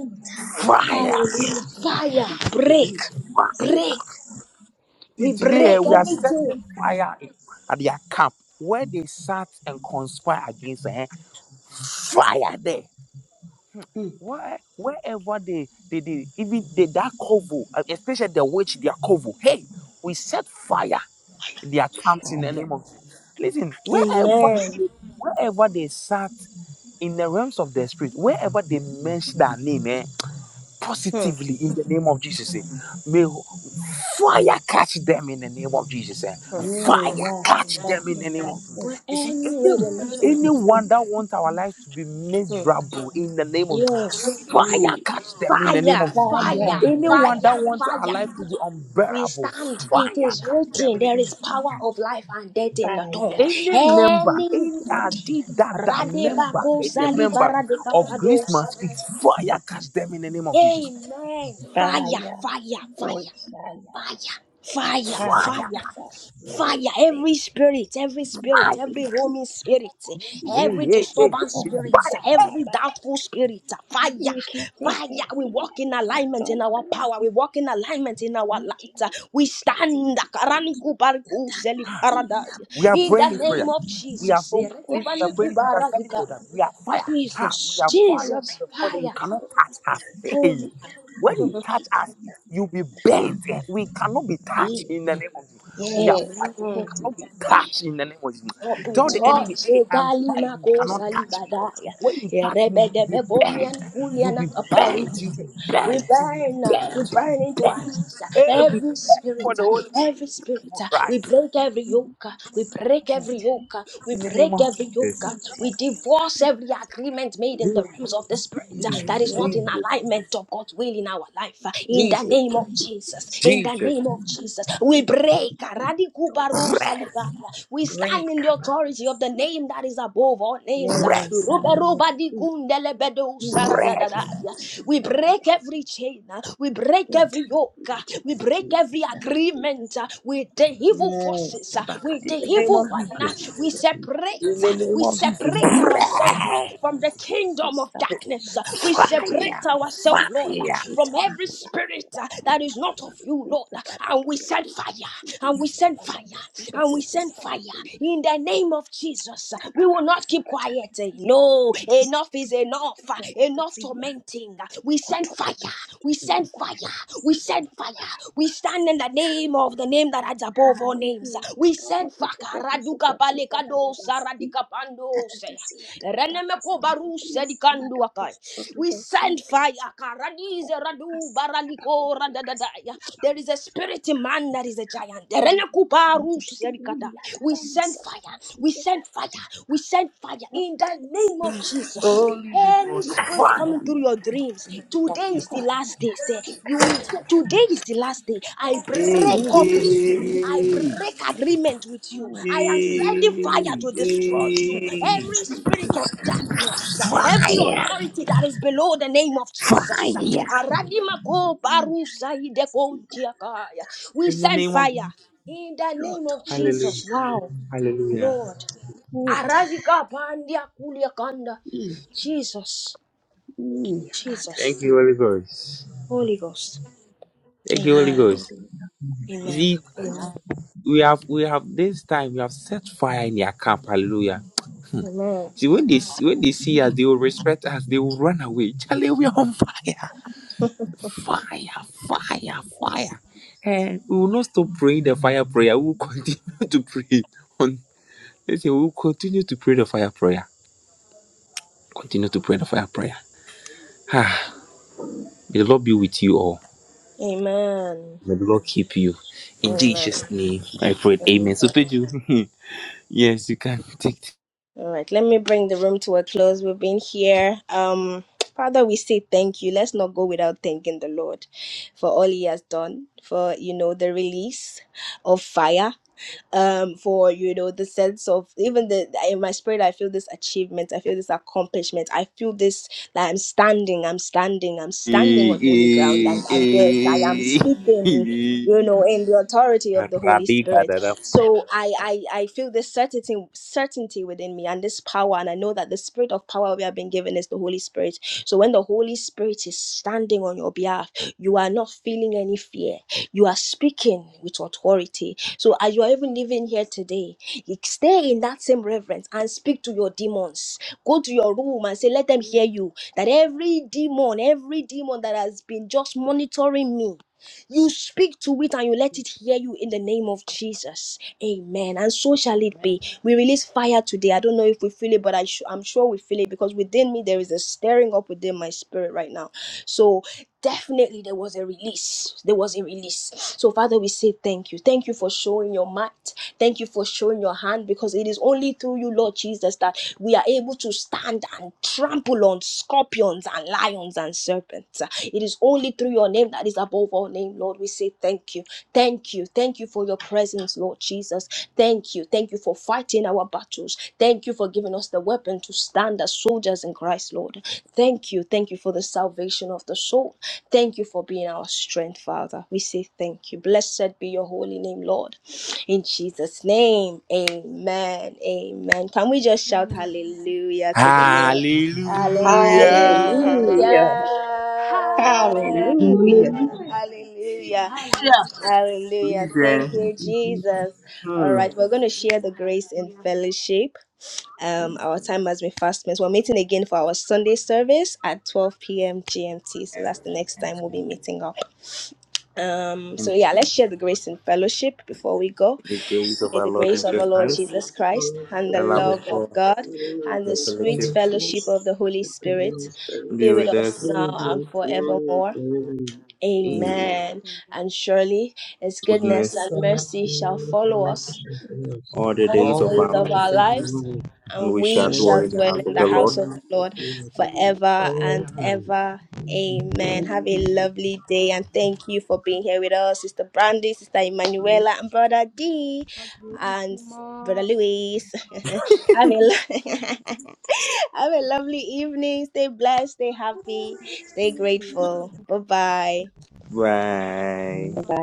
Speaker 2: fire,
Speaker 1: Hallelujah. Fire. Break.
Speaker 2: fire,
Speaker 1: Break.
Speaker 2: See,
Speaker 1: We
Speaker 2: Today eh,
Speaker 1: break
Speaker 2: we are
Speaker 1: everything.
Speaker 2: setting fire in- at their camp where they sat and conspire against eh, fire there. Where, wherever they, they, they even they, that covo, eh, especially the witch, their covo. Hey, we set fire in their camps in the name of Jesus. Listen, wherever
Speaker 1: Amen.
Speaker 2: they, wherever they sat in the realms of the spirit, wherever they mentioned their name, eh,
Speaker 1: Hmm.
Speaker 2: positively in the name of Jesus. eh. May fire catch them in the name of Jesus. eh. Fire catch them in the name of Jesus.
Speaker 1: Were
Speaker 2: You see,
Speaker 1: any ready
Speaker 2: any, anyone that wants our lives to be miserable in the name of
Speaker 1: Yes.
Speaker 2: fire catch them in the name
Speaker 1: Fire.
Speaker 2: of Jesus.
Speaker 1: Fire.
Speaker 2: Anyone that
Speaker 1: Fire.
Speaker 2: wants our
Speaker 1: Fire.
Speaker 2: life to be
Speaker 1: We
Speaker 2: unbearable,
Speaker 1: stand.
Speaker 2: fire
Speaker 1: It is
Speaker 2: catch them
Speaker 1: written.
Speaker 2: in the
Speaker 1: There
Speaker 2: name
Speaker 1: is
Speaker 2: of
Speaker 1: power of life and death in the tongue.
Speaker 2: any member, any uh,
Speaker 1: Anybody.
Speaker 2: that, that member,
Speaker 1: Radebako
Speaker 2: any member of grace
Speaker 1: salibaradekapados.
Speaker 2: must speak fire catch them in the name of Jesus.
Speaker 1: Amen. Fire, fire, fire, fire, fire,
Speaker 2: Fire.
Speaker 1: fire, Fire every spirit, every spirit, every roaming spirit,
Speaker 2: Yeah,
Speaker 1: every
Speaker 2: yeah, yeah, yeah.
Speaker 1: disturbance
Speaker 2: It's
Speaker 1: spirit,
Speaker 2: fire.
Speaker 1: every doubtful spirit. Fire, fire. We walk in alignment in our power. We walk in alignment in our light. We stand. Karaniku bariku seli
Speaker 2: We are
Speaker 1: In the
Speaker 2: praying this prayer.
Speaker 1: name of
Speaker 2: We are
Speaker 1: Jesus.
Speaker 2: so please, we are
Speaker 1: Erekobaniku
Speaker 2: praying. this. We are telling
Speaker 1: barazika.
Speaker 2: God that we are fire. Ha, we
Speaker 1: Jesus,
Speaker 2: are fire
Speaker 1: Jesus,
Speaker 2: to the point that you
Speaker 1: fire.
Speaker 2: cannot touch us. Hey, when you touch us, you'll be burnt. Eh, We cannot be touched in the name of Jesus. We are fire. We
Speaker 1: Amen.
Speaker 2: cannot be touched in the name of Jesus.
Speaker 1: not be
Speaker 2: Tell the
Speaker 1: taught.
Speaker 2: enemy, hey, I'm
Speaker 1: Regali
Speaker 2: fire. You
Speaker 1: mako
Speaker 2: cannot touch me.
Speaker 1: salibadaya.
Speaker 2: When you touch me,
Speaker 1: Erebe
Speaker 2: you'll be
Speaker 1: debe
Speaker 2: bent.
Speaker 1: komian
Speaker 2: You'll
Speaker 1: fuliana
Speaker 2: be
Speaker 1: kaparu.
Speaker 2: bent. You'll be
Speaker 1: We
Speaker 2: bent. You'll be
Speaker 1: burn, uh, we
Speaker 2: bent. You'll
Speaker 1: burn
Speaker 2: be
Speaker 1: into our
Speaker 2: bent.
Speaker 1: eyes. uh,
Speaker 2: Hey, we
Speaker 1: Every
Speaker 2: beg for
Speaker 1: spirit,
Speaker 2: the
Speaker 1: uh,
Speaker 2: Holy Ghost
Speaker 1: every spirit.
Speaker 2: to
Speaker 1: uh, We
Speaker 2: rise.
Speaker 1: break every yoke. uh, We break every yoke. uh, We
Speaker 2: In the name
Speaker 1: break
Speaker 2: of
Speaker 1: every yoke. uh, We divorce every agreement made in the realms of the spirit uh, that is not in alignment of God's will in our life. uh, In the
Speaker 2: Jesus.
Speaker 1: name of Jesus. In the name of Jesus. We break. uh,
Speaker 2: Break,
Speaker 1: Radikubarosalika. We stand in the authority of the name that is above all names.
Speaker 2: break, break.
Speaker 1: We break every chain. We break every yoke. We break every agreement with the evil forces, with
Speaker 2: In
Speaker 1: the
Speaker 2: the name
Speaker 1: evil
Speaker 2: of
Speaker 1: one.
Speaker 2: Jesus.
Speaker 1: We
Speaker 2: In
Speaker 1: separate.
Speaker 2: the name
Speaker 1: We
Speaker 2: of
Speaker 1: self
Speaker 2: Jesus. Break.
Speaker 1: from the kingdom of darkness. We
Speaker 2: Fire.
Speaker 1: separate ourselves, Lord,
Speaker 2: Fire.
Speaker 1: from every spirit that is not of you, Lord. And we send fire. And we send fire. And we. In the name of Jesus, we will not keep quiet. No, enough is enough. Enough tormenting. We send fire. We send fire. We send fire. We stand in the name of the name that is above all names. We sub- There is a spirit in man that is a giant. We send fire. We send fire. We send fire in the name of Jesus. Any spirit coming through your dreams, today is the last day. Say, you today is the last day. I
Speaker 2: Hey,
Speaker 1: break up with you. I
Speaker 2: hey,
Speaker 1: break agreement with you. I am sending fire
Speaker 2: hey,
Speaker 1: to destroy you.
Speaker 2: hey.
Speaker 1: Every spirit of darkness, every
Speaker 2: Fire.
Speaker 1: authority that is below the name of Jesus.
Speaker 2: Fire.
Speaker 1: Aradimako barusa ideko diakaya. We
Speaker 2: In the
Speaker 1: send
Speaker 2: name of
Speaker 1: fire in the name of Jesus. Wow,
Speaker 2: Jesus.
Speaker 1: Lord. Arazika pandia kuliakanda. Jesus, Jesus,
Speaker 2: Thank you, Holy Ghost.
Speaker 1: Holy Ghost.
Speaker 2: Thank you, Holy
Speaker 1: Amen.
Speaker 2: Ghost. You
Speaker 1: Amen.
Speaker 2: see,
Speaker 1: Amen.
Speaker 2: we have we have this time we have set fire in their camp. Hallelujah.
Speaker 1: Amen.
Speaker 2: See when they see, when they see us, they will respect us. They will run away. Charlie, we are on fire, fire, fire, fire. And we will not stop praying the fire prayer. We will continue to pray. On let's say we will continue to pray the fire prayer. Continue to pray the fire prayer. Ah, may the Lord be with you all.
Speaker 1: Amen.
Speaker 2: May the Lord keep you. In
Speaker 1: Amen.
Speaker 2: Jesus' name, I pray.
Speaker 1: Amen.
Speaker 2: Amen. So, Pedro, yes, you can take.
Speaker 1: All right, let me bring the room to a close. We've been here. Um, Father, we say thank you. Let's not go without thanking the Lord for all He has done, for you know the release of fire um for you know the sense of even the in my spirit i feel this achievement i feel this accomplishment i feel this that i'm standing i'm standing i'm standing
Speaker 2: Hey,
Speaker 1: on holy ground and, and yes i am
Speaker 2: hey,
Speaker 1: speaking
Speaker 2: hey.
Speaker 1: you know in the authority of the holy spirit so I, I i feel this certainty certainty within me and this power and i know that the spirit of power will be what we have been given is the Holy Spirit. So when the Holy Spirit is standing on your behalf, you are not feeling any fear. You are speaking with authority. So as you are even living here today, stay in that same reverence and speak to your demons. Go to your room and say, let them hear you. That every demon, every demon that has been just monitoring me. You speak to it and you let it hear you in the name of Jesus. Amen. And so shall it
Speaker 4: Amen.
Speaker 1: be. We release fire today. I don't know if we feel it, but I sh- I'm sure we feel it because within me there is a stirring up within my spirit right now. So definitely there was a release. There was a release. So Father, we say thank you. Thank you for showing your might. Thank you for showing your hand because it is only through you you, Lord Jesus, that we are able to stand and trample on scorpions and lions and serpents. It is only through your name that is above all name, Lord. We say thank you. Thank you. Thank you for your presence, Lord Jesus. Thank you. Thank you for fighting our battles. Thank you for giving us the weapon to stand as soldiers in Christ, Lord. Thank you. Thank you for the salvation of the soul. Thank you for being our strength, Father. We say thank you. Blessed be your holy name, Lord. In Jesus' name, amen. Amen. Can we just shout
Speaker 4: Mm.
Speaker 1: hallelujah to the Lord?
Speaker 4: Hallelujah.
Speaker 2: Hallelujah.
Speaker 1: Hallelujah.
Speaker 3: Hallelujah.
Speaker 4: Hallelujah.
Speaker 1: Hallelujah.
Speaker 4: Hallelujah.
Speaker 1: Hallelujah. Thank
Speaker 3: Thank
Speaker 1: you,
Speaker 3: you, Jesus.
Speaker 1: Jesus. All right, we're going to share
Speaker 4: Hallelujah.
Speaker 1: the grace in
Speaker 4: Hallelujah.
Speaker 1: fellowship. Um, our time has been fast spent. We're meeting again for our Sunday service at 12 p.m. GMT. So that's the next time we'll be meeting up. Um,
Speaker 2: In
Speaker 1: so yeah, let's share the grace in fellowship before we go.
Speaker 2: the grace of
Speaker 1: May
Speaker 2: our
Speaker 1: the
Speaker 2: Lord
Speaker 1: grace of our
Speaker 2: Jesus
Speaker 1: Lord
Speaker 2: Christ,
Speaker 1: Jesus
Speaker 4: Praise
Speaker 1: Christ and the
Speaker 2: the love
Speaker 3: Hallelujah.
Speaker 2: of
Speaker 1: love of
Speaker 2: God,
Speaker 1: God
Speaker 3: Lord,
Speaker 1: and
Speaker 2: the
Speaker 1: the
Speaker 3: and
Speaker 4: God.
Speaker 1: sweet
Speaker 2: fellowship
Speaker 3: refresh
Speaker 1: fellowship of the
Speaker 4: Praise
Speaker 1: Holy
Speaker 3: the
Speaker 1: Spirit
Speaker 3: Holy
Speaker 4: God.
Speaker 3: Spirit.
Speaker 2: be
Speaker 1: be with
Speaker 2: with
Speaker 1: us
Speaker 2: us
Speaker 1: now
Speaker 3: Lord,
Speaker 1: and
Speaker 3: we
Speaker 4: Thank you,
Speaker 3: surrender
Speaker 1: forevermore.
Speaker 3: to
Speaker 4: Lord.
Speaker 2: in
Speaker 3: Amen.
Speaker 1: Amen.
Speaker 4: Amen.
Speaker 1: And surely his goodness and
Speaker 2: goodness
Speaker 3: God,
Speaker 1: mercy
Speaker 3: to
Speaker 1: shall
Speaker 3: you, to
Speaker 1: follow us
Speaker 3: message for us.
Speaker 2: all the
Speaker 1: all the
Speaker 2: days
Speaker 3: All the
Speaker 2: of
Speaker 1: days
Speaker 2: our
Speaker 1: of
Speaker 3: dealings
Speaker 1: our
Speaker 2: life,
Speaker 3: of the
Speaker 1: lives,
Speaker 3: Lord,
Speaker 2: and
Speaker 1: and
Speaker 2: we shall
Speaker 1: we
Speaker 3: and
Speaker 2: dwell
Speaker 1: shall
Speaker 3: we
Speaker 2: in the
Speaker 1: dwell
Speaker 2: house
Speaker 1: in
Speaker 2: of
Speaker 1: the
Speaker 2: the
Speaker 3: celebrate the
Speaker 2: Lord.
Speaker 1: house of the
Speaker 3: house of
Speaker 1: Lord
Speaker 3: the Lord.
Speaker 1: forever and
Speaker 3: Forever.
Speaker 1: ever. Amen.
Speaker 3: Amen.
Speaker 1: Have a lovely day, and thank you for being here with us, Sister Brandy, Sister Emanuela, and Brother D,
Speaker 4: God bless
Speaker 1: and
Speaker 4: you
Speaker 1: Brother
Speaker 4: more.
Speaker 1: Luis. have a lo- have a lovely evening. Stay blessed. Stay happy. Stay
Speaker 4: Thank you,
Speaker 1: grateful. Bye bye.
Speaker 3: Amen.
Speaker 2: Bye.
Speaker 4: Lord.